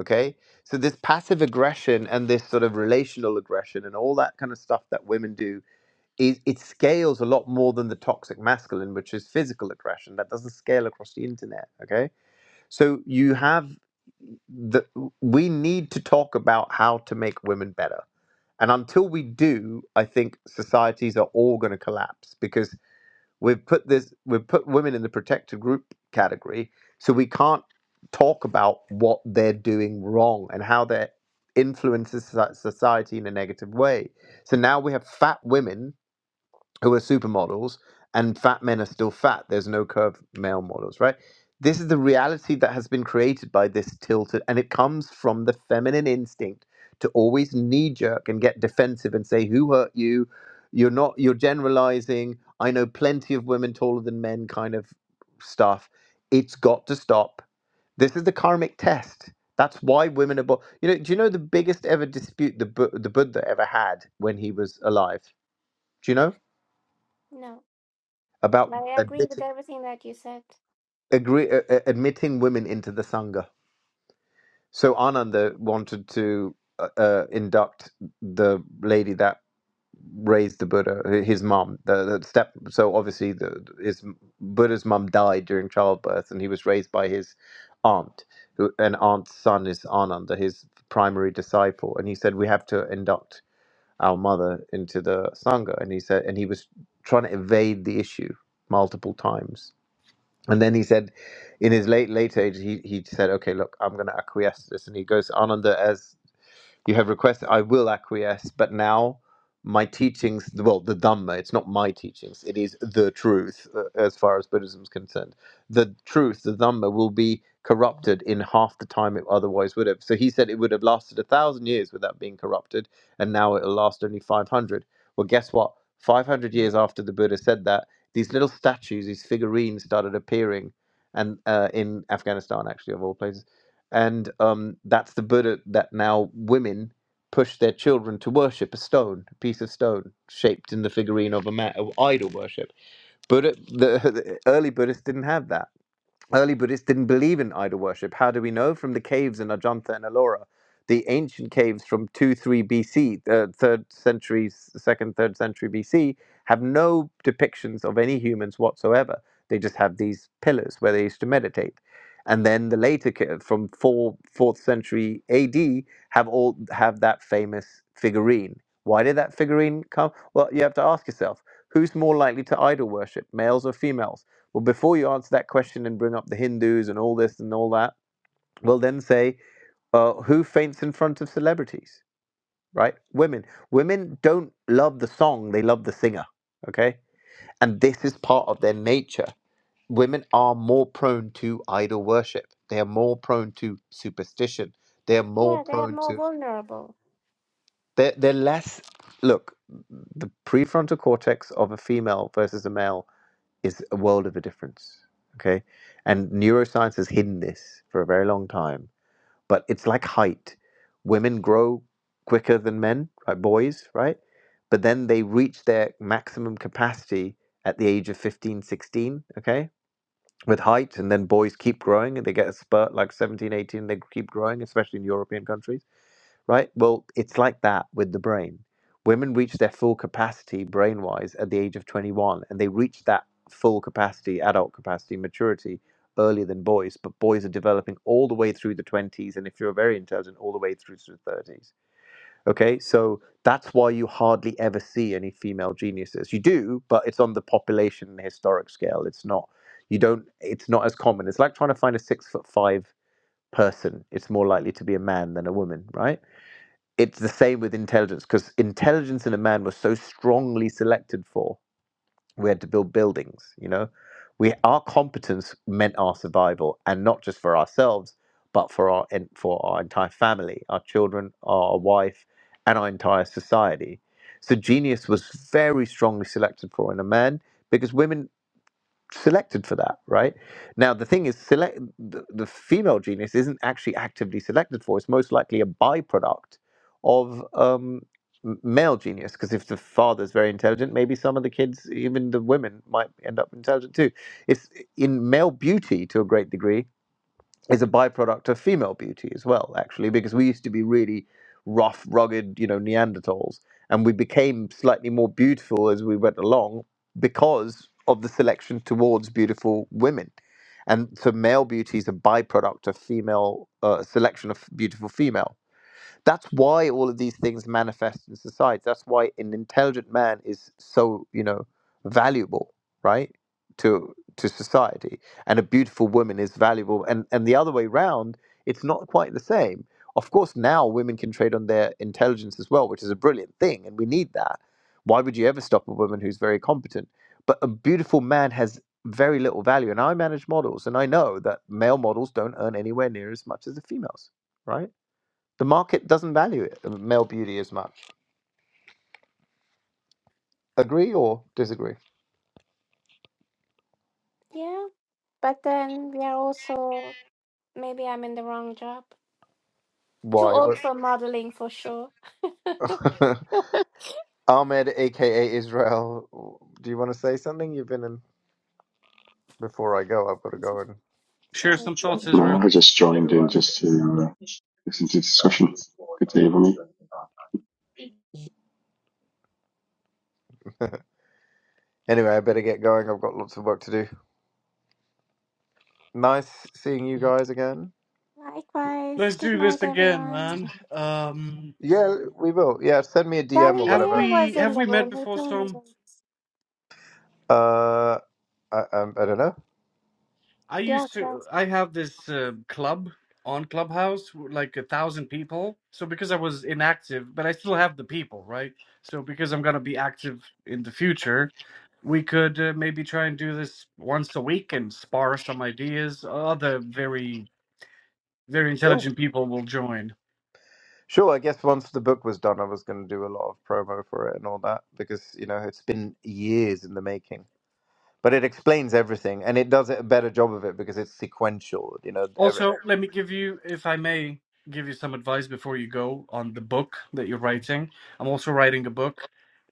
C: okay so this passive aggression and this sort of relational aggression and all that kind of stuff that women do is it scales a lot more than the toxic masculine which is physical aggression that doesn't scale across the internet okay so you have the we need to talk about how to make women better. And until we do, I think societies are all going to collapse because we've put this we've put women in the protected group category, so we can't talk about what they're doing wrong and how they're influences soci- society in a negative way. So now we have fat women who are supermodels and fat men are still fat. There's no curved male models, right? This is the reality that has been created by this tilted, and it comes from the feminine instinct to always knee jerk and get defensive and say, Who hurt you? You're not, you're generalizing. I know plenty of women taller than men kind of stuff. It's got to stop. This is the karmic test. That's why women are, bo- you know, do you know the biggest ever dispute the, Bu- the Buddha ever had when he was alive? Do you know?
D: no.
C: about
D: But I agree with
C: admitting
D: everything that you said.
C: agree, uh, uh, admitting women into the sangha. So Ananda wanted to uh, uh, induct the lady that raised the Buddha, hi- his mom, the, the step. So obviously, the, his Buddha's mom died during childbirth, and he was raised by his aunt. who- and aunt's son is Ananda, his primary disciple, and he said we have to induct our mother into the sangha. And he said, and he was trying to evade the issue multiple times And then he said, in his late late age, he he said, "Okay, look, I'm going to acquiesce to this." And he goes, Ananda, as you have requested, I will acquiesce, but now my teachings, well, the Dhamma, it's not my teachings, it is the truth uh, as far as Buddhism is concerned. The truth, the Dhamma, will be corrupted in half the time it otherwise would have. So he said it would have lasted a thousand years without being corrupted, and now it'll last only 500. Well, guess what? 500 years after the Buddha said that, these little statues, these figurines started appearing and uh, in Afghanistan, actually, of all places and um, that's the Buddha that now women push their children to worship a stone, a piece of stone shaped in the figurine of a man, of idol worship. Buddha, the, <laughs> the early Buddhists didn't have that Early Buddhists didn't believe in idol worship. How do we know? From the caves in Ajanta and Ellora, the ancient caves from 2 3 BC, uh, 3rd century, 2nd, 3rd century BC, have no depictions of any humans whatsoever. They just have these pillars where they used to meditate. And then the later ca- from 4, fourth century AD have all have that famous figurine. Why did that figurine come? Well, you have to ask yourself, who's more likely to idol worship, males or females? Well, before you answer that question and bring up the Hindus and all this and all that, we'll then say, uh, who faints in front of celebrities, right? Women. Women don't love the song, they love the singer, okay? And this is part of their nature. Women are more prone to idol worship, they are more prone to superstition, they are more
D: Yeah, they are
C: prone
D: more
C: to.
D: vulnerable.
C: They're, they're less. Look, the prefrontal cortex of a female versus a male is a world of a difference. Okay. And neuroscience has hidden this for a very long time. But it's like height. Women grow quicker than men, right? Boys, right? But then they reach their maximum capacity at the age of 15, 16, okay, with height. And then boys keep growing and they get a spurt like 17, 18, they keep growing, especially in European countries right? Well, it's like that with the brain. Women reach their full capacity brain wise at the age of 21, and they reach that full capacity, adult capacity, maturity earlier than boys. But boys are developing all the way through the 20s, and if you're very intelligent, all the way through to the 30s. Okay, so that's why you hardly ever see any female geniuses. You do, but it's on the population historic scale. It's not. You don't. It's not as common. It's like trying to find a six foot five person. It's more likely to be a man than a woman, right? it's the same with intelligence because intelligence in a man was so strongly selected for we had to build buildings you know we our competence meant our survival and not just for ourselves but for our and for our entire family our children our wife and our entire society so genius was very strongly selected for in a man because women selected for that, right? Now the thing is, select the, the female genius isn't actually actively selected for. It's most likely a byproduct of um, m- male genius. Because if the father's very intelligent, maybe some of the kids, even the women, might end up intelligent too. It's in male beauty to a great degree is a byproduct of female beauty as well, actually, because we used to be really rough, rugged, you know, Neanderthals, and we became slightly more beautiful as we went along because of the selection towards beautiful women. And so, male beauty is a byproduct of female uh, selection of beautiful female. That's why all of these things manifest in society. That's why an intelligent man is so, you know, valuable, right? To to society. And a beautiful woman is valuable. And and the other way round, it's not quite the same. Of course, now women can trade on their intelligence as well, which is a brilliant thing, and we need that. Why would you ever stop a woman who's very competent? But a beautiful man has very little value. And I manage models, and I know that male models don't earn anywhere near as much as the females, right? The market doesn't value it, uh, male beauty as much. Agree or disagree?
D: Yeah. But then we are also maybe I'm in the wrong job. Too
C: Why?
D: old
C: What-
D: for modeling for sure.
C: <laughs>
D: <laughs>
C: Ahmed, aka Israel, do you want to say something? You've been in before I go. I've got to go and
A: Share
D: So
A: some thoughts,
E: No,
A: Israel.
E: I just joined in just to uh, listen to the discussion. Good to hear from you.
C: anyway. I better get going. I've got lots of work to do. Nice seeing you guys again.
D: likewise,
A: Let's
D: good
A: do
D: night
A: this again,
D: everyone.
A: man. Um,
C: Yeah, we will. Yeah, send me a DM or
A: have
D: Galileo
C: whatever.
A: we
D: was in
A: have
D: the
A: we met
D: room. He
A: before,
D: told
A: Som?
D: me
C: Uh, I, um, I don't know.
A: I
D: yes.
A: used
D: sir.
A: to, I have this uh, club on Clubhouse, with like a thousand people. So because I was inactive, but I still have the people, right? So because I'm gonna be active in the future, we could uh, maybe try and do this once a week and spar some ideas. Other very, very
C: Sure.
A: intelligent people will join.
C: Sure. I guess once the book was done, I was going to do a lot of promo for it and all that because you know it's been years in the making. but it explains everything and it does a better job of it because it's sequential you know every,
A: Also, let me give you, if I may, give you some advice before you go on the book that you're writing. I'm also writing a book,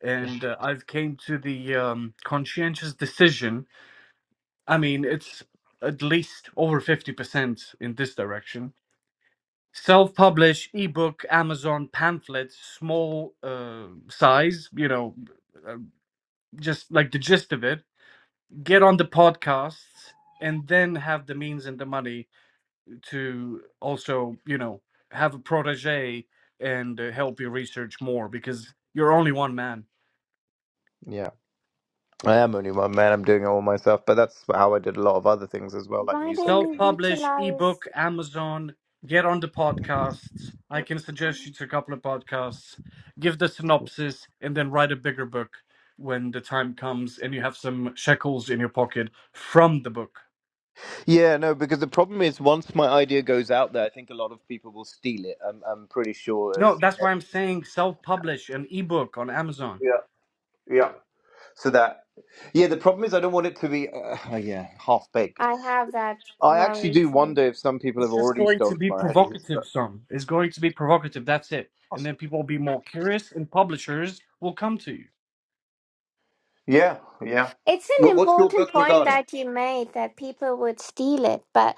A: and uh, I've came to the um, conscientious decision. I mean, it's at least over 50% in this direction. Self-publish, ebook, Amazon pamphlet, small uh, size, you know, uh, just like the gist of it. Get on the podcasts and then have the means and the money to also you know have a protege and uh, help you research more because you're only one man
C: yeah i am only one man i'm doing it all myself but that's how i did a lot of other things as well like
D: Why
C: music
D: don't you
A: self-publish
D: utilize
A: ebook amazon get on the podcasts i can suggest you to a couple of podcasts give the synopsis and then write a bigger book when the time comes and you have some shekels in your pocket from the book
C: yeah no because the problem is once my idea goes out there i think a lot of people will steal it i'm, I'm pretty sure
A: no
C: it's in
A: that's why i'm
C: every-
A: saying self-publish an ebook on amazon
C: yeah yeah so that yeah the problem is i don't want it to be uh, oh, yeah half baked
D: I have that
C: i actually
D: worry
C: do
D: too.
C: wonder if some people have
A: It's just
C: already
A: going to
C: stolen
A: be
C: my ideas
A: provocative,
C: but
A: son. It's going to be provocative. That's it. And then people will be more curious, and publishers will come to you.
C: yeah yeah
D: It's an
C: Wh- what's your book
D: important point
C: regarding
D: that you made that people would steal it, but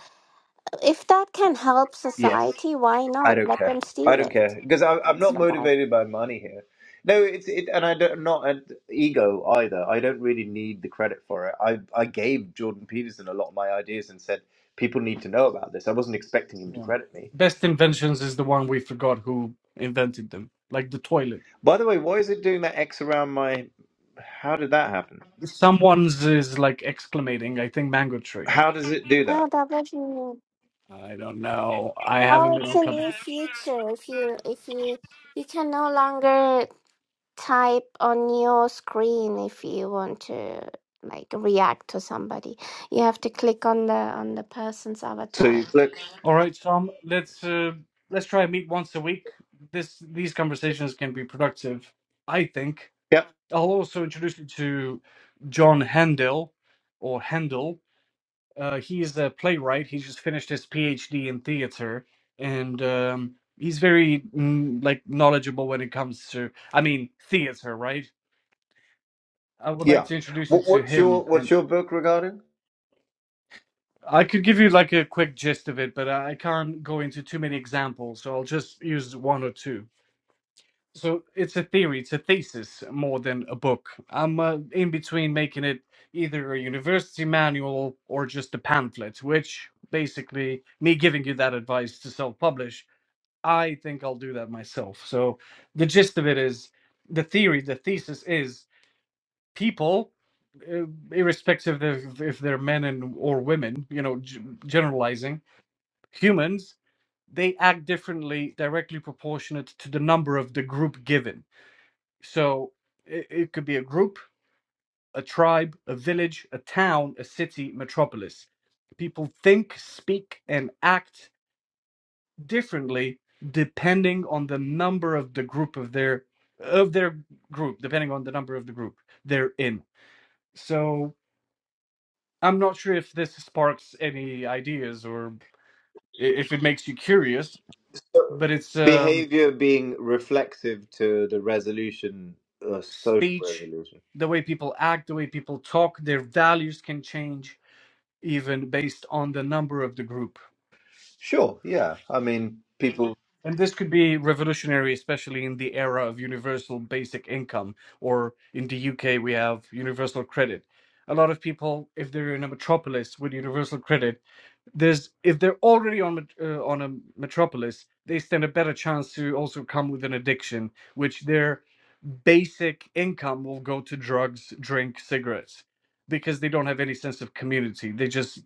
D: if that can help
C: yes
D: society, why
C: I
D: not
C: don't
D: let
C: care.
D: them
C: I
D: steal
C: don't
D: it?
C: care because I'm I'm
D: That's
C: not
D: what I.
C: motivated by money here. No, it's it, and I don't I'm not an ego either. I don't really need the credit for it. I I gave Jordan Peterson a lot of my ideas and said people need to know about this. I wasn't expecting him to
A: Yeah.
C: credit me.
A: Best inventions is the one we forgot who invented them, like the toilet.
C: By the way, why is it doing that X around my? How did that happen?
A: Someone's is like exclamating, I think mango tree.
C: How does it do that?
D: No, that was
A: I don't know. I haven't
D: Oh,
A: been
D: it's
A: on
D: a
A: club.
D: new feature. If you if you you can no longer type on your screen if you want to like react to somebody. You have to click on the on the person's
C: So you
D: avatar.
C: click.
A: All right, Tom. Let's uh, let's try and meet once a week. This these conversations can be productive. I think.
C: Yep.
A: I'll also introduce you to John Handel or Handel Uh, he's a playwright. He just finished his PhD in theater, and um, he's very mm, like knowledgeable when it comes to, I mean, theater, right? I would like
C: Yeah.
A: to introduce you
C: What,
A: to
C: what's
A: him,
C: your what's
A: and
C: your book regarding?
A: I could give you like a quick gist of it, but I I can't go into too many examples, so I'll just use one or two. so it's a theory it's a thesis more than a book i'm uh, in between making it either a university manual or just a pamphlet which basically me giving you that advice to self-publish i think i'll do that myself so the gist of it is the theory the thesis is people uh, irrespective of if they're men and or women you know g- generalizing humans they act differently directly proportionate to the number of the group given so it, it could be a group, a tribe, a village, a town, a city, metropolis. People think, speak, and act differently depending on the number of the group of their of their group, depending on the number of the group they're in. So I'm not sure if this sparks any ideas or i- if it makes you curious,
C: So,
A: but it's um,
C: behavior being reflexive to the resolution, uh, social
A: speech,
C: resolution.
A: the way people act, the way people talk, their values can change even based on the number of the group.
C: Sure, yeah. I mean, people,
A: And this could be revolutionary, especially in the era of universal basic income, or in the UK, we have universal credit. A lot of people, if they're in a metropolis with universal credit, there's if they're already on met- uh, on a metropolis, they stand a better chance to also come with an addiction, which their basic income will go to drugs, drink, cigarettes, because they don't have any sense of community. They just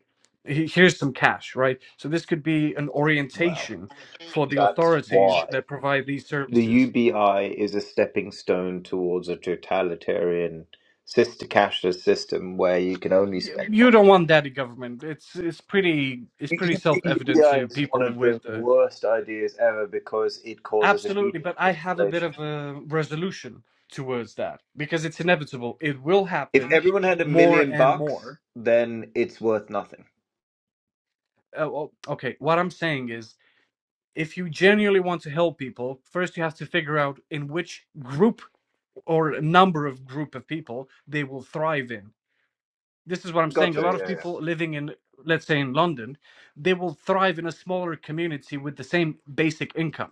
A: "He- here's some cash, right? So this could be an
C: well,
A: orientation for the
C: that's
A: authorities
C: why.
A: that provide these
C: The
A: services.
C: UBI is a stepping stone towards a totalitarian sister cashless system where you can only
A: Y-
C: spend
A: You
C: on.
A: don't want that in government. It's it's pretty it's
C: U-
A: pretty self evident
C: UBI
A: to
C: is one
A: people
C: of the
A: with uh,
C: worst ideas ever because it causes
A: Absolutely,
C: immediate
A: but I have a bit of
C: inflation.
A: a resolution towards that because it's inevitable. It will
C: If
A: happen
C: everyone had a
A: more
C: million
A: and
C: bucks,
A: more.
C: then it's worth nothing.
A: Uh, well, okay, what I'm saying is if you genuinely want to help people, first you have to figure out in which group or number of group of people they will thrive in. This is what I'm saying. A
C: Gotcha,
A: lot of
C: yeah, yeah.
A: people living in, let's say, in London, they will thrive in a smaller community with the same basic income,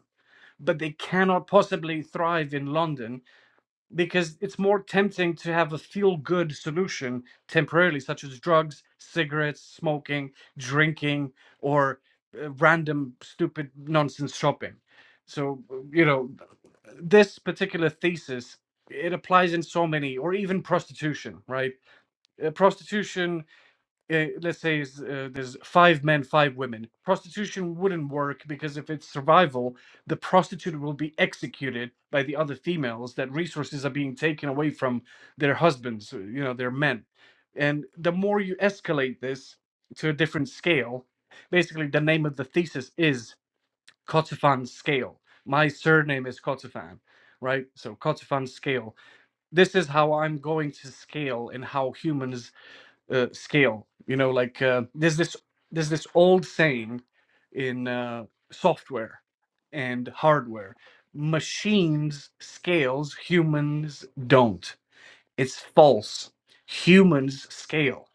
A: but they cannot possibly thrive in London because it's more tempting to have a feel good solution temporarily, such as drugs, cigarettes, smoking, drinking, or uh, random stupid nonsense shopping. So, uh, you know, this particular thesis, it applies in so many, or even prostitution, right? Uh, prostitution eh, let's say is, uh, there's five men, five women. Prostitution wouldn't work because if it's survival, the prostitute will be executed by the other females. That resources are being taken away from their husbands, uh, you know, their men. And the more you escalate this to a different scale, basically the name of the thesis is Kotifan scale. My surname is Kotifan, right? So Kotifan scale. This is how I'm going to scale and how humans uh, scale. You know, like uh, there's this there's this old saying in uh, software and hardware: machines scales, humans don't. It's false. Humans scale.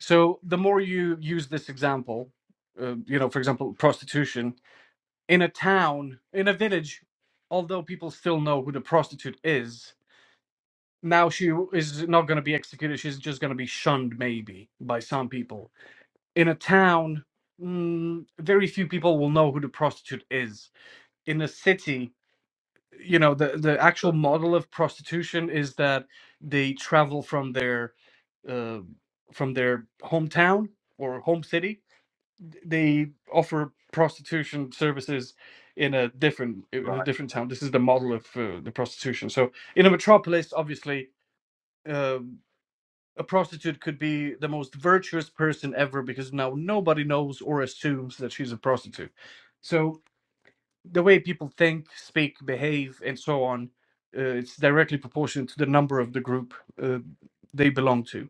A: So the more you use this example, uh, you know, for example, prostitution in a town, in a village, although people still know who the prostitute is, now she is not going to be executed. She's just going to be shunned, maybe, by some people in a town, mm, very few people will know who the prostitute is. In a city, you know, the, the actual
C: Good.
A: model of prostitution is that they travel from their uh, from their hometown or home city. They offer prostitution services in a different in a different town. This is the model of uh, the prostitution. So in a metropolis, obviously. uh, a prostitute could be the most virtuous person ever because now nobody knows or assumes that she's a prostitute. So the way people think, speak, behave, and so on, uh, it's directly proportional to the number of the group uh, they belong to.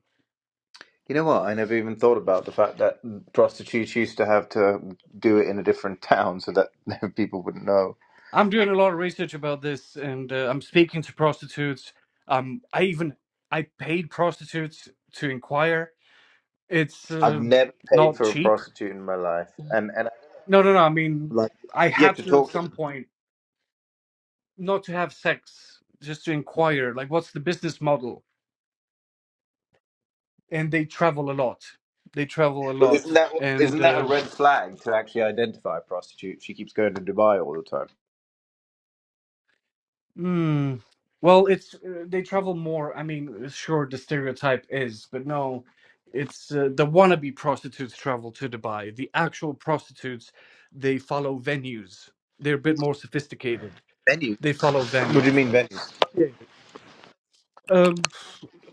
C: You know what? I never even thought about the fact that prostitutes used to have to do it in a different <laughs> town so that <laughs> people wouldn't know.
A: I'm doing a lot of research about this, and uh, I'm speaking to prostitutes. Um, I even I paid prostitutes to inquire. It's
C: I've
A: uh,
C: never paid
A: not
C: for a
A: cheap.
C: prostitute in my life, and and I, don't
A: No, no, no. I mean,
C: like
A: I had
C: get to
A: to at
C: talk to
A: some
C: them.
A: point not to have sex, just to inquire, like, what's the business model? And they travel a lot. They travel a
C: Well,
A: lot,
C: isn't that
A: and
C: isn't that a
A: uh,
C: red flag to actually identify a prostitute? She keeps going to Dubai all the time.
A: mm, well, it's uh, they travel more. I mean, sure, the stereotype is, but no, it's uh, the wannabe prostitutes travel to Dubai. The actual prostitutes, they follow venues. They're a bit more sophisticated.
C: Venues?
A: They follow
C: What do you
A: venues,
C: mean
A: like
C: venues?
A: yeah. yeah. um,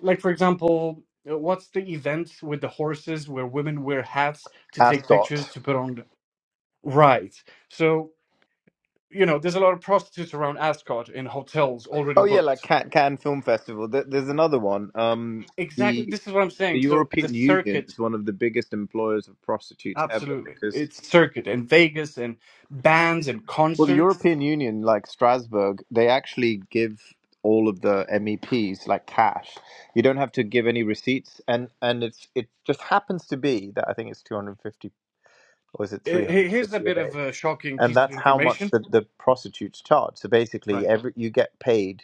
A: like for example uh, what's the event with the horses where women wear hats to take pictures
C: Ascot.
A: to put on rides so you know there's a lot of prostitutes around ascot in hotels already
C: Oh yeah, like
A: booked
C: Can- Cannes Film Festival. There- There's another one. Um,
A: exactly
C: the
A: this is what i'm
C: the
A: saying so the
C: European Union
A: circuit
C: is one of the biggest employers of prostitutes ever
A: absolutely
C: because
A: it's circuit and vegas and bands and
C: Well, the
A: concerts
C: European Union, like Strasbourg, they actually give all of the MEPs like cash. You don't have to give any receipts, and and it's it just happens to be that I think it's two hundred fifty or is it three
A: Uh, he-
C: hundred
A: here's a
C: fifty a
A: bit of
C: day,
A: a shocking
C: and
A: piece of
C: that's how much
A: information
C: the, the prostitutes charge. So basically,
A: right
C: every you get paid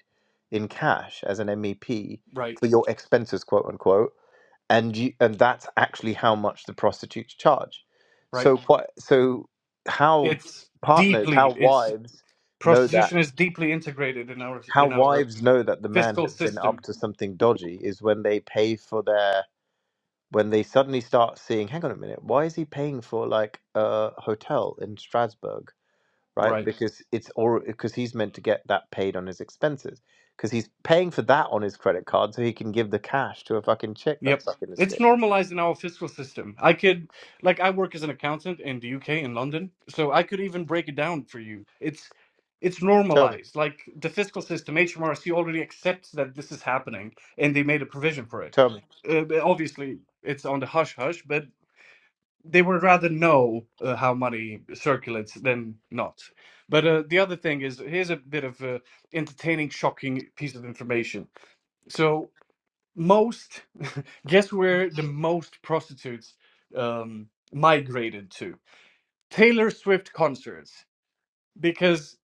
C: in cash as an MEP
A: right
C: for your expenses, quote unquote, and you and that's actually how much the prostitutes charge
A: right
C: so what so how
A: it's
C: partners
A: deeply
C: how
A: it's
C: wives know that
A: prostitution is deeply integrated in our
C: how
A: in our
C: wives know that the man
A: fiscal
C: has been
A: system
C: up to something dodgy is when they pay for their when they suddenly start seeing hang on a minute why is he paying for like a hotel in strasbourg right
A: Right.
C: because it's or because he's meant to get that paid on his expenses because he's paying for that on his credit card so he can give the cash to a fucking chick that's
A: Yep.
C: sucking his
A: It's
C: dick
A: normalized in our fiscal system. I could, like, I work as an accountant in the UK in London, so I could even break it down for you. It's it's
C: tell me
A: normalized. Like the fiscal system, HMRC already accepts that this is happening, and they made a provision for it.
C: tell me
A: Uh, but obviously, it's on the hush hush, but they would rather know uh, how money circulates than not. But uh, the other thing is, here's a bit of a entertaining, shocking piece of information. So most Guess where the most prostitutes um, migrated to? Taylor Swift concerts, because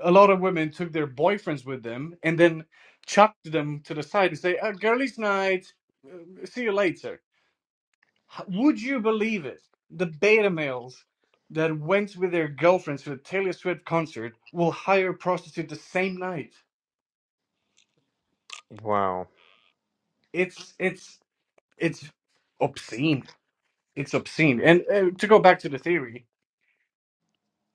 A: a lot of women took their boyfriends with them and then chucked them to the side and say, uh "Girlies' night, uh, see you later." H- Would you believe it? The beta males that went with their girlfriends to the Taylor Swift concert will hire a prostitute the same night.
C: Wow.
A: It's it's it's obscene. It's obscene. And uh, to go back to the theory,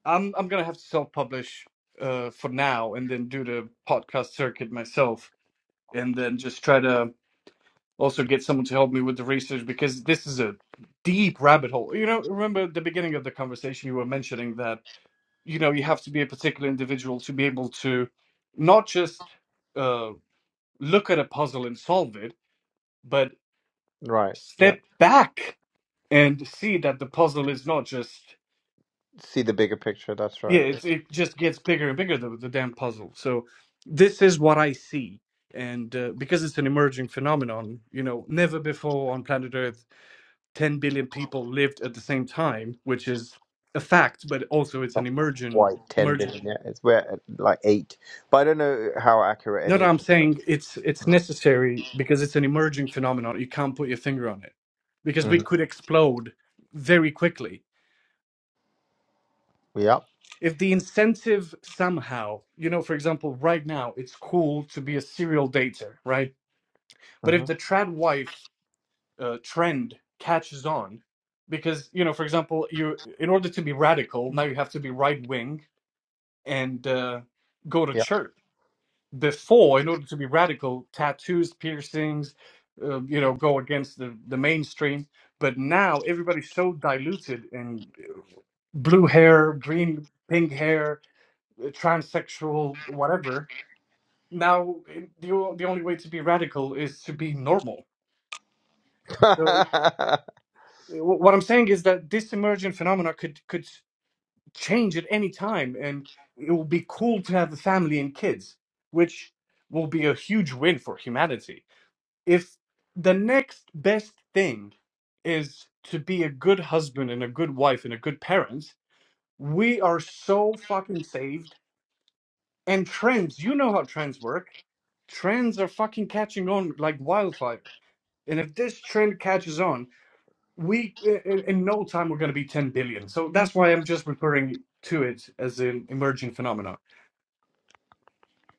A: I'm I'm gonna have to self-publish uh for now and then do the podcast circuit myself and then just try to also get someone to help me with the research because this is a deep rabbit hole. You know, remember at the beginning of the conversation you were mentioning that, you know, you have to be a particular individual to be able to not just uh look at a puzzle and solve it, but
C: Right. Yeah.
A: step back and see that the puzzle is not just
C: See the bigger picture. That's
A: yeah
C: right. Yeah.
A: it's
C: It's
A: it just gets bigger and bigger the, the damn puzzle so this is what i see and uh, because it's an emerging phenomenon you know never before on planet earth 10 billion people lived at the same time which is a fact but also it's an
C: Not
A: emergent
C: quite 10
A: emerging
C: billion yet. It's we're at like 8. But I don't know how accurate
A: no
C: any
A: no
C: of
A: i'm
C: this stuff.
A: saying it's it's necessary because it's an emerging phenomenon you can't put your finger on it because we
C: Mm.
A: could explode very quickly
C: Yep.
A: if the incentive somehow, you know, for example, right now it's cool to be a serial dater, right? But if
C: hmm
A: the trad wife uh, trend catches on, because you know, for example, you in order to be radical now you have to be right wing and uh, go to
C: Yep.
A: church. Before, in order to be radical, tattoos, piercings, uh, you know, go against the the mainstream. But now everybody's so diluted in blue hair, green, pink hair, transsexual, whatever. Now, eh, the, o- the only way to be radical is to be normal. So,
C: <laughs>
A: eh, wh- what I'm saying is that this emergent phenomena could could change at any time, and it will be cool to have a family and kids, which will be a huge win for humanity. If the next best thing is to be a good husband and a good wife and a good parent, we are so fucking saved. And trends, you know how trends work trends are fucking catching on like wildfire. And if this trend catches on, we i- in no time we're going to be 10 billion. So that's why I'm just referring to it as an emerging phenomenon.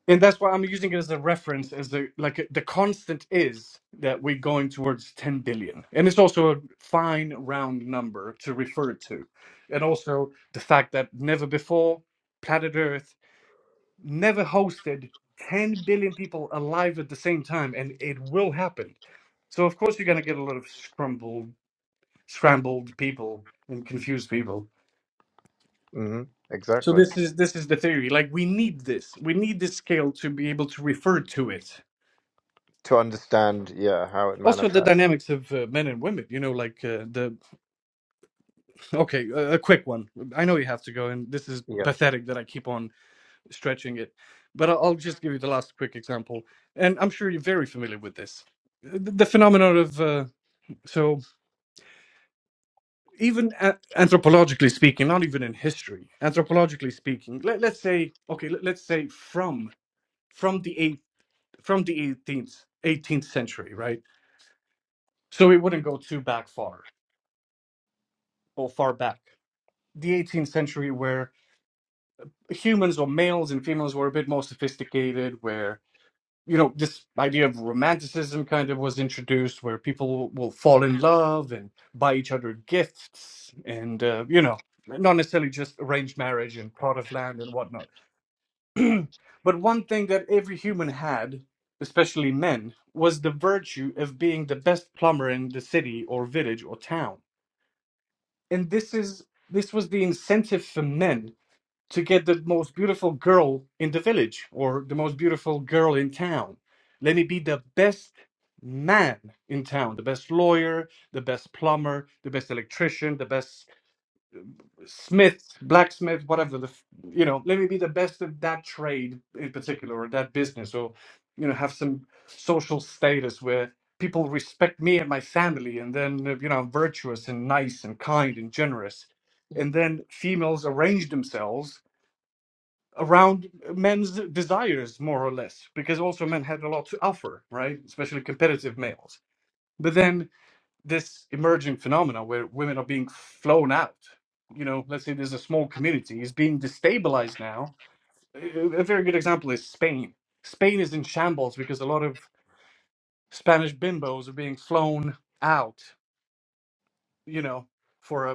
A: And that's why I'm using it as a reference as the like the constant is that we're going towards 10 billion. And it's also a fine round number to refer to. And also the fact that never before planet Earth never hosted 10 billion people alive at the same time, and it will happen. So of course you're going to get a lot of scrambled, scrambled people and confused people.
C: hmm
A: So
C: Exactly.
A: this is this is the theory. Like we need this. We need this scale to be able to refer to it.
C: To understand, yeah, how it
A: Also the
C: manifests.
A: dynamics of uh, men and women. You know, like uh, the okay, uh, a quick one. I know you have to go, and this is
C: Yeah.
A: pathetic that I keep on stretching it. But I- will just give you the last quick example, and I'm sure you're very familiar with this. Uh, The the phenomenon of uh, so even a- anthropologically speaking, not even in history, anthropologically speaking, let, let's say okay, let, let's say from from the eighth from the eighteenth eighteenth century, right? So it wouldn't go too back far or far back. The eighteenth century, where humans or males and females were a bit more sophisticated, where you know this idea of romanticism kind of was introduced where people will fall in love and buy each other gifts and uh, you know not necessarily just arranged marriage and plot of land and whatnot <clears throat> but one thing that every human had especially men was the virtue of being the best plumber in the city or village or town and this is this was the incentive for men to get the most beautiful girl in the village or the most beautiful girl in town. Let me be the best man in town, the best lawyer, the best plumber, the best electrician, the best smith, blacksmith, whatever the f- you know, let me be the best of that trade in particular or that business or you know, have some social status where people respect me and my family and then uh, you know, I'm virtuous and nice and kind and generous. And then females arrange themselves around men's desires more or less because also men had a lot to offer right especially competitive males but then this emerging phenomena where women are being flown out you know let's say there's a small community is being destabilized now a a very good example is spain spain is in shambles because a lot of spanish bimbos are being flown out you know for a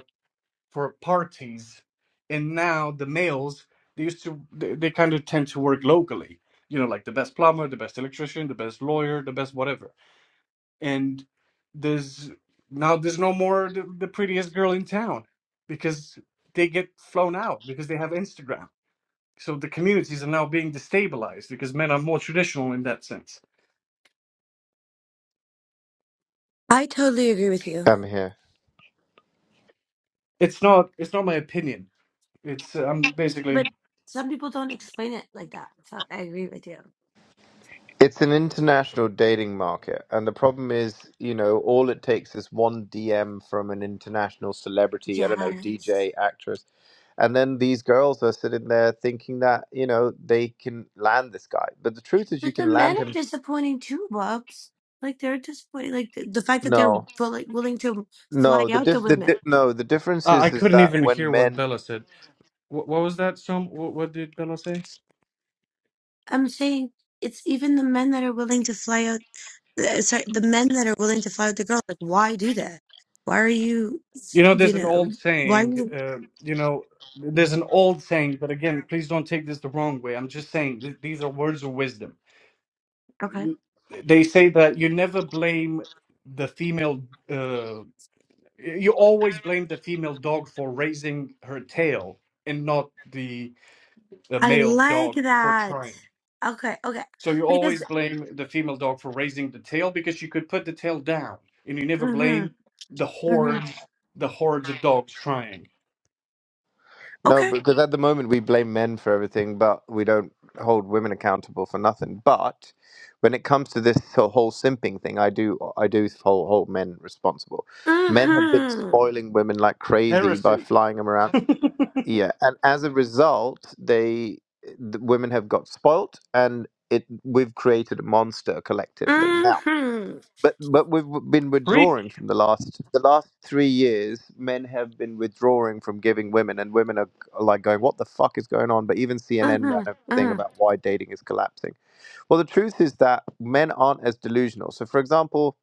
A: for parties and now the males they used to they, they kind of tend to work locally you know like the best plumber the best electrician the best lawyer the best whatever and there's now there's no more the, the prettiest girl in town because they get flown out because they have instagram so the communities are now being destabilized because men are more traditional in that sense
F: I totally agree with you.
C: I'm here.
A: it's not it's not my opinion it's uh, i'm basically
F: But some people don't explain it like that. So I agree with you.
C: It's an international dating market, and the problem is, you know, all it takes is one DM from an international celebrity, I don't know,
F: Yes.
C: DJ, actress, And then these girls are sitting there thinking that, you know, they can land this guy. But the truth is you
F: But the
C: can
F: men
C: land
F: are
C: him. <laughs>
F: disappointing too, Bubs. Like they're disappointing. Like the, the fact that they're
C: No.
F: will, like willing to fly
C: No, the
F: out the
C: diff the
F: women.
C: di- no, the difference
A: i I
C: is is
A: couldn't
C: that
A: even hear
C: when
A: what
C: men
A: bella said what, what was that some what, what did bella say
F: I'm saying it's even the men that are willing to fly out. uh, Sorry, the men that are willing to fly out the girls. Like, why do that? Why are you,
A: You know,
F: you
A: there's an old
F: know, why?
A: saying,
F: you-
A: uh, you know, there's an old saying, but again, please don't take this the wrong way. I'm just saying th- these are words of wisdom.
F: Okay.
A: You- They say that you never blame the female, uh, you always blame the female dog for raising her tail and not the, the
F: I
A: male
F: like
A: dog for
F: that.
A: trying.
F: Okay. Okay.
A: So you
F: Because,
A: always blame the female dog for raising the tail because she could put the tail down, and you never
F: hmm
A: blame the
F: hmm
A: hordes, the hordes of dogs trying.
C: no, because at the moment we blame men for everything, but we don't hold women accountable for nothing. But when it comes to this so- whole simping thing, I do I do hold, hold men responsible. Men have been
F: Mm-hmm.
C: spoiling women like crazy by
A: Heresy.
C: flying them around. yeah and as a result they the women have got spoilt and it we've created a monster collectively now
F: Mm-hmm.
C: but but we've w- been
A: Preach.
C: withdrawing from the last the last three years men have been withdrawing from giving women and women are, are like going what the fuck is going on but even cnn
F: Mm-hmm.
C: ran a thing
F: Mm-hmm.
C: about why dating is collapsing well the truth is that men aren't as delusional so for example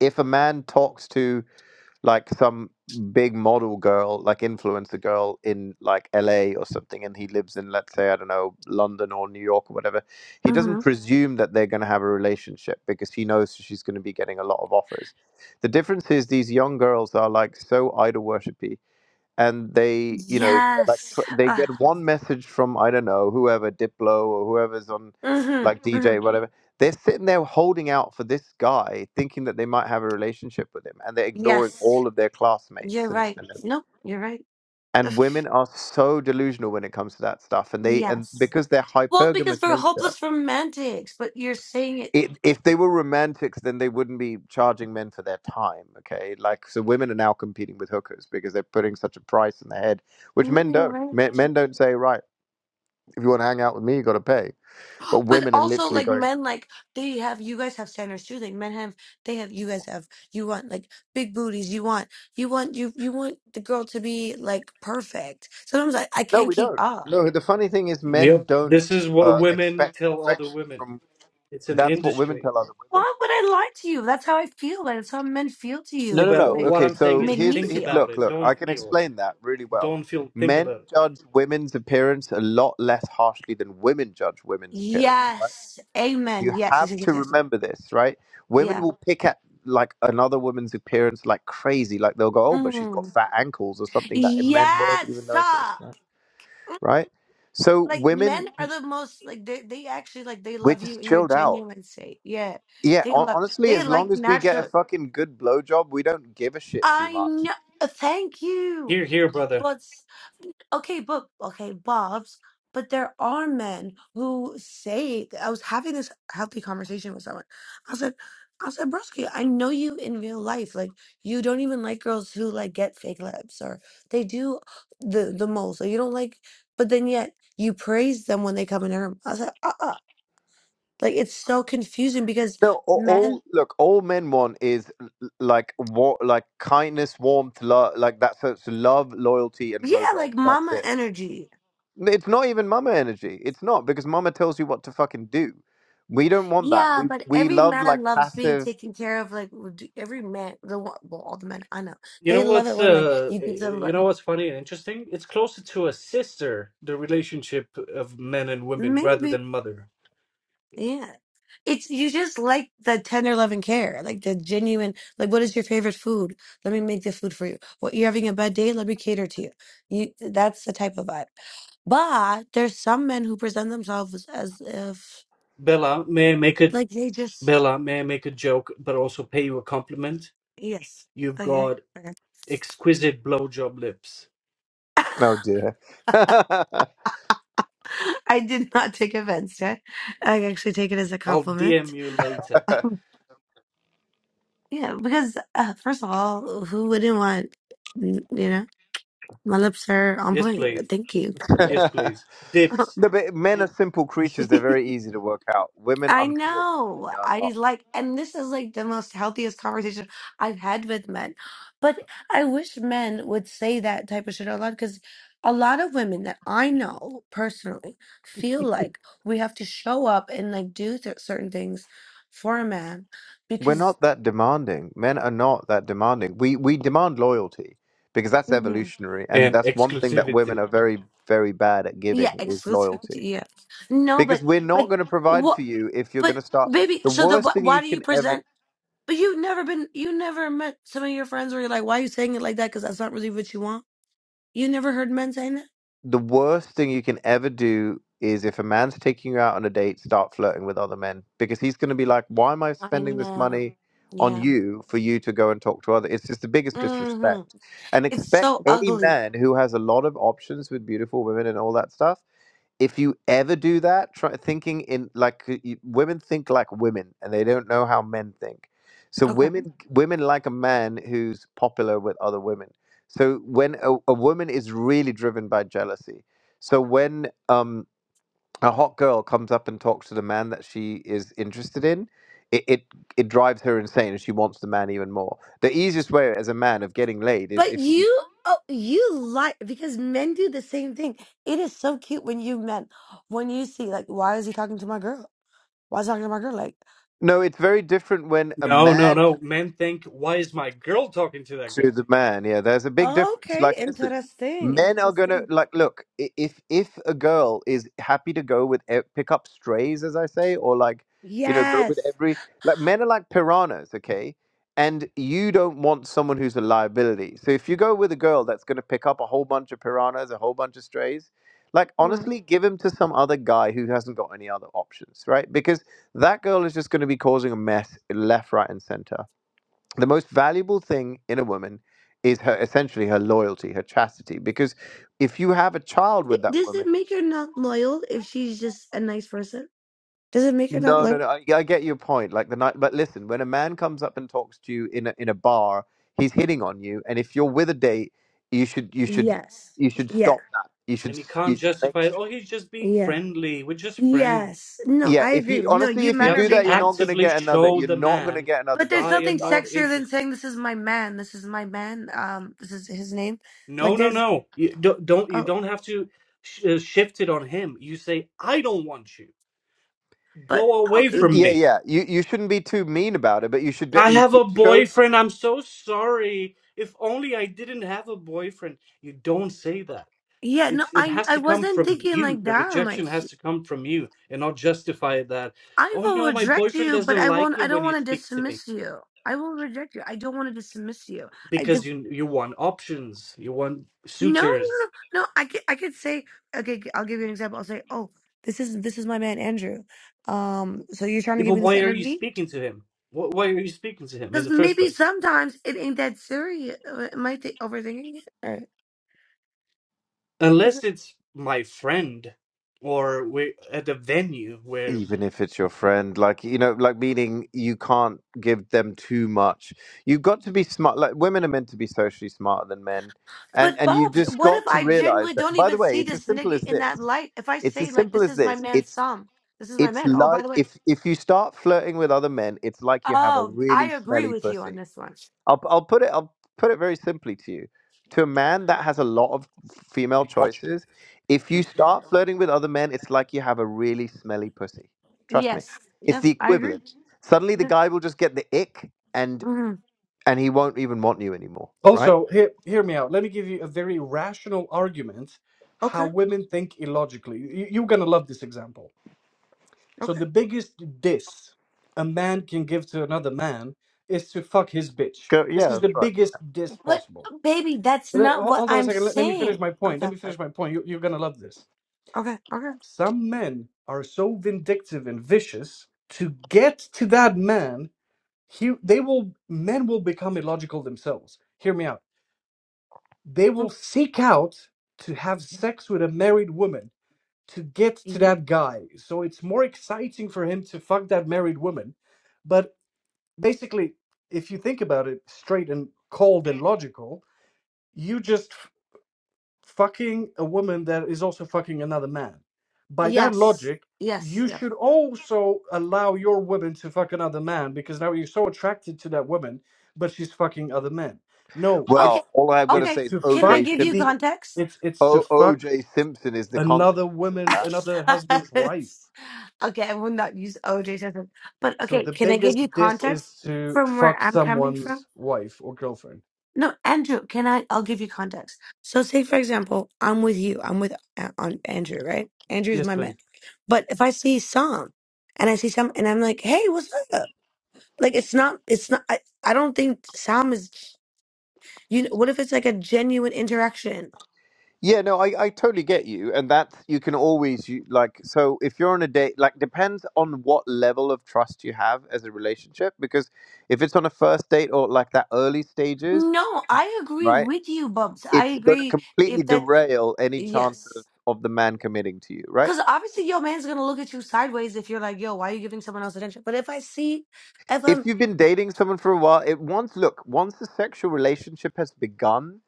C: if a man talks to like some big model girl, like influencer girl in like LA or something, and he lives in, let's say, I don't know, London or New York or whatever, he doesn't
F: Mm-hmm.
C: presume that they're going to have a relationship because he knows she's going to be getting a lot of offers. The difference is these young girls are like so idol worshipy and they you know they're like
F: Yes.
C: tw- they
F: Uh,
C: get one message from i don't know whoever diplo or whoever's on
F: mm-hmm.
C: like
F: Mm-hmm.
C: dj whatever they're sitting there holding out for this guy thinking that they might have a relationship with him and they're ignoring
F: Yes.
C: all of their
F: You're
C: classmates and
F: right.
C: and,
F: Nope. You're right. <laughs> Ugh.
C: and women are so delusional when it comes to that stuff and they and
F: Yes.
C: because their
F: Well, because
C: hypergamous
F: we're
C: nature
F: hopeless romantics, but you're saying it.
C: it, if they were romantics, then they wouldn't be charging men for their time. Okay, like so, women are now competing with hookers because they're putting such a price in their head, which
F: No,
C: men
F: you're
C: don't.
F: right.
C: Men, men don't say, right, if you want to hang out with me, you got to pay. But
F: But
C: women are
F: also,
C: literally
F: like
C: going,
F: men, like they have. You guys have standards too. Like men have. They have. You guys have. You want like big booties. You want. You want. You. You want the girl to be like perfect. Sometimes I. I
C: no,
F: can't
C: we
F: keep
C: don't.
F: up.
C: No, the funny thing is, men
A: Yep.
C: don't
A: This is what
C: uh,
A: women
C: expect
A: tell other
C: perfection
A: women.
C: from.
A: It's an
C: That's what women
A: industry.
C: tell other women.
F: Why would I lie to you? That's how I feel. Like, that's how men feel to
A: Yeah,
C: No, no,
F: you. I
C: no.
A: but
F: mean,
A: what
C: Okay,
A: I'm saying
C: so
A: is
F: make
C: here's
F: me
C: the,
A: think
C: he-
F: feel.
A: about
C: look,
A: it.
C: look.
A: Don't
C: I can
A: feel.
C: explain that really well.
A: Don't feel. Think
C: Men
A: about it.
C: judge women's appearance a lot less harshly than women judge women's appearance.
F: Yes. Amen.
C: You
F: Yes. Yes.
C: have
F: Yes.
C: to
F: yes.
C: remember this, right? Women
F: Yeah.
C: will pick at like another woman's appearance like crazy. Like they'll go, "Oh, but she's got
F: Mm.
C: fat ankles" or something that men won't even
F: Yes.
C: notice,
F: ah.
C: right? So
F: Like men
C: women,
F: are the most like they they actually like they
C: we're
F: love you
C: just
F: in your
C: chilled out.
F: genuine state. Yeah.
C: Yeah,
F: They
C: hon-
F: love
C: honestly,
F: they
C: as
F: like
C: long as we get a
F: natural.
C: fucking good blowjob, we don't give a shit too
F: I
C: much.
F: know. Thank you.
A: Here, here, brother.
F: But s- okay, but okay, Bob's. But there are men who say I was having this healthy conversation with someone. I said, I said, Broski, I know you in real life. Like you don't even like girls who like get fake lips or they do the the moles. Like you don't like, but then yet you praise them when they come in your room. I said, uh, uh like it's so confusing because
C: No, all,
F: men,
C: all look, all men want is l- l- like war, like kindness, warmth, love, like that. So it's love, loyalty, and
F: yeah, like
C: blowjobs. That's
F: mama
C: it.
F: energy.
C: It's not even mama energy. It's not because mama tells you what to fucking do. We don't want that.
F: Yeah,
C: We
F: but
C: we
F: every
C: love like
F: man loves being
C: passive.
F: taken care of. Like would do- every man, the one- well, all the men I know,
A: You
F: they
A: know
F: love it
A: what's
F: when like
A: uh
F: you give them
A: you
F: like
A: know what's funny and interesting? It's closer to a sister, the relationship of men and women rather than
F: maybe,
A: mother.
F: yeah. It's you just like the tender love and care, like the genuine. Like, what is your favorite food? Let me make the food for you. What you're having a bad day? Let me cater to you. You that's the type of vibe. But there's some men who present themselves as if
A: Bella, may I make it
F: like they just
A: Bella, may I make a joke but also pay you a compliment?
F: yes,
A: You've
F: okay,
A: got
F: okay.
A: exquisite blowjob lips.
F: <laughs>
C: Oh dear. <laughs> no,
F: I did not take offense to it. I actually take it as a
A: I'll DM
F: compliment.
A: you later.
F: Yeah, because uh, first of all, who wouldn't want, you know, my lips are on
A: Yes, please.
F: point. Thank you.
A: Yes, please. Depth
F: <laughs>
C: but men are simple creatures. They're very easy to work out. Women,
F: I
C: unfortunately,
F: know.
C: are
F: I
C: not.
F: like, and this is like the most healthiest conversation I've had with men. But I wish men would say that type of shit out loud because a lot of women that I know personally feel like we have to show up and like do th certain things for a man
C: We're
F: because
C: not that demanding. Men are not that demanding. We we demand loyalty because that's
F: hmm
C: evolutionary, and
A: and
C: that's one thing that women
A: exclusivity.
C: are very very bad at
F: Yeah,
C: giving is loyalty.
F: exclusivity. Yeah. No, but
C: Because we're
F: but
C: not going to provide
F: what?
C: for you if you're going
F: But
C: to start.
F: baby,
C: The
F: so the
C: worst
F: wh-
C: thing
F: why
C: you
F: do you
C: can ever
F: present? But you've never been, you never met some of your friends where you're like, why are you saying it like that? Because that's not really what you want. You never heard men saying that.
C: the worst thing you can ever do is if a man's taking you out on a date, start flirting with other men because he's going to be like, "Why am I
F: I
C: spending this
F: know.
C: money on
F: Yeah.
C: you for you to go and talk to other?" It's just the biggest
F: hmm
C: disrespect. And
F: It's
C: expect
F: so
C: any
F: ugly.
C: man who has a lot of options with beautiful women and all that stuff if you ever do that, try thinking in like uh, you, women think like women, and they don't know how men think. So
F: Okay.
C: women women like a man who's popular with other women. So when a, a woman is really driven by jealousy, so when um, a hot girl comes up and talks to the man that she is interested in, it, it it drives her insane, and she wants the man even more. The easiest way as a man of getting laid is
F: But
C: if you
F: you, oh, you like because men do the same thing. It is so cute when you men, when you see like, why is he talking to my girl? Why is he talking to my girl? like?
C: no, it's very different when a
A: No, no,
C: man
A: no. Men think, why is my girl talking to that
C: to
A: guy?
C: the man. Yeah, there's a big
F: Oh,
C: difference.
F: Okay,
C: Like, listen,
F: interesting,
C: men are gonna
F: interesting.
C: like look i- if if a girl is happy to go with e- pick up strays, as I say, or like you know go with
F: Yes.
C: every like men are like piranhas, okay? And you don't want someone who's a liability. So if you go with a girl that's gonna pick up a whole bunch of piranhas, a whole bunch of strays. Like
F: Hmm.
C: honestly, give him to some other guy who hasn't got any other options, right? Because that girl is just going to be causing a mess left, right, and center the most valuable thing in a woman is her essentially her loyalty, her chastity. Because if you have a child
F: Th-
C: with that
F: Does it
C: woman,
F: make her not loyal if she's just a nice person? Does it make her not
C: no, no,
F: loyal?
C: no, I, I get your point. Like the night, but listen, when a man comes up and talks to you in a, in a bar, he's hitting on you, and if you're with a date, you should you should
F: Yes.
C: you should
F: Yeah.
C: stop that. You should
A: And he
C: s- you
A: can't
C: should make
A: justify
C: s-
A: it. Oh, he's just being
F: Yeah.
A: friendly. We're just friends.
F: Yes. No,
C: yeah.
F: I
C: If
F: agree
C: you
F: with no,
C: honestly,
F: you
C: if you
A: You
F: men
A: have
F: are
C: do
A: to
C: that,
F: being
C: you're not gonna
F: honest.
A: actively
C: get another.
A: show
C: You're
A: the
C: not gonna
A: man,
C: get another
F: But there's
C: date
A: I
C: with a
F: nothing
A: am
C: guy.
A: not
F: sexier than
A: interested.
F: saying this is my man, this is my man, um, this is his name.
A: No,
F: Like
A: no,
F: there's
A: no. You don't, don't you
F: oh
A: don't have to sh- uh, shift it on him. You say, I don't want you.
F: but
A: Go away
C: Uh,
F: okay.
A: from
C: Yeah,
A: me.
C: yeah. You you shouldn't be too mean about it, but you should be-
A: I
C: you
A: have a
C: should show
A: boyfriend. I'm so sorry. If only I didn't have a boyfriend. You don't say that.
F: Yeah, no,
A: It's it
F: I
A: has
F: I
A: to come
F: wasn't
A: from
F: thinking
A: you.
F: like
A: The rejection
F: that,
A: has to come from you and not justify that.
F: I
A: Oh
F: will
A: no, my
F: reject
A: boyfriend
F: you, but
A: doesn't
F: I won't.
A: like it
F: I
A: when
F: don't
A: you
F: want to
A: speak to me
F: dismiss you. I will reject you. I don't want to dismiss you. I
A: because
F: guess
A: you you want options, you want
F: no, no, no,
A: suitors.
F: no. I could, I could say okay. g- I'll give you an example. I'll say, oh, this is this is my man Andrew. Um, so you're trying to
A: Yeah, but
F: give me this
A: why are you
F: energy
A: speaking to him? Wh- Why are you speaking to him in
F: because
A: the first
F: maybe
A: place?
F: sometimes it ain't that serious. Uh, Am I th- overthinking it? All right. 'Cause
A: Unless
F: it-
A: it's my friend or we're at a venue where
C: even if it's your friend like you know like meaning you can't give them too much you've got to be smart like women are meant to be socially smarter than men and
F: But
C: and you
F: Bubs,
C: just
F: what if
C: got to
F: I
C: realize
F: genuinely
C: that
F: don't
C: by the
F: even
C: way
F: see
C: it's as
F: this
C: simple
F: nigga
C: as
F: in that
C: this
F: light? If I
C: it's
F: say
C: as
F: like,
C: simple
F: this
C: as
F: is my
C: this
F: man,
C: it's
F: Sam. This is my
C: it's
F: man. Oh, by
C: like
F: the way.
C: if if you start flirting with other men it's like you have a
F: Oh, I
C: really
F: agree
C: smelly
F: with you on
C: pussy
F: this one.
C: I'll I'll put it I'll put it very simply to you. To a man that has a lot of female choices, if you start flirting with other men, it's like you have a really smelly pussy. Trust me.
F: Yes.
C: It's
F: Yep.
C: the
F: I agree.
C: equivalent. Suddenly the
F: Yeah.
C: guy will just get the ick and
F: hmm
C: and he won't even want you anymore, right?
A: Also, hear, hear me out. Let me give you a very rational argument how
F: Okay.
A: women think illogically. You, you're going to love this example. So,
F: Okay.
A: the biggest diss a man can give to another man is to fuck his bitch.
C: Go,
A: This
C: yeah,
A: is
C: that's
A: the
C: right.
A: biggest diss
F: But
A: possible.
F: oh, baby, that's
A: Uh,
F: not
A: ho-
F: what
A: Hold on a
F: I'm
A: second. Let, let me finish
F: saying.
A: my point.
F: Okay.
A: Let me finish my point. You, you're going to love this.
F: Okay.
A: Some men are so vindictive and vicious to get to that man, he, they will men will become illogical themselves. Hear me out they will
F: Okay.
A: seek out to have sex with a married woman to get to
F: Y-
A: that guy. So it's more exciting for him to fuck that married woman. But basically, if you think about it straight and cold and logical, you just fucking a woman that is also fucking another man. By that
F: Yes.
A: logic,
F: Yes.
A: you
F: Yeah.
A: should also allow your woman to fuck another man because now you're so attracted to that woman, but she's fucking other men. No, it's
F: Okay.
C: Well, all I've got to
A: it's
F: Okay.
C: say is
A: to
F: Can I
A: fuck
C: OJ
F: give you
A: the
C: Simpson.
F: context?
A: it's it's to
C: O
A: fuck
C: OJ Simpson is the
A: another
C: consequence of
A: woman's
C: that.
A: another husband's
F: <laughs>
A: wife.
F: okay, I will not use OJ Simpson. But
A: So
F: okay,
A: the
F: can I give
A: biggest
F: you
A: diss
F: context
A: is to
F: from where
A: fuck
F: I'm coming from?
A: someone's wife or girlfriend.
F: No, Andrew, can I? I'll give you context. So, say for example, I'm with you. I'm with A- on Andrew, right? Andrew's
A: Yes,
F: my man.
A: please.
F: But if I see Sam, and I see Sam, and I'm like, "Hey, what's up?" Like, it's not. It's not. I, I don't think Sam is. You know, what if it's like a genuine interaction?
C: Yeah, no, I, I totally get you, and that's you can always you, like so if you're on a date, like depends on what level of trust you have as a relationship. Because if it's on a first date or like that early stages,
F: No, I agree
C: right,
F: with you, Bubs. I
C: it's going to
F: agree.
C: completely
F: If that,
C: derail any chance of
F: yes,
C: of the man committing to you, right?
F: because obviously your man's gonna look at you sideways if you're like, "Yo, why are you giving someone else attention?" But if I see, if
C: If
F: I'm
C: you've been dating someone for a while, it once look once the sexual relationship has begun,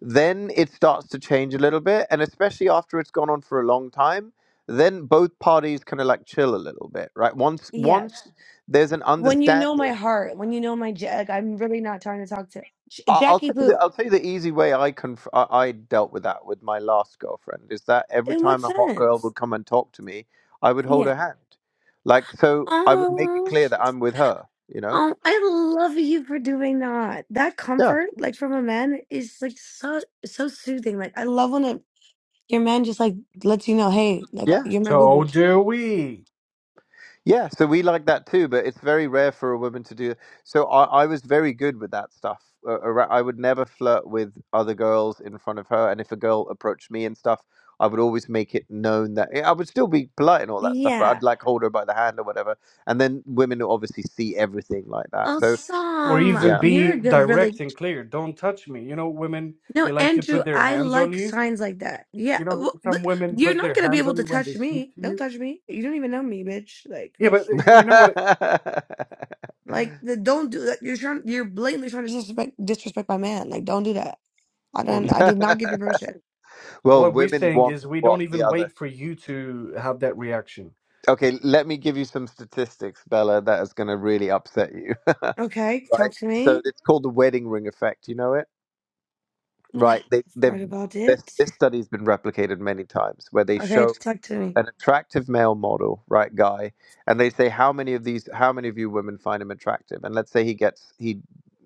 C: then it starts to change a little bit and especially after it's gone on for a long time then both parties kind of like chill a little bit right once
F: yes.
C: once Yeah. there's an
F: When you know
C: understanding
F: my heart, when you know my Jack, I'm really not trying to talk to J-
C: I- I'll
F: Jackie
C: tell you the
F: Boo.
C: I'll tell you the easy way I conf- I I dealt with that with my last girlfriend is that every
F: In what
C: time a hot girl
F: sense?
C: would come and talk to me, I would hold
F: Yeah.
C: her hand, like so I would make it
F: Oh,
C: clear that I'm with her. You know?
F: oh, I love you for doing that. That
C: Yeah.
F: comfort, like from a man, is like so so soothing. Like I love when a, your man just like lets you know, hey, like uh,
C: Yeah.
F: you're my boo
A: So
F: boo.
A: do we.
C: Yeah, so we like that too, but it's very rare for a woman to do. So I, I was very good with that stuff. Uh, arou- I would never flirt with other girls in front of her, and if a girl approached me and stuff, I would always make it known that I would still be polite and all that stuff, but
F: Yeah.
C: I'd like hold her by the hand or whatever. And then women will obviously see everything like that. So
A: or
F: Awesome.
A: even
C: yeah,
F: You're a
A: be
F: good, really.
A: direct and clear. Don't touch me. You know, women
F: No,
A: they like to
F: Andrew,
A: put their
F: I
A: hands on
F: like
A: you.
F: signs like that. Yeah.
A: You know,
F: w- But
A: some women
F: you're
A: put
F: not
A: their
F: going to be
A: hands
F: able
A: on
F: to
A: you when
F: touch
A: they speak
F: me.
A: to
F: Don't
A: you.
F: touch me. You don't even know me, bitch. Like,
A: Yeah, but uh, you know what?
F: Like, the, don't do that. You're trying, you're blatantly trying to disrespect disrespect my man. Like, don't do that. I don't. I did not give
C: <laughs>
F: you permission.
C: well,
A: What we're
C: women
A: saying
C: want
A: is we don't
C: what the
A: even
C: other.
A: wait for you to have that reaction
C: Okay, let me give you some statistics, Bella, that is going to really upset you. <laughs>
F: Okay, talk
C: right?
F: to
C: So
F: me.
C: it's called the wedding ring effect. You know it,
F: Yeah,
C: right? They, they've
F: sorry about it.
C: this this study has been replicated many times where they
F: Okay,
C: show
F: talk to me.
C: an attractive male model, right, guy, and they say how many of these, how many of you women find him attractive, and let's say he gets he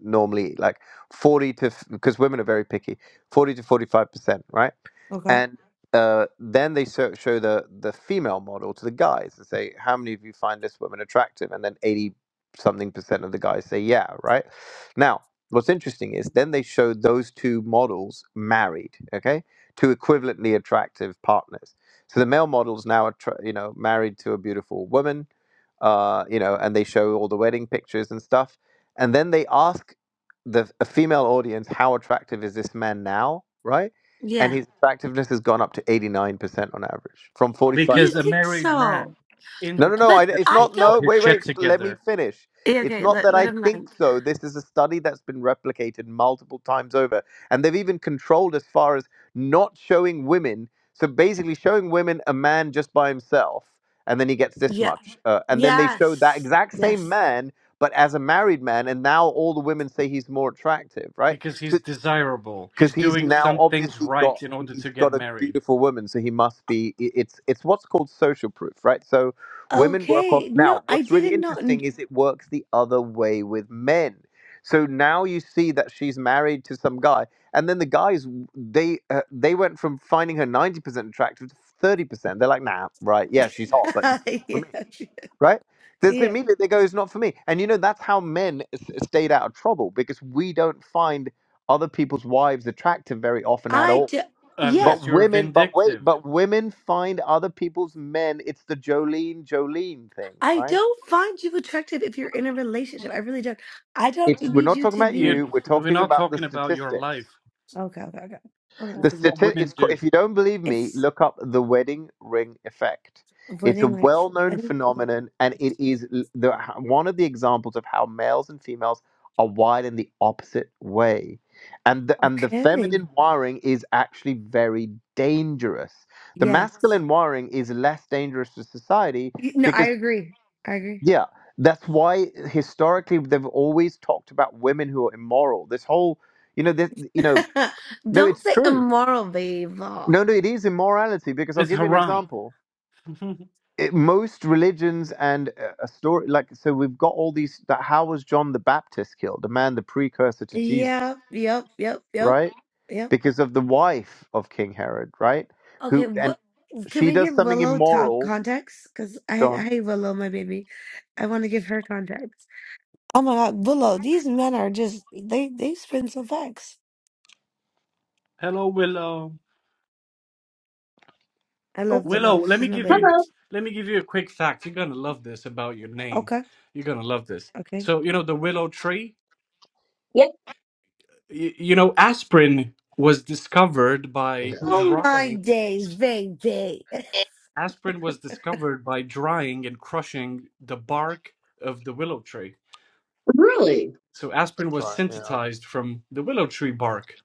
C: normally like 40 to because women are very picky 40 to 45 percent right
F: Okay.
C: and uh, then they show, show the the female model to the guys and say, "How many of you find this woman attractive?" And then eighty something percent of the guys say, "Yeah, right." Now, what's interesting is then they show those two models married, okay, to equivalently attractive partners. So the male model's now, attra- you know, married to a beautiful woman, uh, you know, and they show all the wedding pictures and stuff, and then they ask the a female audience, "How attractive is this man now?" Right and
F: Yeah,
C: his attractiveness has gone up to 89% on average from 45
F: you
A: because a
F: think
A: married man
F: so,
C: no no no
F: but
C: I,
A: indicates that
C: it's
A: he's
F: I
C: not
A: got
C: no
F: don't.
A: his
C: wait
A: shit
C: wait let me
A: together
C: finish
F: Yeah,
C: it's
F: okay,
C: not
F: let
C: that
F: let
C: i
F: him
C: think
F: land.
C: so this is a study that's been replicated multiple times over and they've even controlled as far as not showing women so basically showing women a man just by himself and then he gets this
F: Yeah.
C: much uh, and then they show that
F: Yes.
C: exact same
F: Yes.
C: man but as a married man and now all the women say he's more attractive right
A: because he's
C: So
A: desirable.
C: because
A: He's
C: he's
A: doing
C: now
A: some things
C: obviously
A: right
C: got
A: in order to
C: he's
A: get
C: got a
A: married.
C: beautiful woman so he must be i- it's it's what's called social proof right so women work off
F: Okay. No,
C: now
F: I
C: what's really
F: didn't know.
C: interesting is it works the other way with men so now you see that she's married to some guy and then the guys they uh, they went from finding her 90% attractive to 30% they're like nah right yeah she's hot but it's
F: <laughs>
C: not for
F: yeah.
C: me right? There's
F: Yeah.
C: immediately they go, it's not for me. And you know, that's how men s- stayed out of trouble because we don't find other people's wives attractive very often at
F: I
C: all.
F: do.
A: Unless
C: But
A: you're
C: women, but wait,
A: vindictive,
C: but women find other people's men. It's the Jolene, Jolene thing,
F: I
C: right?
F: don't find you attractive if you're in a relationship. I really don't. I don't
C: It's we're
F: need
C: not
F: you
C: talking
F: to
C: about
A: you
F: be.
C: you. We're
A: we're
C: talking
A: not
C: about the
A: talking about your
C: statistics.
A: life.
F: Okay, okay, okay. Okay.
C: The
A: This is what
C: stati-
A: women
C: it's co-
A: do.
C: if you don't believe me,
F: It's
C: look up the wedding ring effect. It's
F: wedding
C: a
F: night for
C: well-known
F: wedding.
C: phenomenon, and it is l- the, one of the examples of how males and females are wired in the opposite way, and the, and the
F: Okay.
C: feminine wiring is actually very dangerous. The
F: Yes.
C: masculine wiring is less dangerous to society
F: You- No, I
C: because
F: agree. I agree.
C: yeah, that's why historically they've always talked about women who are immoral. This whole, you know, this, you know,
F: <laughs>
C: no,
F: don't
C: it's
F: say
C: true.
F: immoral, babe.
C: No, no, it is immorality because I'll
A: It's
C: give you an
A: haram.
C: example.
A: <laughs> Mhm.
C: It, most religions and a, a story like so we've got all these that how was John the Baptist killed? The man, the precursor to Jesus,
F: Yeah. Yep. Yep. Yep.
C: right?
F: Yep.
C: Because of the wife of King Herod, right?
F: Okay.
C: Who and
F: But can
C: she
F: we
C: does
F: give
C: something
F: Willow talk
C: immoral.
F: context? Because
C: Go
F: I, I
C: on.
F: hate Willow, my baby. I want to give her context. Oh my God, Willow, these men are just they they spin some facts.
A: Hello, Willow.
F: I love
G: Okay.
A: Willow,
F: Willow.
A: let me
F: She's my
A: give you
F: baby.
G: Hello.
A: let me give you a quick fact. You're gonna love this about your name.
F: Okay,
A: You're gonna love this.
F: okay.
A: So, you know, the willow tree,
G: Yep.
A: you, you know, aspirin was discovered
C: Yeah,
A: by
F: Oh my
A: drying.
F: days, baby. <laughs>
A: Aspirin was discovered by drying and crushing the bark of the willow tree.
G: Really?
A: So aspirin
C: that's
A: was
C: right. Yeah,
A: synthesized from the willow tree bark.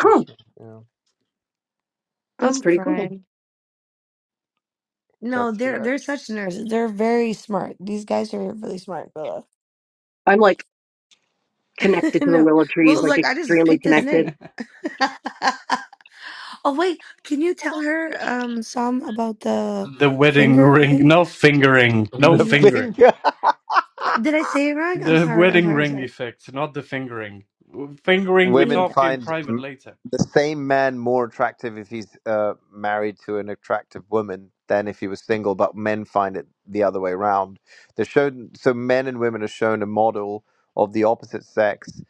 C: that's right. Yeah,
G: That's
F: I'm
G: pretty cool.
F: crying. No,
C: that's
F: they're they're
C: correct. <laughs>
F: such nerds. They're very smart. These guys are really smart, Willow.
G: I'm like
F: <laughs>
G: connected to the
F: no.
G: willow trees,
F: Willow's
G: like
F: like, I just
G: extremely
F: picked this
G: connected.
F: name. <laughs> oh wait, can you tell her um some about the
A: The wedding
F: finger
A: ring,
F: thing?
A: no fingering, no
C: The
F: Yes.
A: fingering.
C: finger.
F: Uh, Did I say it wrong? I'm
A: The
F: sorry, I'm
A: wedding
F: sorry, I'm
A: ring
F: sorry.
A: effect, not the fingering. Fingering, we
F: Yeah.
C: women
A: talk in
C: find
A: private
C: m-
A: later.
C: the same man more attractive if he's uh, married to an attractive woman than if he was single, but men find it the other way around. They're shown so men and women are shown a model of the opposite sex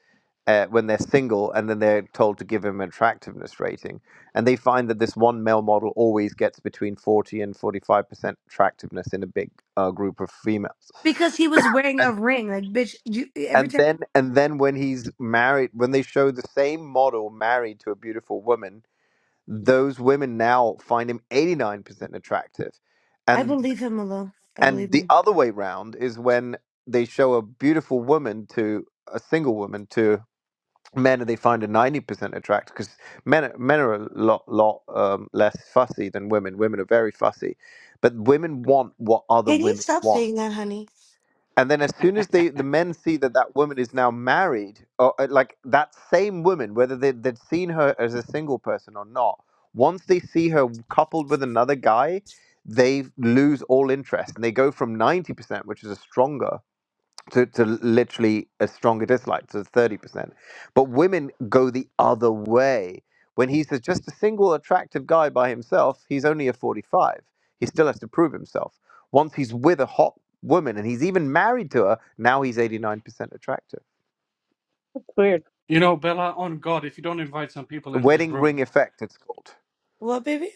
C: uh, when they're single, and then they're told to give him an attractiveness rating, and they find that this one male model always gets between forty and forty five percent attractiveness in a big uh, group of females
F: Because he was wearing a ring. Like, bitch, you, every
C: and
F: time.
C: then and then when he's married when they show the same model married to a beautiful woman those women now find him 89% attractive
F: I
C: and
F: believe him, Malo. I believe
C: and the
F: him.
C: other way round is when they show a beautiful woman to a single woman to men and they find her 90% attractive because men are- men are a lot lot um, less fussy than women women are very fussy but women want what other
F: Can you
C: women
F: stop
C: want
F: saying that, honey?
C: and then as soon as they the men see that that woman is now married, or uh, like that same woman, whether they, they'd seen her as a single person or not, once they see her coupled with another guy, they lose all interest and they go from 90%, which is a stronger, to, to literally a stronger dislike, to 30%. But women go the other way. When he's a- just a single attractive guy by himself, he's only a 45. He still has to prove himself. Once he's with a hot woman and he's even married to her, now he's 89% attractive.
G: It's weird.
A: You know, Bella, on God, if you don't invite some people in this
C: Wedding
A: room,
C: ring effect, it's called.
F: What, baby?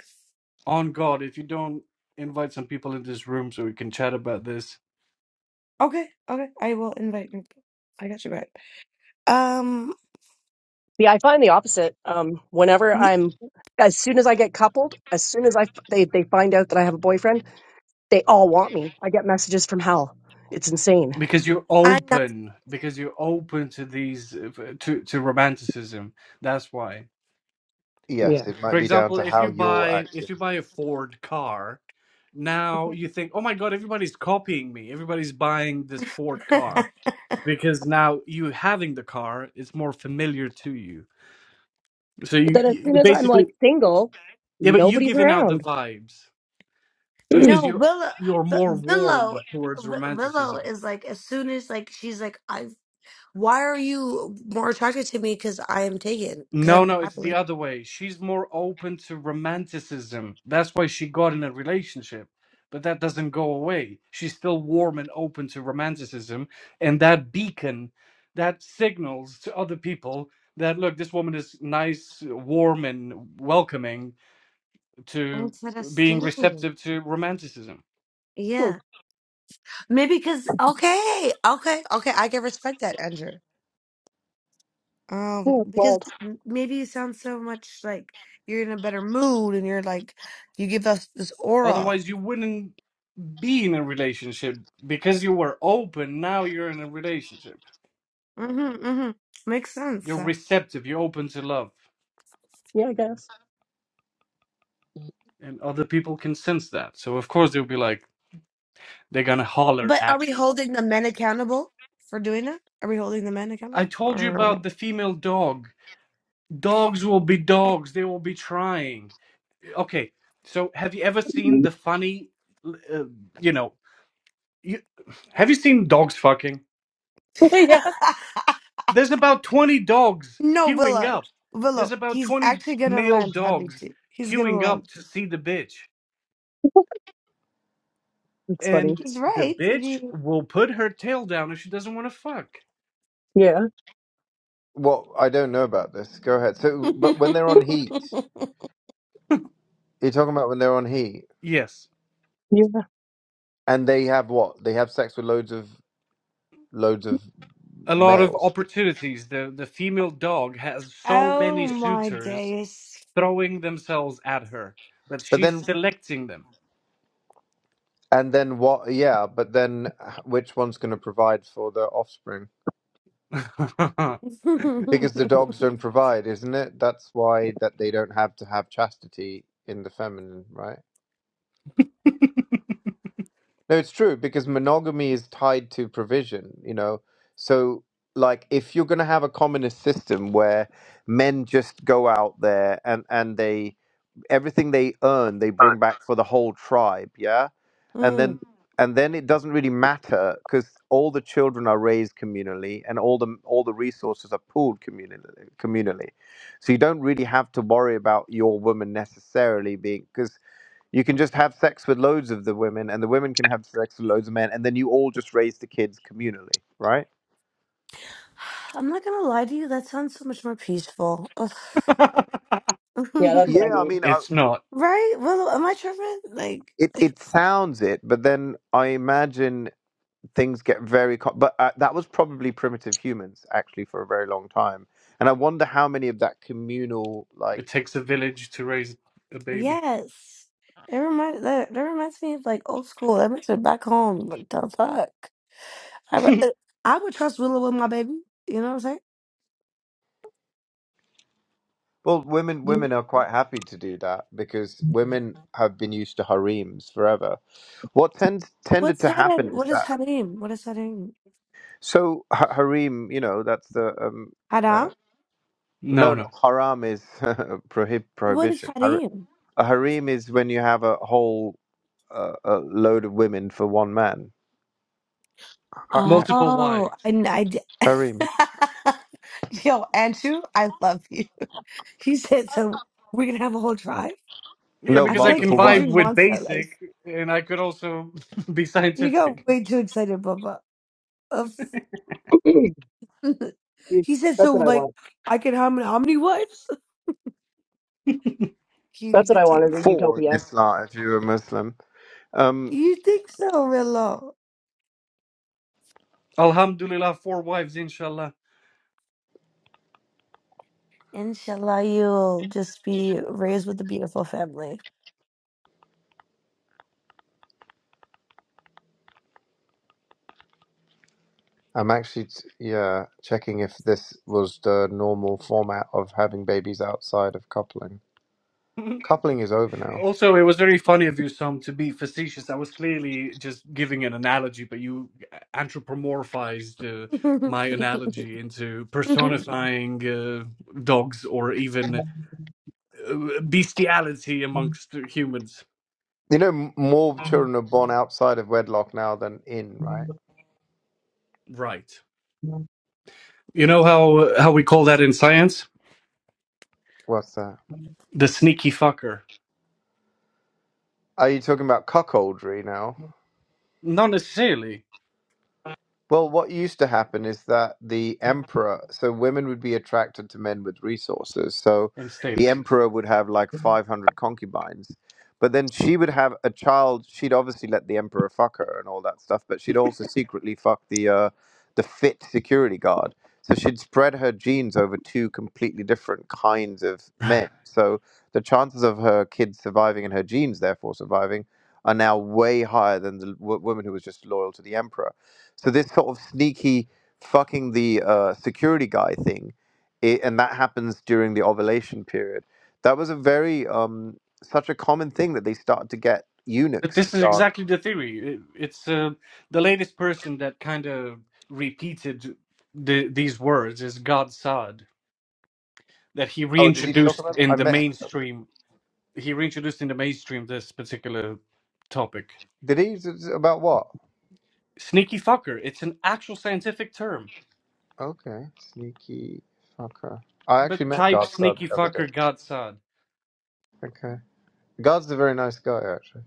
A: on God, if you don't invite some people in this room so we can chat about this,
F: Okay, okay. I will invite you. I got you back. Um,
G: Yeah, I find the opposite. Um, whenever
F: y-
G: I'm, as soon as I get coupled, as soon as I f- they they find out that I have a boyfriend, they all want me. I get messages from hell. It's insane.
A: because you're open, because you're open to these, uh, to to romanticism. That's why.
C: Yes,
G: Yeah.
C: it
A: For
C: might be down
A: example,
C: to
A: if
C: how
A: you
C: you're
A: buy
C: acting.
A: if you buy a Ford car, now you think, "Oh my God, everybody's copying me. Everybody's buying this Ford
F: I
A: car." Because now you having the car, it's more familiar to you. So
G: But
A: you,
G: then as
A: you
G: soon
A: you
G: as I'm
A: basically
G: like single,
A: yeah, but you
G: nobody's
A: giving out the
G: around.
A: vibes
F: <laughs>
A: because
G: <clears throat>
F: no,
A: you
F: Willow.
A: you're
F: But
A: more
F: Willow.
A: warm towards
F: Wi- Willow
A: romanticism.
F: is like, as soon as, like, she's like, I. Why are you more attracted to me? Because I am taken. Because
A: No,
F: I'm
A: no, it's the
F: happily.
A: other way. She's more open to romanticism. That's why she got in a relationship. But that doesn't go away. She's still warm and open to romanticism. And that beacon, that signals to other people that, look, this woman is nice, warm, and welcoming to being
F: Interesting.
A: receptive to romanticism.
G: Hmm.
F: Yeah. Maybe because, okay, okay, okay. I can respect that, Andrew. Um,
G: Hmm, it's
F: because
G: wild.
F: m- maybe you sound so much like you're in a better mood and you're like, you give us this aura.
A: Otherwise, you wouldn't be in a relationship because you were open. Now you're in a relationship.
F: Mm-hmm, mm-hmm. Makes sense.
A: You're
F: so.
A: receptive, you're open to love.
G: Yeah, I guess.
A: and other people can sense that. So of course they'll be like, they're gonna holler
F: But are
A: at
F: we
A: you.
F: holding the men accountable for doing that? Are we holding the men
A: I
F: accountable? Or
A: told you
F: are <laughs>
A: about the female dog. Dogs will be dogs. They will be trying. Okay, so have you ever seen the funny, uh, you know, you, have you seen dogs fucking?
G: <laughs> yeah,
A: There's about 20 dogs
F: no,
A: queuing
F: Willow.
A: up. There's
F: Willow,
A: about
F: he's
A: 20
F: actually gonna
A: male
F: land, happy
A: dogs
F: too. He's gonna
A: queuing
F: land.
A: up to see the bitch.
G: it's funny.
A: And
F: He's
A: the
F: right. If
A: bitch
F: he...
A: will put her tail down if she doesn't want to fuck.
G: Yeah,
C: Well, I don't know about this. Go ahead. So, but when they're on heat,
F: <laughs>
C: you're talking about when they're on heat
A: Yes.
G: yeah.
C: and they have what? They have sex with loads of loads of
A: a lot of
C: males.
A: opportunities. The the female dog has so
F: oh
A: many
F: my
A: suitors
F: days. <sighs>
A: throwing themselves at her, but
C: But
A: she's
C: then,
A: selecting them.
C: and then what? Yeah, but then h- which one's going to provide for the offspring?
A: <laughs>
C: Because
F: <laughs>
C: the dogs don't provide, isn't it? That's why that they don't have to have chastity in the feminine, right? No, it's true because monogamy is tied to provision, you know. So, like, if you're going to have a communist system where men just go out there and and they everything they earn they bring back for the whole tribe yeah and
F: Mm.
C: then and then it doesn't really matter because all the children are raised communally and all the all the resources are pooled communally communally so you don't really have to worry about your woman necessarily being because you can just have sex with loads of the women and the women can have sex with loads of men and then you all just raise the kids communally right
F: I'm not gonna lie to you, that sounds so much more peaceful. Ugh. <laughs>
G: Yeah, that's what I
C: yeah i
G: need.
C: mean I,
A: it's not.
F: right? Willow, am I tripping? Like.
C: it, it sounds it but then i imagine things get very co- but uh, that was probably primitive humans actually for a very long time and i wonder how many of that communal
A: It
C: like
A: takes a village to raise a baby.
F: Yes. It reminds that, that reminds me of like old school. That makes me back home. Like the fuck. I
A: <laughs>
F: would,
A: no,
F: uh, I would trust Willow with my baby. You know what I'm saying?
C: well women
G: You-
C: women are quite happy to do that because women have been used to harems forever what tends tended
F: What's
C: to happen
F: Hadim?
C: is
F: What is
C: that
F: Hadim? What is Hadim?
C: so ha- harem you know that's the um
F: Hadam?
C: uh, no not
A: no.
C: haram is <laughs> prohib-
F: What is
C: prohibition Har-
F: Hadim?
C: a harem is when you have a whole uh, a load of women for one man. Har- ha-
A: Multiple
F: Oh,
A: wives.
F: I, kn- I did.
C: harem.
F: <laughs> Yo, Andrew, I love you. He said so. We're gonna have a whole drive.
A: Yeah,
C: No,
F: I
A: because
F: feel
A: I
F: like
A: can
C: multiple
F: Andrew
A: vibe
C: wives.
A: with
F: wants that life.
A: basic and I could also <laughs> be
F: You got
A: scientific.
F: way too excited, Bubba.
G: <clears throat>
F: <laughs>
G: Excuse-
F: he said,
G: that's
F: so
G: what I
F: like,
G: want.
F: I can have how many wives? <laughs> Can't
G: That's what
F: even
G: I
F: do
G: want is a
F: it.
C: for in
G: utopia.
C: Islam if you're a Muslim. Um,
F: You think so, Willow?
A: Alhamdulillah, four wives, inshallah.
F: Inshallah, you'll just be raised with a beautiful family.
C: I'm actually t- yeah checking if this was the normal format of having babies outside of coupling.
A: <laughs>
C: Coupling is over now.
A: Also, it was very funny of you, Sam, to be facetious. I was clearly just giving an analogy, but you anthropomorphized uh, my
F: <laughs>
A: analogy into personifying uh, dogs or even uh, bestiality amongst humans.
C: You know, m- more children are born outside of wedlock now than in, right?
A: Right. You know how how we call that in science?
C: What's that?
A: The sneaky fucker.
C: Are you talking about cuckoldry now?
A: Not necessarily
C: Well, what used to happen is that the emperor, so women would be attracted to men with resources. So
A: in
C: the
A: status.
C: emperor would have like 500 concubines. But then she would have a child. She'd obviously let the emperor fuck her and all that stuff, but she'd also secretly fuck the uh, the fit security guard. So she'd spread her genes over two completely different kinds of
A: Right.
C: men. So the chances of her kids surviving and her genes therefore surviving are now way higher than the w- woman who was just loyal to the emperor. So this sort of sneaky fucking the uh, security guy thing, it, and that happens during the ovulation period. That was a very um, such a common thing that they started to get
A: But
C: eunuchs to
A: this is
C: guard.
A: exactly the theory. It, it's uh, the latest person that kind of repeated the, these words is God Saad, that he
C: Oh, did he talk
A: reintroduced
C: about?
A: in
C: I
A: the
C: met.
A: mainstream. He reintroduced in the mainstream this particular topic.
C: Did he Z- about what?
A: Sneaky fucker. It's an actual scientific term.
C: Okay, sneaky fucker. I
A: But
C: actually met
A: type
C: Guardsad
A: sneaky
C: the other day.
A: fucker God Saad.
C: Okay, Guard's a very nice guy actually.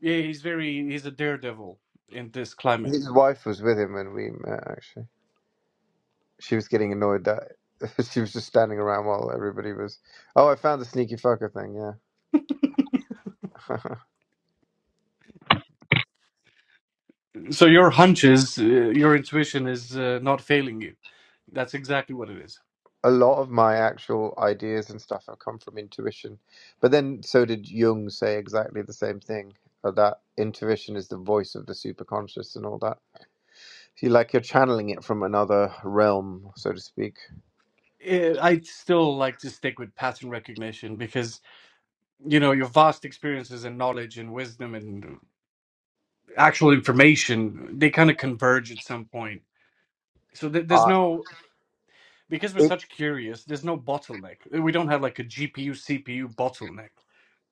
A: Yeah, he's very he's a daredevil in this climate.
C: His wife was with him when we met actually. she was getting annoyed that <laughs> she was just standing around while everybody was. Oh, I found the sneaky fucker thing. Yeah,
A: So your hunches, uh, your intuition is uh, not failing you. That's exactly what it is.
C: <laughs> a lot of my actual ideas and stuff have come from intuition, but then so did Jung say exactly the same thing uh, that intuition is the voice of the superconscious and all that. You like you're channeling it from another realm, so to speak.
A: eh, I still like to stick with pattern recognition because you know your vast experiences and knowledge and wisdom and actual information they kind of converge at some point. So th- there's
C: Uh,
A: no because we're
C: it,
A: such curious. There's no bottleneck. We don't have like a GPU CPU bottleneck.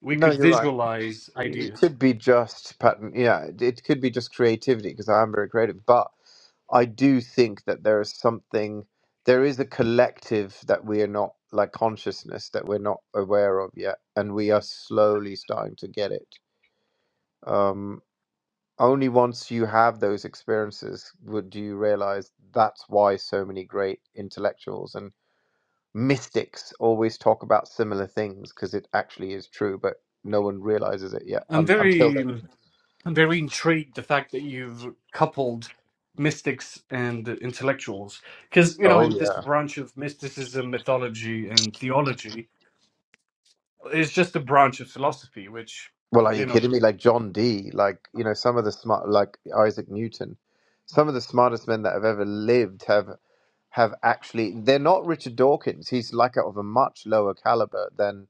A: We
C: no,
A: could
C: you're right.
A: visualize
C: it
A: ideas.
C: could be just pattern. Yeah, it, it could be just creativity because I am very creative. But I do think that there is something, there is a collective that we are not like consciousness that we're not aware of yet, and we are slowly starting to get it. Um, only once you have those experiences would you realize that's why so many great intellectuals and mystics always talk about similar things because it actually is true, but no one realizes it yet
A: I'm
C: un- until
A: very,
C: they.
A: I'm very intrigued the fact that you've coupled mystics and intellectuals, because you know,
C: Oh
A: in this
C: yeah.
A: branch of mysticism, mythology, and theology, it's just a branch of philosophy, which
C: Well, are
A: you
C: you
A: know.
C: kidding me? Like John Dee, like you know, some of the smart, like Isaac Newton, some of the smartest men that have ever lived have have actually. They're not Richard Dawkins. He's like of a much lower caliber than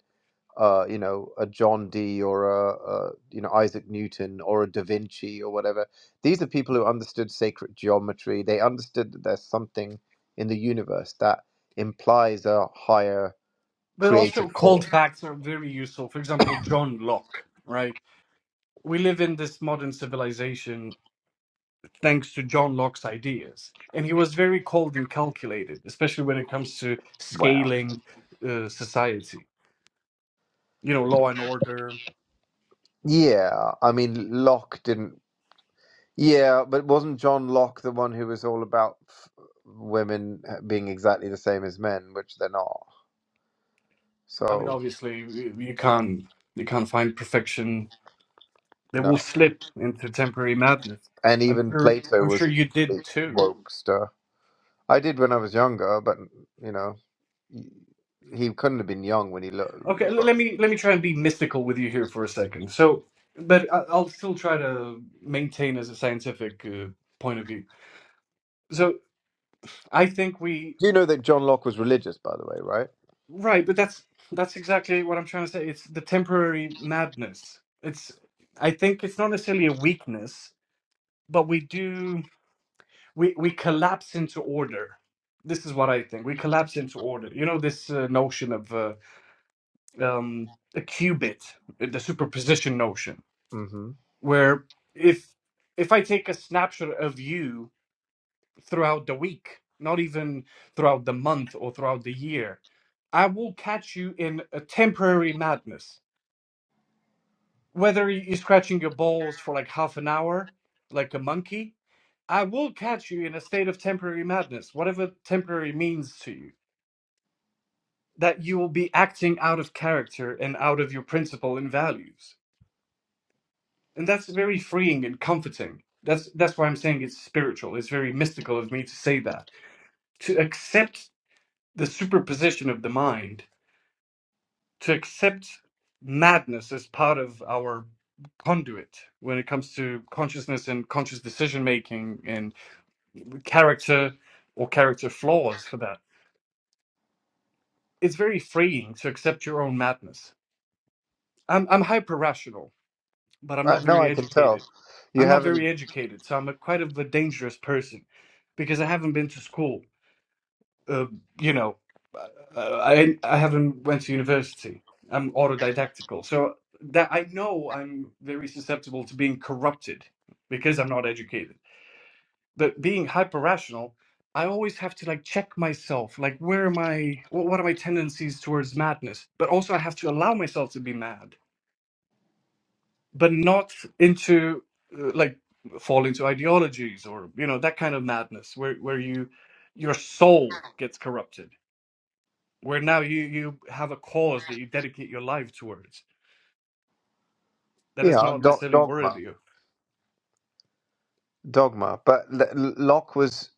C: uh, you know a John Dee or a, a you know Isaac Newton or a Da Vinci or whatever. These are people who understood sacred geometry. They understood that there's something in the universe that implies a higher
A: but also
C: creative
A: cold
C: force.
A: facts are very useful. For example, John Locke, right? We live in this modern civilization thanks to John Locke's ideas. And he was very cold and calculated, especially when it comes to
C: Wow.
A: scaling uh, society. You know, law and order.
C: Yeah, I mean, Locke didn't. Yeah, but wasn't John Locke the one who was all about f- women being exactly the same as men, which they're not?
A: I mean,
C: So,
A: obviously, you you can't you can't find perfection. They
C: no.
A: will slip into temporary madness.
C: And
A: I'm
C: even
A: sure.
C: Plato
A: I'm
C: was
A: sure
C: a
A: you did
C: complete
A: too.
C: wokester. I did when I was younger, but, you know, he couldn't have been young when he looked.
A: Okay, l- let me let me try and be mystical with you here for a second. So, but I- I'll still try to maintain as a scientific uh, point of view. So, I think we
C: Do you know that John Locke was religious, by the way, right?
A: right, but that's that's exactly what I'm trying to say. It's the temporary madness. It's I think it's not necessarily a weakness, but we do we we collapse into order. This is what I think. We collapse into order. You know this uh, notion of uh, um, a qubit, the superposition notion
C: Mm-hmm.
A: where if if I take a snapshot of you throughout the week, not even throughout the month or throughout the year, I will catch you in a temporary madness. Whether you're scratching your balls for like half an hour, like a monkey, I will catch you in a state of temporary madness, whatever temporary means to you, that you will be acting out of character and out of your principle and values. and that's very freeing and comforting that's that's why i'm saying it's spiritual it's very mystical of me to say that to accept the superposition of the mind to accept madness as part of our conduit when it comes to consciousness and conscious decision making and character or character flaws for that it's very freeing to accept your own madness i'm, I'm hyperrational. but I'm
C: Uh,
A: not
C: no,
A: very
C: I can tell.
A: educated.
C: You
A: I'm not
C: haven't,
A: very educated, so I'm a, quite of a dangerous person because I haven't been to school. Uh, you know, uh, uh, I I haven't went to university. I'm autodidactical, so that I know I'm very susceptible to being corrupted because I'm not educated. But being hyper rational, I always have to like check myself, like where am I? What what are my tendencies towards madness? But also, I have to allow myself to be mad but not into uh, like fall into ideologies or you know that kind of madness where where you your soul gets corrupted where now you you have a cause that you dedicate your life towards that
C: yeah.
A: is not
C: do-
A: necessarily
C: dogma,
A: worthy of
C: dogma. But L- L- Locke was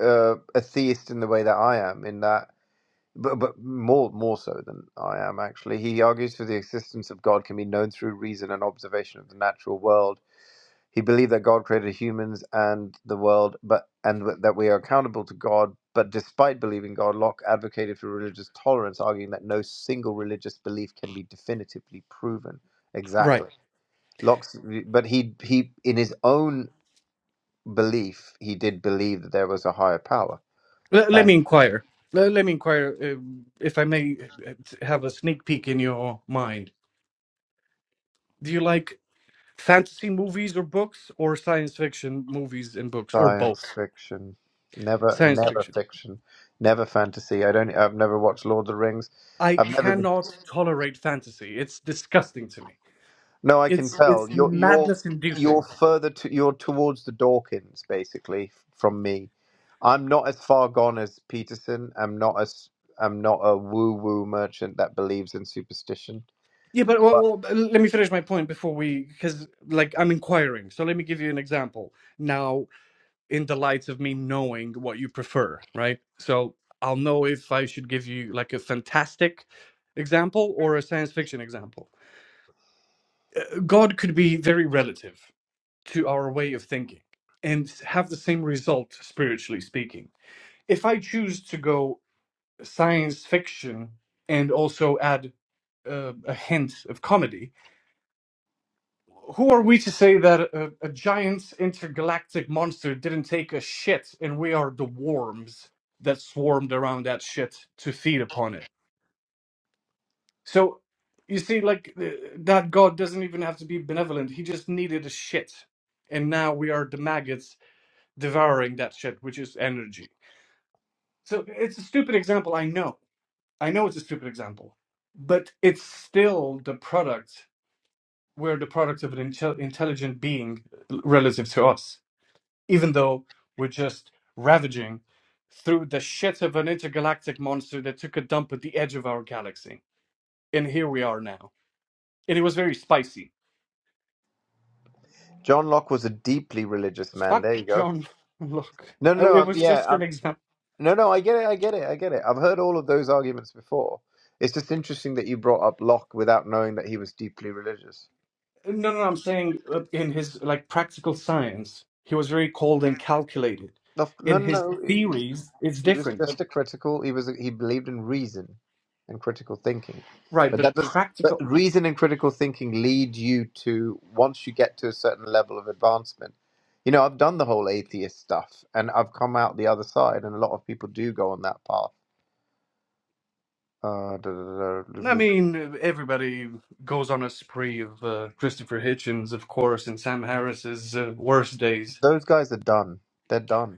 C: uh, a theist in the way that I am, in that but, but more more so than I am actually. He argues for the existence of God can be known through reason and observation of the natural world. He believed that God created humans and the world, but and that we are accountable to God. But despite believing God, Locke advocated for religious tolerance, arguing that no single religious belief can be definitively proven.
A: right
C: Exactly, Locke's, but he he in his own belief he did believe that there was a higher power
A: let, let
C: Uh,
A: me inquire let, let me inquire uh, if i may uh, have a sneak peek in your mind do you like fantasy movies or books or science fiction movies and books or
C: Science
A: both
C: fiction. Never,
A: science
C: never
A: fiction
C: fiction. Never fantasy. I don't. I've never watched Lord of the Rings.
A: I
C: I've never been.
A: cannot tolerate fantasy. It's disgusting to me.
C: No, I can
A: It's
C: tell.
A: it's
C: You're you're
A: madness
C: you're
A: inducing.
C: further to you're towards the Dawkins basically from me. I'm not as far gone as Peterson. I'm not as I'm not a woo woo merchant that believes in superstition.
A: Yeah, but well,
C: But
A: well, let me finish my point before we, because like I'm inquiring. So let me give you an example now, in the light of me knowing what you prefer, right? So I'll know if I should give you like a fantastic example or a science fiction example. God could be very relative to our way of thinking and have the same result spiritually speaking. If I choose to go science fiction and also add uh, a hint of comedy. Who are we to say that a, a giant intergalactic monster didn't take a shit and we are the worms that swarmed around that shit to feed upon it? So you see, like th- that god doesn't even have to be benevolent. He just needed a shit, and now we are the maggots devouring that shit, which is energy. So it's a stupid example, I know, I know it's a stupid example, but it's still the product. We're the product of an intel intelligent being relative to us, even though we're just ravaging through the shit of an intergalactic monster that took a dump at the edge of our galaxy. And here we are now. And it was very spicy.
C: John Locke was a deeply religious man.
A: Fuck
C: There you go.
A: John <laughs> Look,
C: No, no, no.
A: It
C: I'm,
A: was just
C: yeah,
A: an example.
C: No, no, I get it. I get it. I get it. I've heard all of those arguments before. It's just interesting that you brought up Locke without knowing that he was deeply religious.
A: No, no, no, I'm saying uh, in his like practical science, he was very cold and calculated.
C: No, no,
A: In his
C: no. no, He
A: theories, it's
C: he was
A: different.
C: just a critical. He was. He believed in reason and critical thinking,
A: Right,
C: but that
A: but
C: does. But
A: practical.
C: reason and critical thinking lead you to once you get to a certain level of advancement. You know, I've done the whole atheist stuff, and I've come out the other side, and a lot of people do go on that path. Uh, da- da-
A: I
C: da- da-
A: mean, e, everybody goes on a spree of uh, Christopher Hitchens, of course, and Sam Harris's uh, worst days.
C: Those guys are done. They're done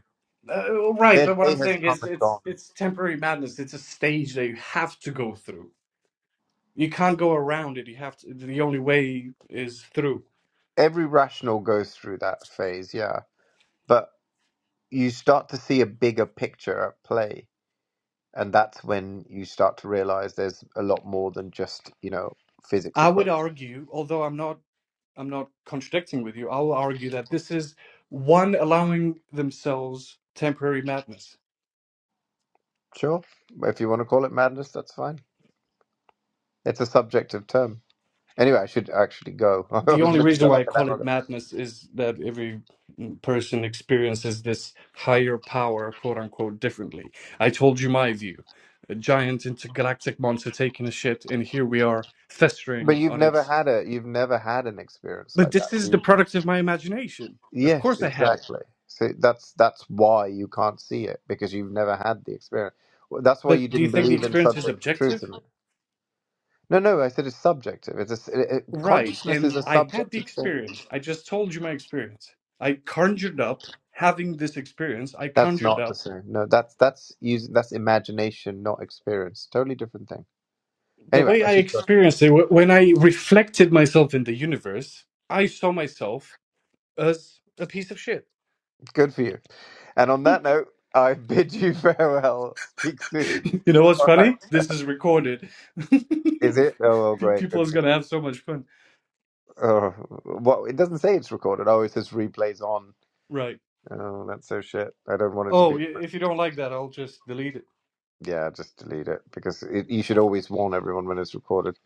A: Uh, right,
C: Their
A: but what
C: day
A: I'm
C: has
A: saying
C: come
A: is,
C: and
A: it's
C: gone.
A: it's temporary madness. It's a stage that you have to go through. You can't go around it. You have to. The only way is through.
C: Every rational goes through that phase, yeah. But you start to see a bigger picture at play. And that's when you start to realize there's a lot more than just, you know, physics
A: I would
C: equations.
A: argue, although I'm not, I'm not contradicting with you. I'll argue that this is one allowing themselves temporary madness.
C: Sure. If you want to call it madness, that's fine. It's a subjective term. Anyway, I should actually go. <laughs> I
A: The
C: was
A: only
C: meant to
A: reason
C: go
A: why
C: like
A: I
C: an
A: call
C: hour
A: it
C: ago.
A: madness is that every person experiences this higher power, quote unquote, differently. I told you my view. A giant intergalactic monster taking a shit, and here we are
C: But
A: festering
C: you've
A: on
C: never
A: its.
C: had a you've never had an experience
A: But
C: like that.
A: this is
C: so you
A: the product of my imagination. Of
C: Yes,
A: course I had it.
C: exactly. So that's that's why you can't see it because you've never had the experience. Well, That's why you
A: But do you
C: didn't
A: think the
C: believe in
A: experience is
C: subjective truth.
A: objective?
C: And no, no, I said it's subjective. It's a s it, it-
A: Right.
C: consciousness is
A: And
C: a
A: I had the
C: subjective thing.
A: experience. I just told you my experience. I conjured up having this experience. I
C: That's
A: conjured
C: not the
A: up
C: same. No, that's that's using that's imagination, not experience. Totally different thing.
A: the
C: Anyway,
A: way
C: I
A: I
C: should go.
A: experienced it, wh- when I reflected myself in the universe, I saw myself as a piece of shit.
C: Good for you. And on that note, I <laughs> bid you farewell. Speak soon.
A: <laughs> You know
C: <laughs>
A: what's
C: All right.
A: funny? This is recorded. <laughs>
C: Is it? Oh, well,
A: Pe-
C: great.
A: People
C: Good.
A: is
C: for- you.
A: gonna have so much fun.
C: Oh, well, it doesn't say it's recorded. Oh, it says replays on.
A: Right.
C: Oh, that's so shit. I don't want it to
A: Oh,
C: be.
A: i- if you don't like that, I'll just delete it.
C: Yeah, just delete it because it, you should always warn everyone when it's recorded.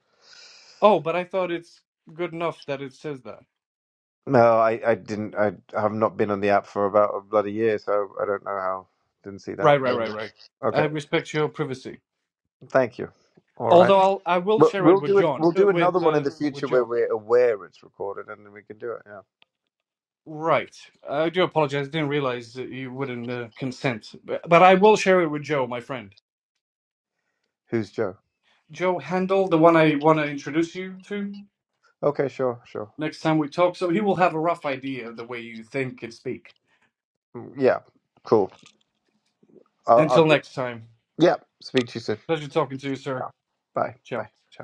A: Oh, but I thought it's good enough that it says that.
C: No, I, I didn't. I have not been on the app for about a bloody year, so I don't know how. Didn't see that.
A: Right, right,
C: But
A: right,
C: anyway.
A: right. I
C: okay,
A: respect your privacy.
C: thank you. All right,
A: Although I'll I will
C: but
A: share it
C: we'll
A: with
C: do it.
A: John,
C: We'll
A: uh,
C: do another
A: with
C: one in
A: uh,
C: the
A: with
C: future where
A: Joe.
C: we're aware it's recorded, and then we can do it. Yeah.
A: Right. I do apologize. I didn't realize that you wouldn't uh, consent, but, but I will share it with Joe, my friend.
C: Who's Joe?
A: Joe Handel, the one I want to introduce you to
C: Okay, sure, sure.
A: next time we talk. So he will have a rough idea of the way you think and speak.
C: Mm, Yeah, cool. I'll, I'll
A: Until
C: be,
A: next time,
C: yeah. Speak to you soon.
A: pleasure talking to you, sir.
C: Yeah. Bye,
A: Ciao.
C: bye. Ciao.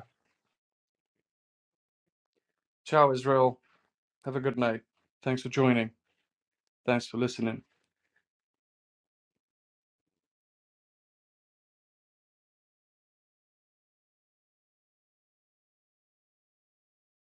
A: Ciao, Israel. Have a good night. Thanks for joining. Thanks for listening.